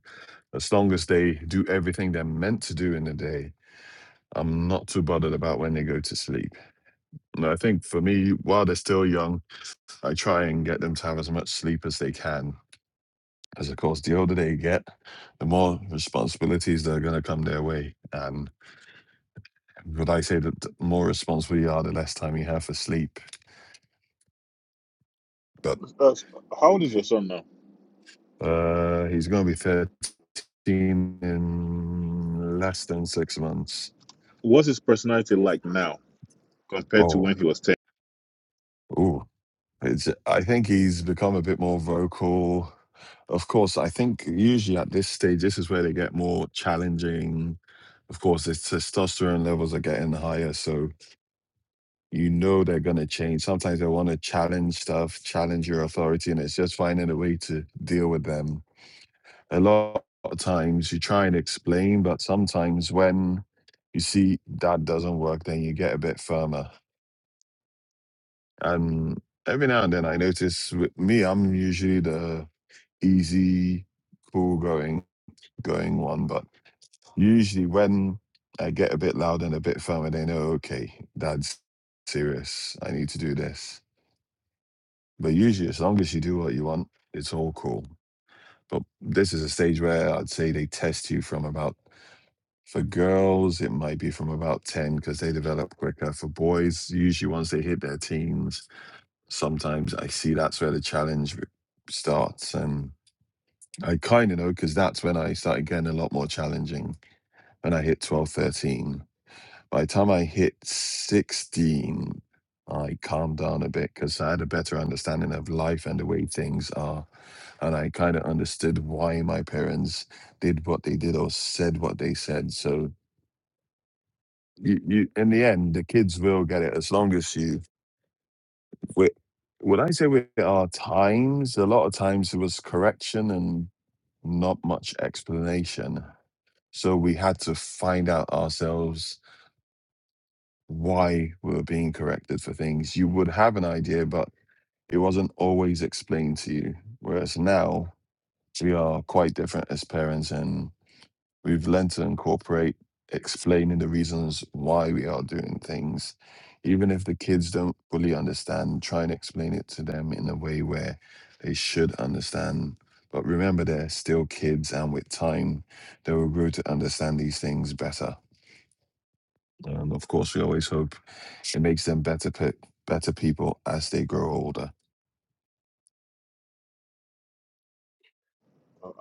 as long as they do everything they're meant to do in the day. I'm not too bothered about when they go to sleep. And I think for me, while they're still young, I try and get them to have as much sleep as they can. Because of course, the older they get, the more responsibilities that are going to come their way. And would I say that the more responsible you are, the less time you have for sleep But Uh, how old is your son now? uh, he's going to be 13 in less than six months. What's his personality like now compared to Oh, when he was 10? Ooh, it's. I think he's become a bit more vocal. Of course, I think usually at this stage, this is where they get more challenging. Of course, the testosterone levels are getting higher, so you know they're going to change. Sometimes they want to challenge stuff, challenge your authority, and it's just finding a way to deal with them a lot of times you try and explain, but sometimes when you see that doesn't work, then you get a bit firmer. And every now and then I notice with me, I'm usually the easy, cool going going one, but usually when I get a bit loud and a bit firmer, they know, okay, that's serious. I need to do this. But usually as long as you do what you want, it's all cool. But this is a stage where I'd say they test you from about For girls, it might be from about 10 because they develop quicker. For boys, usually once they hit their teens, sometimes I see that's where the challenge re- starts. And I kind of know because that's when I started getting a lot more challenging when I hit 12, 13, By the time I hit 16, I calmed down a bit because I had a better understanding of life and the way things are. And I kind of understood why my parents did what they did or said what they said. So You, you, in the end, the kids will get it as long as you. With, would I say with our times, a lot of times it was correction and not much explanation. So we had to find out ourselves why we were being corrected for things. You would have an idea, but it wasn't always explained to you. Whereas now, we are quite different as parents and. We've learned to incorporate explaining the reasons why we are doing things. Even if the kids don't fully understand, try and explain it to them in a way where they should understand. But remember, they're still kids, and with time, they will grow to understand these things better. And of course, we always hope it makes them better, pe- better people as they grow older.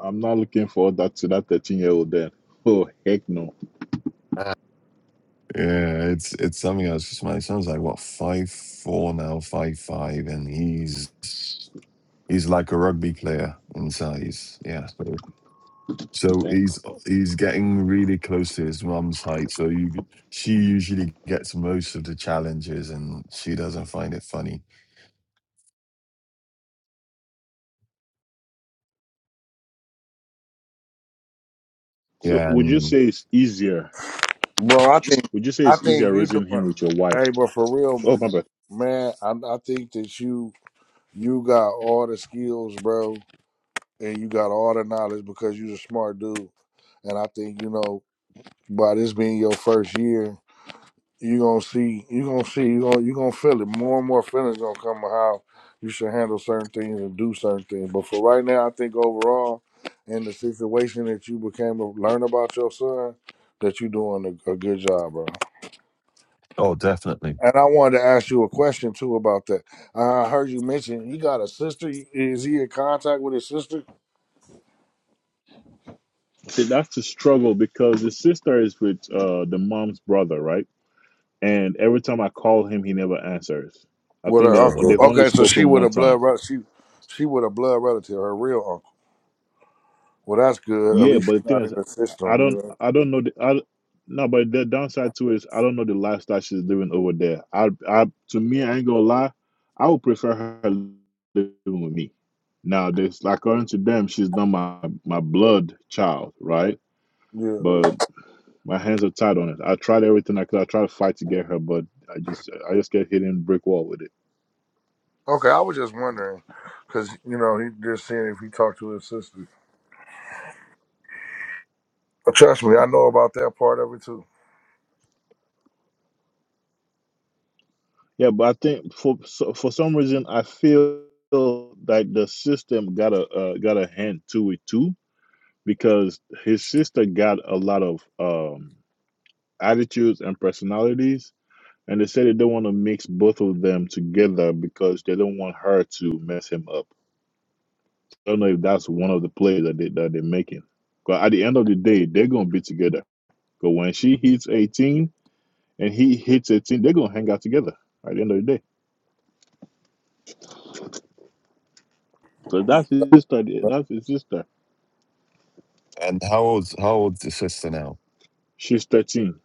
I'm not looking forward that to that 13 year old then. Oh heck no! Yeah, it's it's something else. 'cause My son's like what five four now, five five, and he's he's like a rugby player in size. Yeah, so, so Yeah. he's he's getting really close to his mum's height. So you, she usually gets most of the challenges, and she doesn't find it funny. So Yeah, would you and say it's easier? Bro, I think Would you say I it's easier think you raising doing. him with your wife? Hey, but for real, Oh, my m- bad. man, I, I think that you You got all the skills, bro, and you got all the knowledge because you're a smart dude. And I think you know by this being your first year, you are gonna see, you are gonna see, you gonna you gonna feel it. More and more feelings gonna come of how you should handle certain things and do certain things. But for right now, I think overall, in the situation that you became to learn about your son, that you're doing a, a good job, bro. oh, definitely. And I wanted to ask you a question too about that. I heard you mention he got a sister. Is he in contact with his sister? See, that's the struggle because the sister is with uh the mom's brother, right? And every time I call him, he never answers. I with think her they Uh, uncle. they've only Okay, so she spoken with one a time. blood rel- she she with a blood relative, her real uncle. Well, that's good. At Yeah, least but the she's thing not is, in the I system, don't you I don't know the I no, but the downside to it is I don't know the lifestyle she's living over there. I I to me, I ain't gonna lie, I would prefer her living with me. Now, this like according to them, she's not my my blood child, right? know. But my hands are tied on it. I tried everything I could. I tried to fight to get her, but I just I just get hitting brick wall with it. Yeah. Okay, I was just wondering, cause you know he just seeing if he talked to his sister. But trust me, I know about that part of it too. Yeah, but I think for so, for some reason I feel like the system got a uh, got a hand to it too because his sister got a lot of um, attitudes and personalities, and they said they don't want to mix both of them together because they don't want her to mess him up. I don't know if that's one of the plays that they that they're making. But at the end of the day, they're gonna be together But when she hits 18 and he hits 18, they're gonna hang out together at the end of the day. So that's his sister. That's his sister. And how old's how old's the sister now? She's 13.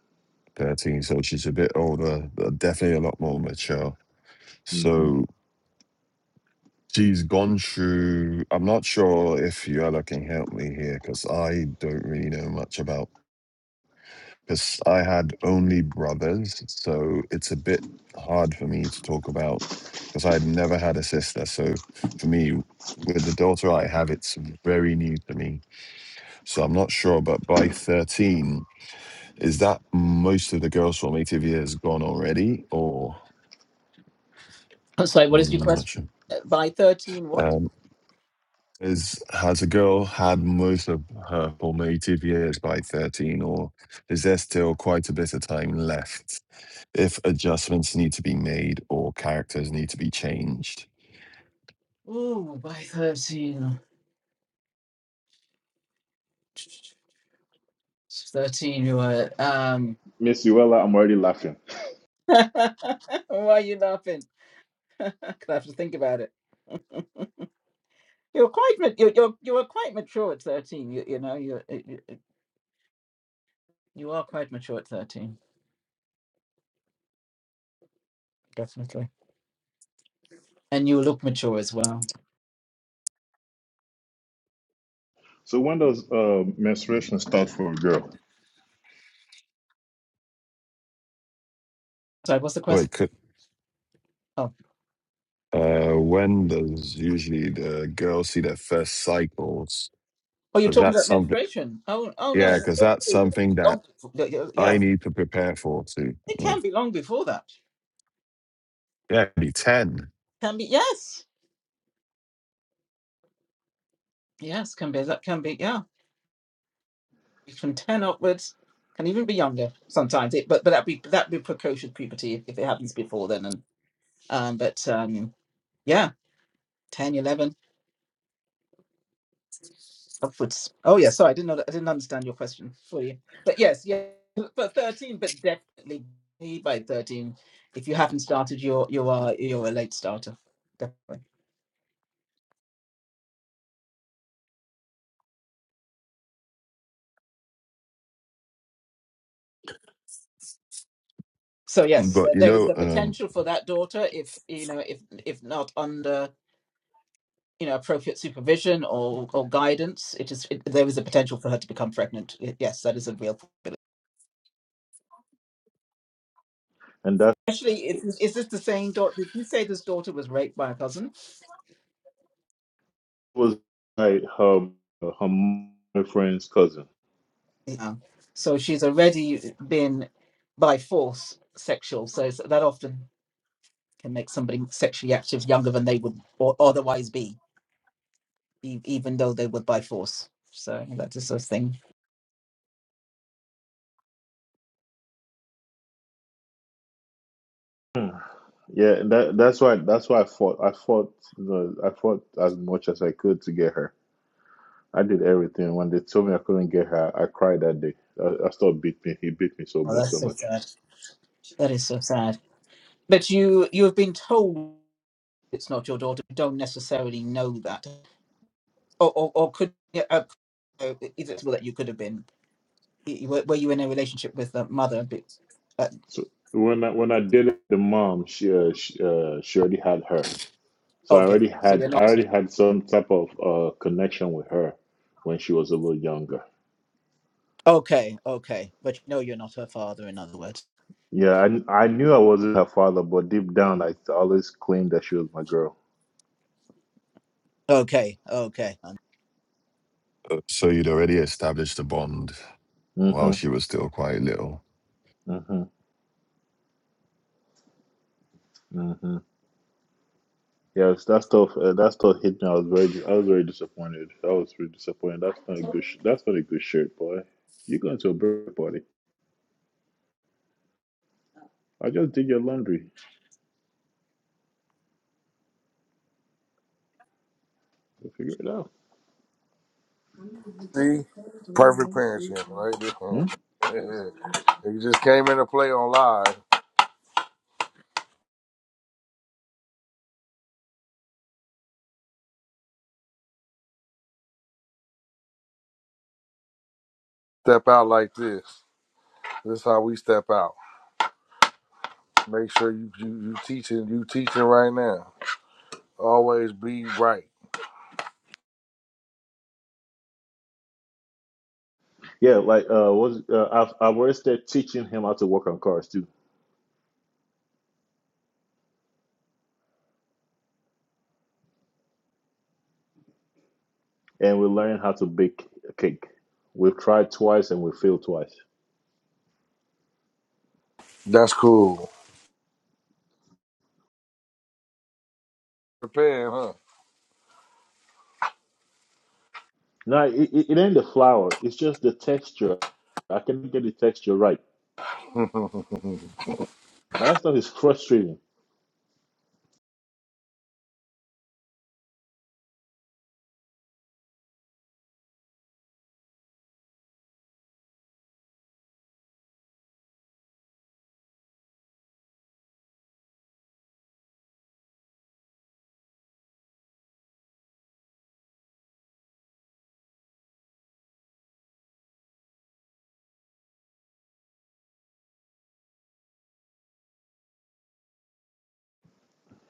Thirteen, so she's a bit older, but definitely a lot more mature. hmm So she's gone through. I'm not sure if you all can help me here because I don't really know much about. because I had only brothers, so it's a bit hard for me to talk about because I'd never had a sister. So for me, with the daughter I have, it's very new to me. So I'm not sure, but by 13, is that most of the girls formative years gone already, or I'm sorry, what is your mm, I'm not question? not sure. Uh, By 13, what? Um, is has a girl had most of her formative years by 13, or is there still quite a bit of time left? if adjustments need to be made or characters need to be changed. Ooh, by 13. It's 13, you were. Um, Miss Uella, I'm already laughing. why are you laughing? I have to think about it. you're quite you're, you're you were quite mature at 13 you, you know you, you you are quite mature at 13 definitely and you look mature as well So when does uh, menstruation start for a girl? sorry what's the question Wait, could oh Uh, when does usually the girl see their first cycles? Oh, you're Because talking that's about something, menstruation. Oh, oh no, yeah, no, because no, that's no. something be that Long before, yeah, yeah, I yeah, need to prepare for too. it Mm. can be long before that. Yeah, it'd be 10. Can be yes, yes, can be that can be yeah, from ten upwards, can even be younger sometimes. It but but that be that be precocious puberty if, if it happens before then and um but um yeah 10 11. upwards. Oh yeah, sorry, I didn't know that. I didn't understand your question for you. But yes, yeah, but thirteen, but definitely by thirteen, if you haven't started, you're you are you're a late starter, definitely. So yes, But uh, you there is know, the um, potential for that daughter if you know if if not under you know appropriate supervision or or guidance, it is it, there is a potential for her to become pregnant. Y- Yes, that is a real possibility. And that Actually, is, is this the same daughter? Did you say this daughter was raped by a cousin? was like her her m- her friend's cousin. Yeah. So she's already been by force sexual. So it's- that often can make somebody sexually active younger than they would or otherwise be, e- even though they would by force. So that's the sort of thing. Yeah, and that that's why that's why I fought. I fought you know, I fought as much as I could to get her. I did everything. When they told me I couldn't get her, I cried that day. I, I still beat me. He beat me so Oh, much, that's so so much. sad. That is so sad. but you you have been told it's not your daughter. You don't necessarily know that, or or, or could yeah, uh, uh, is it possible that you could have been? Y- Were, were you in a relationship with the mother? But, uh, So when I when I dated the mom, she uh, she, uh, she already had her. So I okay, already so had you're I not already had some type of uh, connection with her when she was a little younger. okay, okay, but you know you're not her father. In other words, Yeah, I, I knew I wasn't her father, but deep down I always claimed that she was my girl. Okay. Okay. Um, So you'd already established a bond while Mm-hmm. she Mm-hmm. was still quite little. Mm-hmm. Mm-hmm. Yes, that stuff. Uh, that stuff hit me. I was very. I was very disappointed. I was really disappointed. That's not a good. Sh- that's not a good shirt, boy. You're going to a birthday party. I just did your laundry. We'll figure it out. See, perfect parenting, right? Hmm? there. it just came into play on live. Step out like this. This is how we step out. Make sure you you, you teaching you teaching right now. Always be right. Yeah, like uh, was uh, I've I've already started teaching him how to work on cars too, and we learned how to bake a cake. We've tried twice and we failed twice. That's cool. Japan, huh? No, it, it it ain't the flour. It's just the texture. I can get the texture right. And that stuff is frustrating.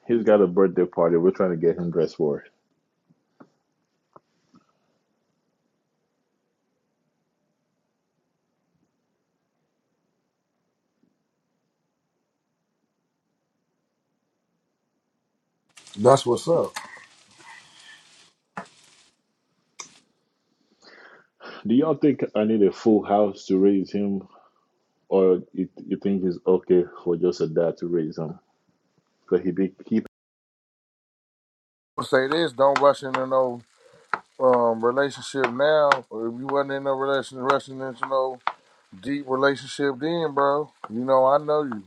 He's got a birthday party. We're trying to get him dressed for it. That's what's up. Do y'all think I need a full house to raise him, or you, you think it's okay for just a dad to raise him? Because he be keep I'll say this: Don't rush into no um, relationship now, or if you wasn't in a relation, rushing into no deep relationship then, bro. You know, I know you.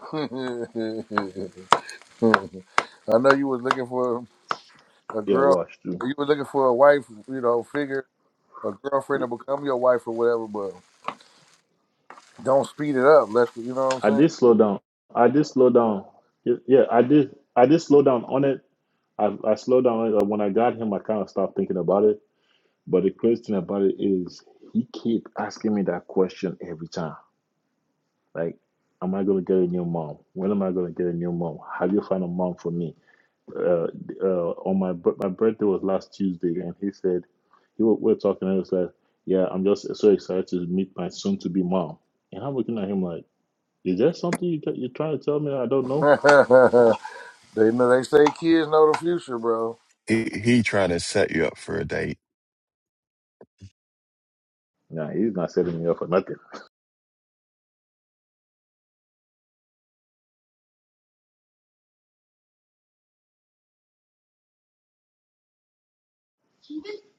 I know you was looking for a yeah girl. watch too. You were looking for a wife, you know, figure a girlfriend to become your wife or whatever. But don't speed it up. Let us you know what I'm I did saying. slow down. I did slow down. Y- Yeah, I did. I did slow down on it. I, I slowed down on it. Like, When I got him, I kind of stopped thinking about it. But the crazy thing about it is, he keep asking me that question every time. Like, am I gonna get a new mom? When am I gonna get a new mom? Have you found a mom for me? Uh, uh, on my bir- my birthday was last Tuesday, and he said he wa- we were talking, and he was like, "Yeah, I'm just so excited to meet my soon-to-be mom." And I'm looking at him like. Is that something you you're trying to tell me I don't know? they know they say kids know the future, bro. He he trying to set you up for a date. Nah, he's not setting me up for nothing.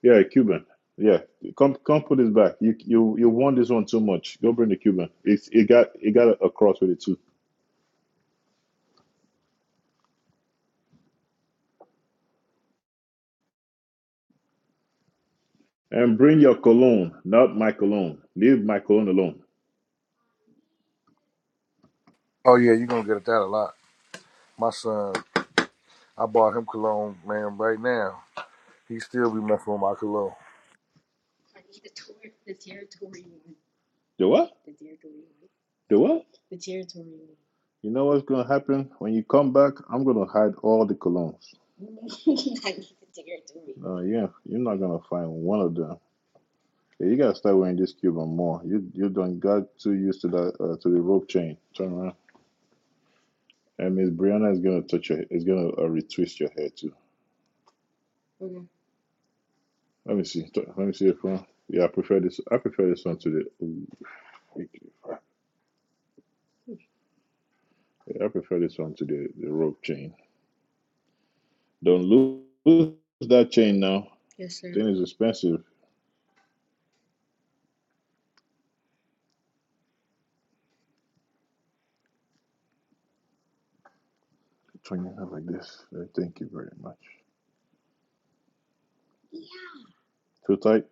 Yeah, Cuban. Yeah, come come put this back. You you you won this one too much. Go bring the Cuban. It's it got it got a, a cross with it too. And bring your cologne, not my cologne. Leave my cologne alone. Oh yeah, you are gonna get that a lot. My son, I bought him cologne, man, right now. He still be messing with my cologne. The what? The what? You know what's gonna happen when you come back? I'm gonna hide all the colognes. Uh, yeah, you're not gonna find one of them. Yeah, you gotta start wearing this Cuban more. You you don't got too used to that uh, to the rope chain. Turn around. And Miss Brianna is gonna touch your. Is gonna uh, retwist your hair too. Let me see. Let me see if one. Yeah, I prefer this. I prefer this one to the. ooh, freaky Yeah, I prefer this one to the the rope chain. Don't lose, lose that chain now. Then it's expensive. Turn your hair like this. Uh, Thank you very much. Too tight.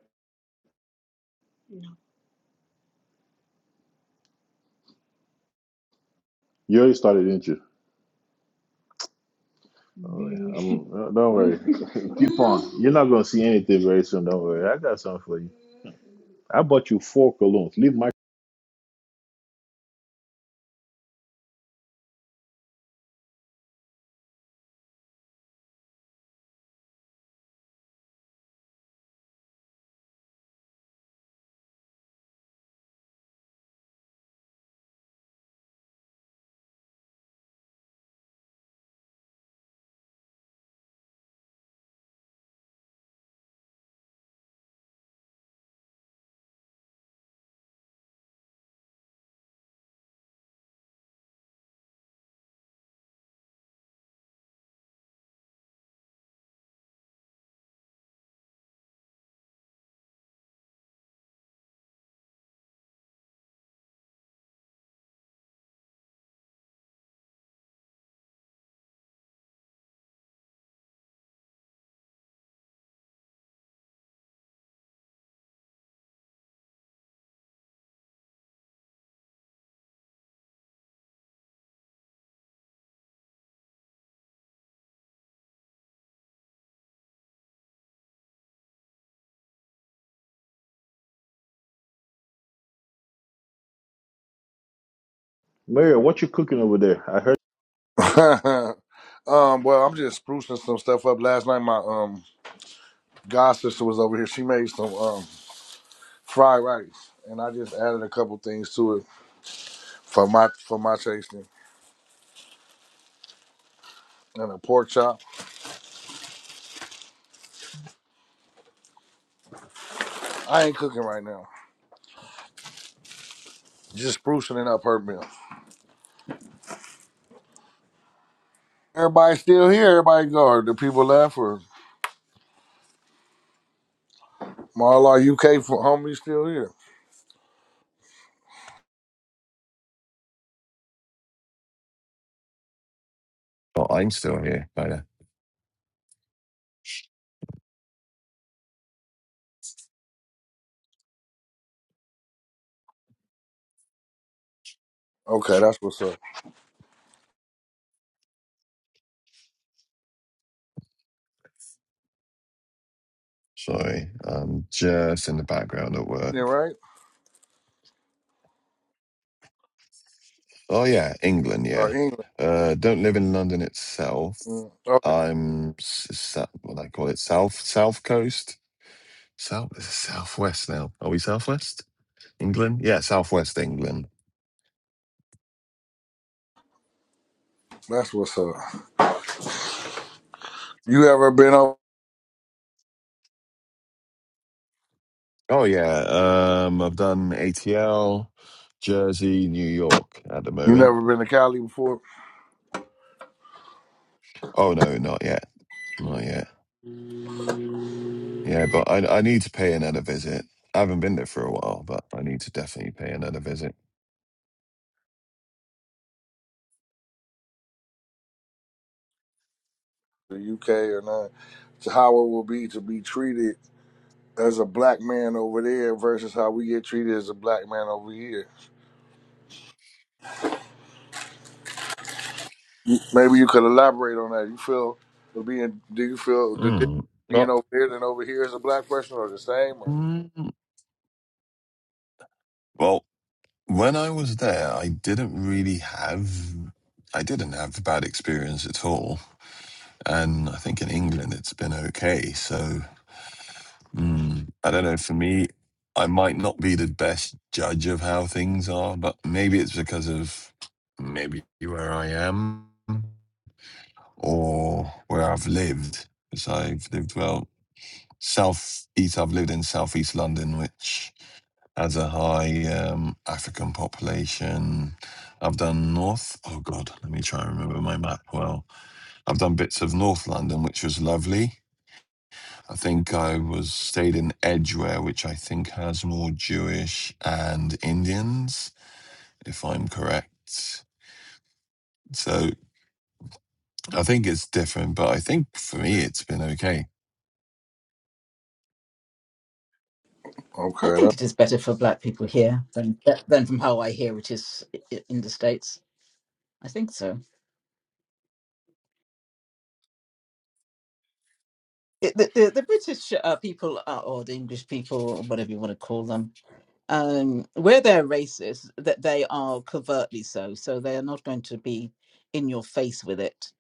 You already started, didn't you? i don't worry. You're not gonna see anything very soon. Don't worry. I got something for you. I bought you four colognes. Leave my Mario. What you cooking over there? I heard. um, well, I'm just sprucing some stuff up. Last night, my um god sister was over here. She made some um fried rice, and I just added a couple things to it for my for my tasting. And a pork chop. I ain't cooking right now. Just sprucing it up her meal. Everybody still here? Everybody go? Are the people left or Marla UK for homie still here? Oh, I'm still here, kinda. Okay, that's what's up. Sorry, I'm just in the background at Yeah, work. right? Oh yeah, England. Or Yeah, England. uh, don't live in London itself. Mm. I'm s- s- what do I call it, south south coast, south southwest now. Are we southwest England? Yeah, southwest England. That's what's up. You ever been up? Oh yeah, um, I've done ATL, Jersey, New York at the You moment. never been to Cali before, Oh no, not yet, not yet. Yeah, but I I need to pay another visit. I haven't been there for a while, but I need to definitely pay another visit. the UK or not? To how it will be to be treated as a black man over there versus how we get treated as a black man over here. You- Maybe you could elaborate on that. You feel being? Do you feel the difference Mm. being Well, over there than over here as a black person, or the same? Or? mm, well, when I was there, I didn't really have I didn't have a bad experience at all, and I think in England it's been okay. So mm, I don't know. For me, I might not be the best judge of how things are, but maybe it's because of maybe where I am. or where I've lived. So I've lived well south east. I've lived in southeast London, which has a high um, African population. I've done north. Oh God, let me try and remember my map well. I've done bits of North London, which was lovely. I think I was stayed in Edgware, which I think has more Jewish and Indians, if I'm correct. So I think it's different, but I think for me it's been okay. I Okay, think it that, is better for black people here than than from how I hear it is i- in the states. I think so. The, the, the British uh, people are, or the English people, or whatever you want to call them, um, where they're racist, that they are covertly so. So they are not going to be in your face with it,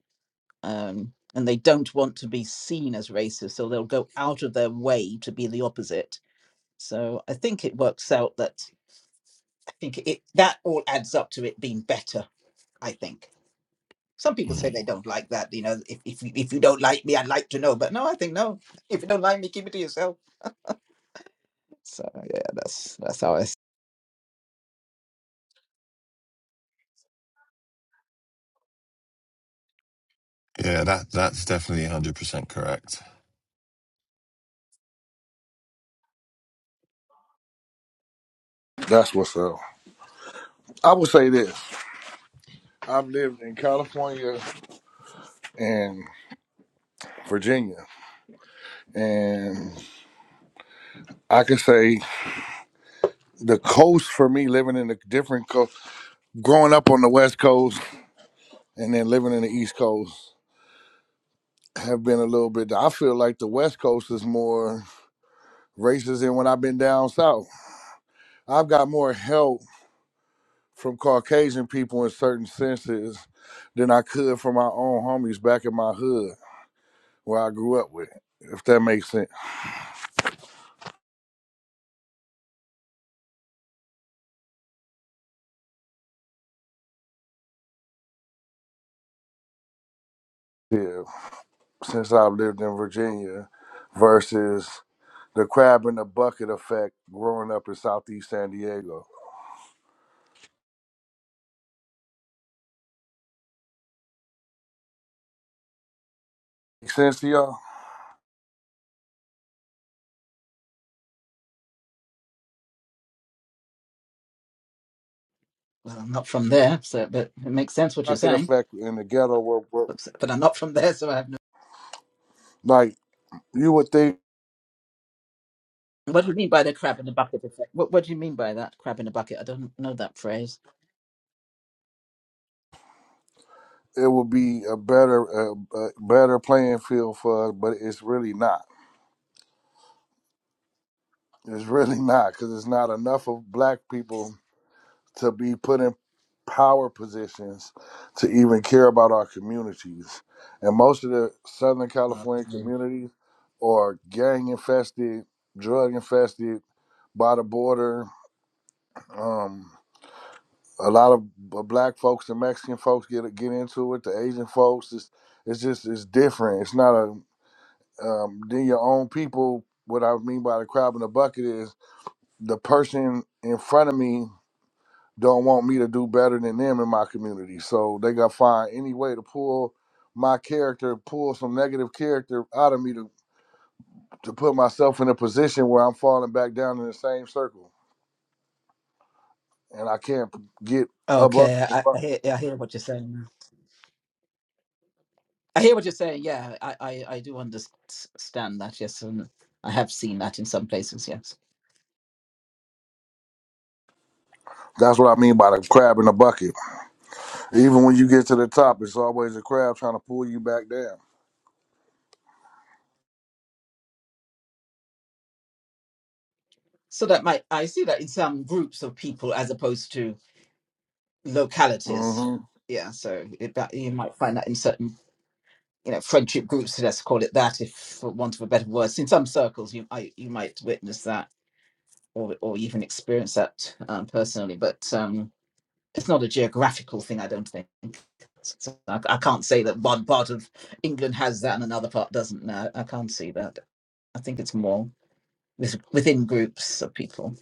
um, and they don't want to be seen as racist, so they'll go out of their way to be the opposite. So I think it works out that I think it that all adds up to it being better. I think. Some people say they don't like that. You know, if if you, if you don't like me, I'd like to know. But no, I think no. If you don't like me, keep it to yourself. So yeah, that's that's how I. See. Yeah, that that's definitely one hundred percent correct. that's what's up. I would say this: I've lived in California and Virginia, and I can say the coast for me, living in a different coast, growing up on the West Coast and then living in the East Coast, have been a little bit. I feel like the West Coast is more racist than when I've been down south. I've got more help from Caucasian people in certain senses than I could from my own homies back in my hood where I grew up with, if that makes sense. Yeah, since I've lived in Virginia versus the crab in the bucket effect growing up in Southeast San Diego. Make sense to y'all? Well, I'm not from there, so but it makes sense what you're pocket saying. effect in the ghetto where, where But, but I'm not from there, so I have no. like you would think What do you mean by the crab in the bucket effect? What What do you mean by that crab in the bucket? I don't know that phrase. it would be a better a, a better playing field for us, but it's really not. It's really not because it's not enough of black people to be put in power positions to even care about our communities. And most of the Southern California Okay. communities are gang infested, drug infested by the border. Um, a lot of black folks and Mexican folks get get into it. The Asian folks, it's it's just it's different. It's not a um, then your own people. What I mean by the crab in the bucket is the person in front of me don't want me to do better than them in my community. So they got to find any way to pull my character, pull some negative character out of me to to put myself in a position where I'm falling back down in the same circle and I can't get above Okay, the I, I bucket. hear I hear what you're saying. I hear what you're saying. Yeah, I, I, I do understand that. Yes, and I have seen that in some places. Yes. That's what I mean by the crab in the bucket. Even when you get to the top, it's always a crab trying to pull you back down. So that might I see that in some groups of people as opposed to localities. hmm Yeah. So it, that, you might find that in certain you know friendship groups let's call it that if for want of a better word, in some circles you I, you might witness that or or even experience that um, personally but um it's not a geographical thing i don't think so I, I can't say that one part of england has that and another part doesn't no i can't see that i think it's more with, within groups of people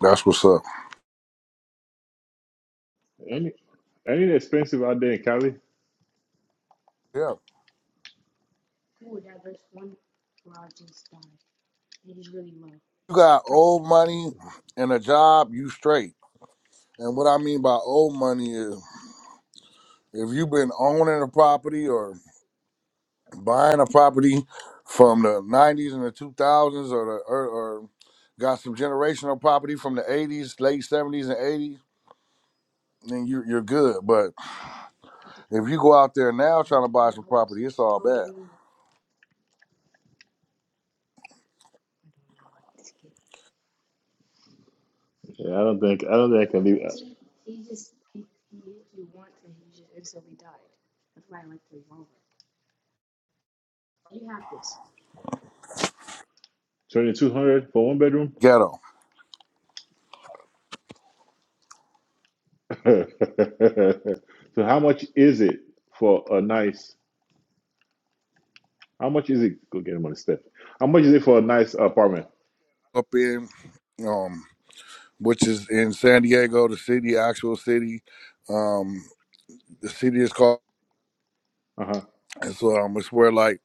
That's what's up. Any any expensive out there in Cali? Yeah. You got old money and a job, you straight. And what I mean by old money is if you've been owning a property or buying a property from the 90s and the 2000s or, the, or, or got some generational property from the 80s, late 70s and 80s, then you, you're good. But if you go out there now trying to buy some property, it's all bad. Yeah, I don't think I don't think I can leave twenty two hundred for one bedroom. Ghetto. so how much is it for a nice? How much is it? Go get him on the step. How much is it for a nice apartment? Up in. um. which is in San Diego, the city, actual city. Um, the city is called. Uh huh. It's um, it's where like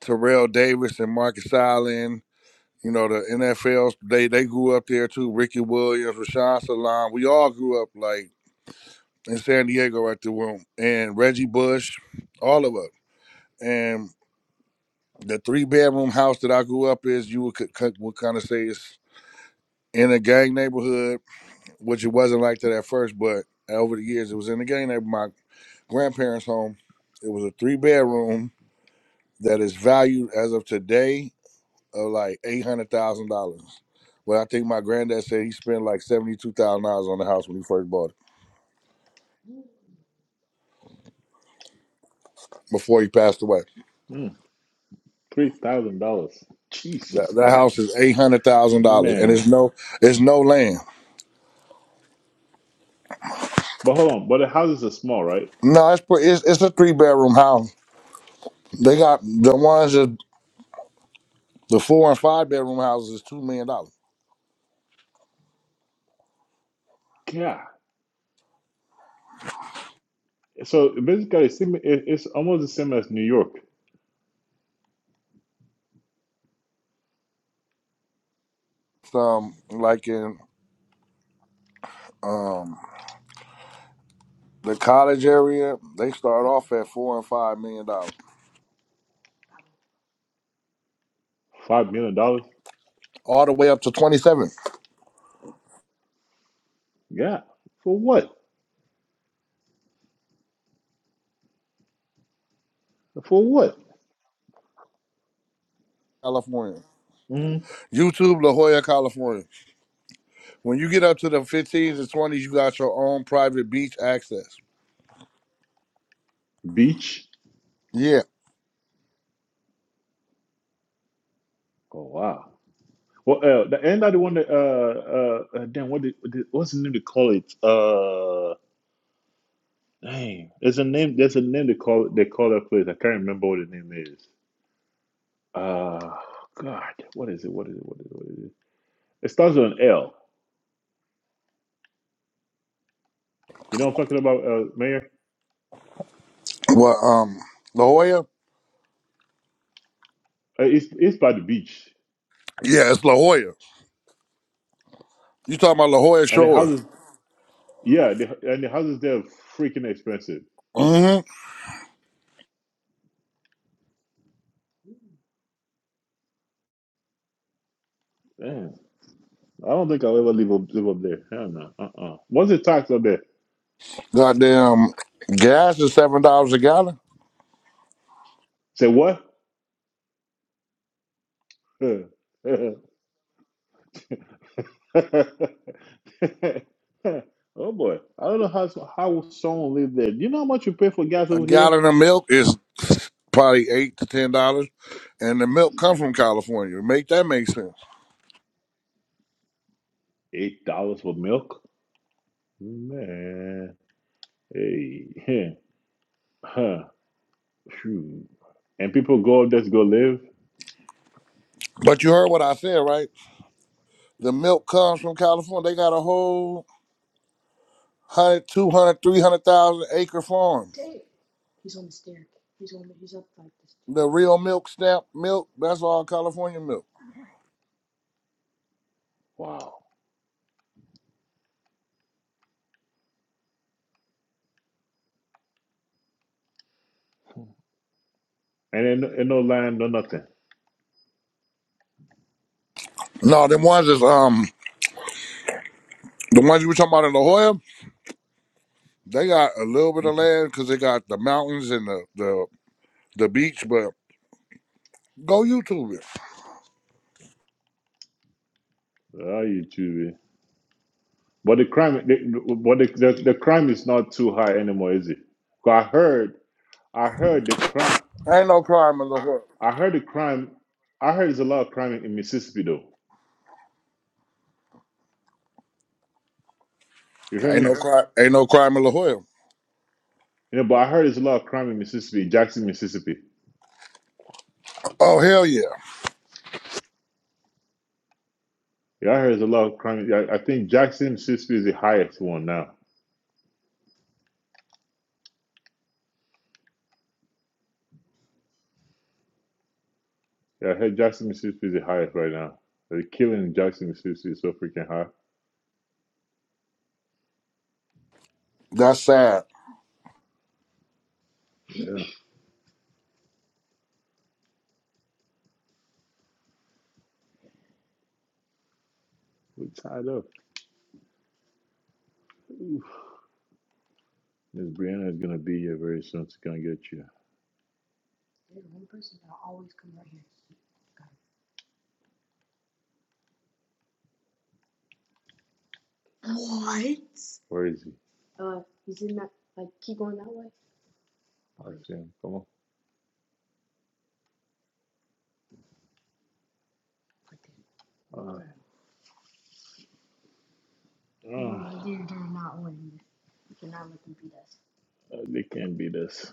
Terrell Davis and Marcus Allen, you know, the NFLs. They they grew up there too. Ricky Williams, Rashawn Salam. We all grew up like in San Diego at the room, and Reggie Bush, all of us. And the three bedroom house that I grew up is you would c- would kind of say it's in a gang neighborhood, which it wasn't like that at first, but over the years it was in a gang neighborhood My grandparents' home. It was a three bedroom that is valued as of today of like eight hundred thousand dollars. Well, I think my granddad said he spent like seventy two thousand dollars on the house when he first bought it before he passed away. Mm, Three thousand dollars. Jesus That, that house Christ, is eight hundred thousand dollars, and man. it's no it's no land. But hold on. But the houses are small, right? No, it's pre- it's, it's a three bedroom house. They got the ones that the four and five bedroom houses is two million dollars. Yeah. So basically, it's, sim- it- it's almost the same as New York. Um, like in um the college area, they start off at four and five million dollars Five million dollars. all the way up to 27th, Yeah. For what? For what? California. Mm. YouTube, La Jolla, California. When you get up to the 15s and 20s, you got your own private beach access. Beach. Yeah. Oh wow. Well, uh, the and the one that uh uh uh, damn what did, what did- what's the name they call it? Uh, dang, there's a name. There's a name they call it. They call that place. I can't remember what the name is. Uh, God, what is it? What is it? What is it? What is it? It starts with an L. You know what I'm talking about, uh, Mayor? Well, um, La Jolla? Uh, it's it's by the beach, Yeah, it's La Jolla. You talking about La Jolla and the Shores? houses. Yeah, the, and the houses there are freaking expensive. Mm-hmm. Damn, I don't think I'll ever live up live up there. Hell no. Uh uh. What's the tax up there? Goddamn, gas is seven dollars a gallon. Say what? oh boy, I don't know how how someone live there. Do you know how much you pay for gas A over here? gallon of milk is probably eight to ten dollars, and the milk comes from California. Make that make sense? Eight dollars for milk, man. Hey, huh? Phew. And people go up there to go live. But you heard what I said, right? The milk comes from California. They got a whole 100, 200, 300,000 acre farm. The real milk stamp milk, that's all California milk. Wow. And in, in no land, no nothing. No, them ones is um the ones you were talking about in La Jolla, they got a little bit of land because they got the mountains and the, the the beach. But go YouTube it. Ah, you too. But the crime, the, but the, the the crime is not too high anymore, is it? 'Cause I heard, I heard the crime, Ain't no crime in La Jolla. I heard the crime, I heard there's a lot of crime in Mississippi though. You feel Ain't me? no crime. Ain't no crime in La Jolla. You know, but I heard there's a lot of crime in Mississippi, Jackson, Mississippi. Oh hell yeah, Yeah, I heard there's a lot of crime. Yeah, I think Jackson, Mississippi is the highest one now. Yeah, I heard Jackson, Mississippi is the highest right now. The killing in Jackson, Mississippi is so freaking high. that's sad. Yeah, we're tied up. Oof. Miss Brianna is gonna be here very soon. She's gonna get you. Where is he? I see him. Come on. Uh, they can't beat us.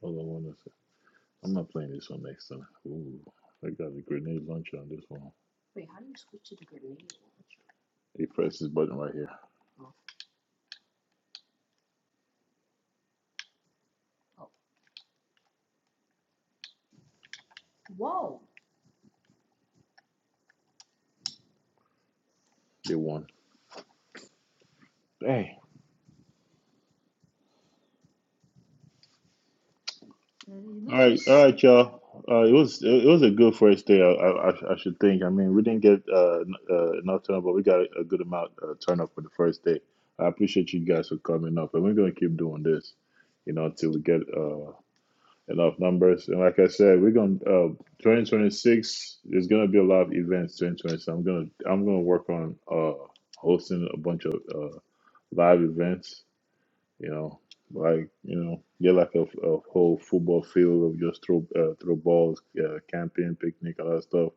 Hold on one second. I'm not playing this one next time. Ooh, I got the grenade launcher on this one. He pressed his button right here. They won. Dang. All right, y'all. Uh, it was it was a good first day. I, I, I sh- I should think. I mean, we didn't get uh, n- uh, enough turnout, but we got a a good amount uh, turn up for the first day. I appreciate you guys for coming up, and we're gonna keep doing this, you know, until we get uh, enough numbers. And like I said, we're gonna uh, 2026. There's gonna be a lot of events. 2026. I'm gonna I'm gonna work on uh, hosting a bunch of uh, live events you know, like you know, get like a, a whole football field of just throw uh, throw balls, uh, camping, picnic, all that stuff.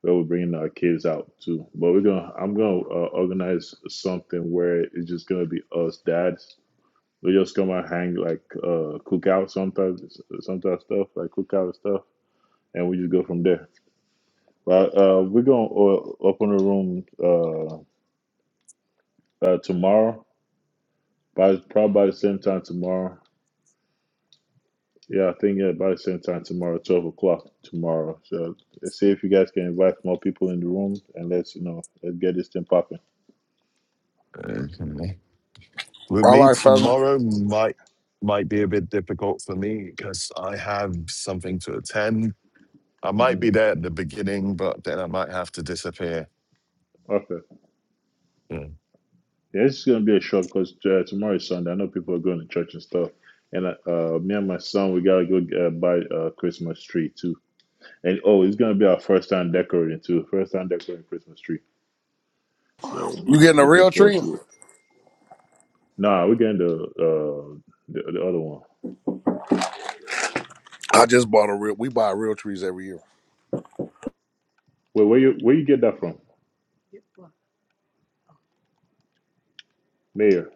Where we're bringing our kids out too. But we're gonna, I'm gonna uh, organize something where it's just gonna be us dads. We just come out hang like uh, cookout sometimes, sometimes stuff like cookout stuff, and we just go from there. But uh, we're gonna uh, open a room uh, uh, tomorrow, by probably by the same time tomorrow. Yeah, I think yeah, about the same time tomorrow, twelve o'clock tomorrow. So let's see if you guys can invite more people in the room and let's you know let's get this thing popping. Okay. With All me right, fella, tomorrow might might be a bit difficult for me because I have something to attend. I might Mm. be Mm. there at the beginning, but then I might have to disappear. Okay. Yeah. Yeah, it's gonna be a short because uh, tomorrow is Sunday. I know people are going to church and stuff. And uh, uh, me and my son, we gotta go uh, buy a Christmas tree too. And oh, it's gonna be our first time decorating too. First time decorating Christmas tree. So you getting a looking real forward tree? to it. Nah, we're getting the uh the, the other one. I just bought a real. We buy real trees every year. Wait, where you where you get that from, Mayor?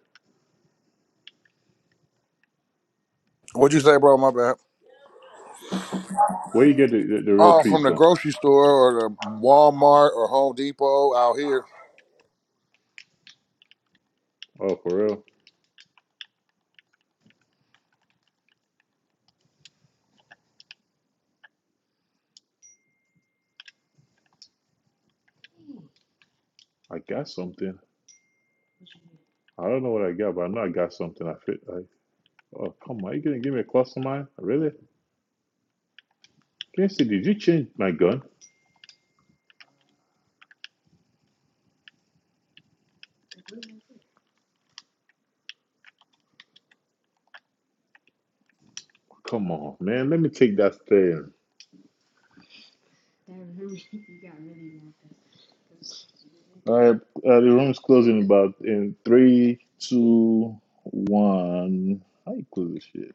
What'd you say, bro? My bad. Where you get the, the, the real Oh, trees from the from? grocery store or the Walmart or Home Depot out here. Oh, for real? I got something. I don't know what I got, but I know I got something. I fit. I, oh come on, you gonna give me a cluster mine? Really? Can you see? Did you change my gun? Come on, man. Let me take that thing. All right, uh, the room is closing about in three, two, one. How you close this shit?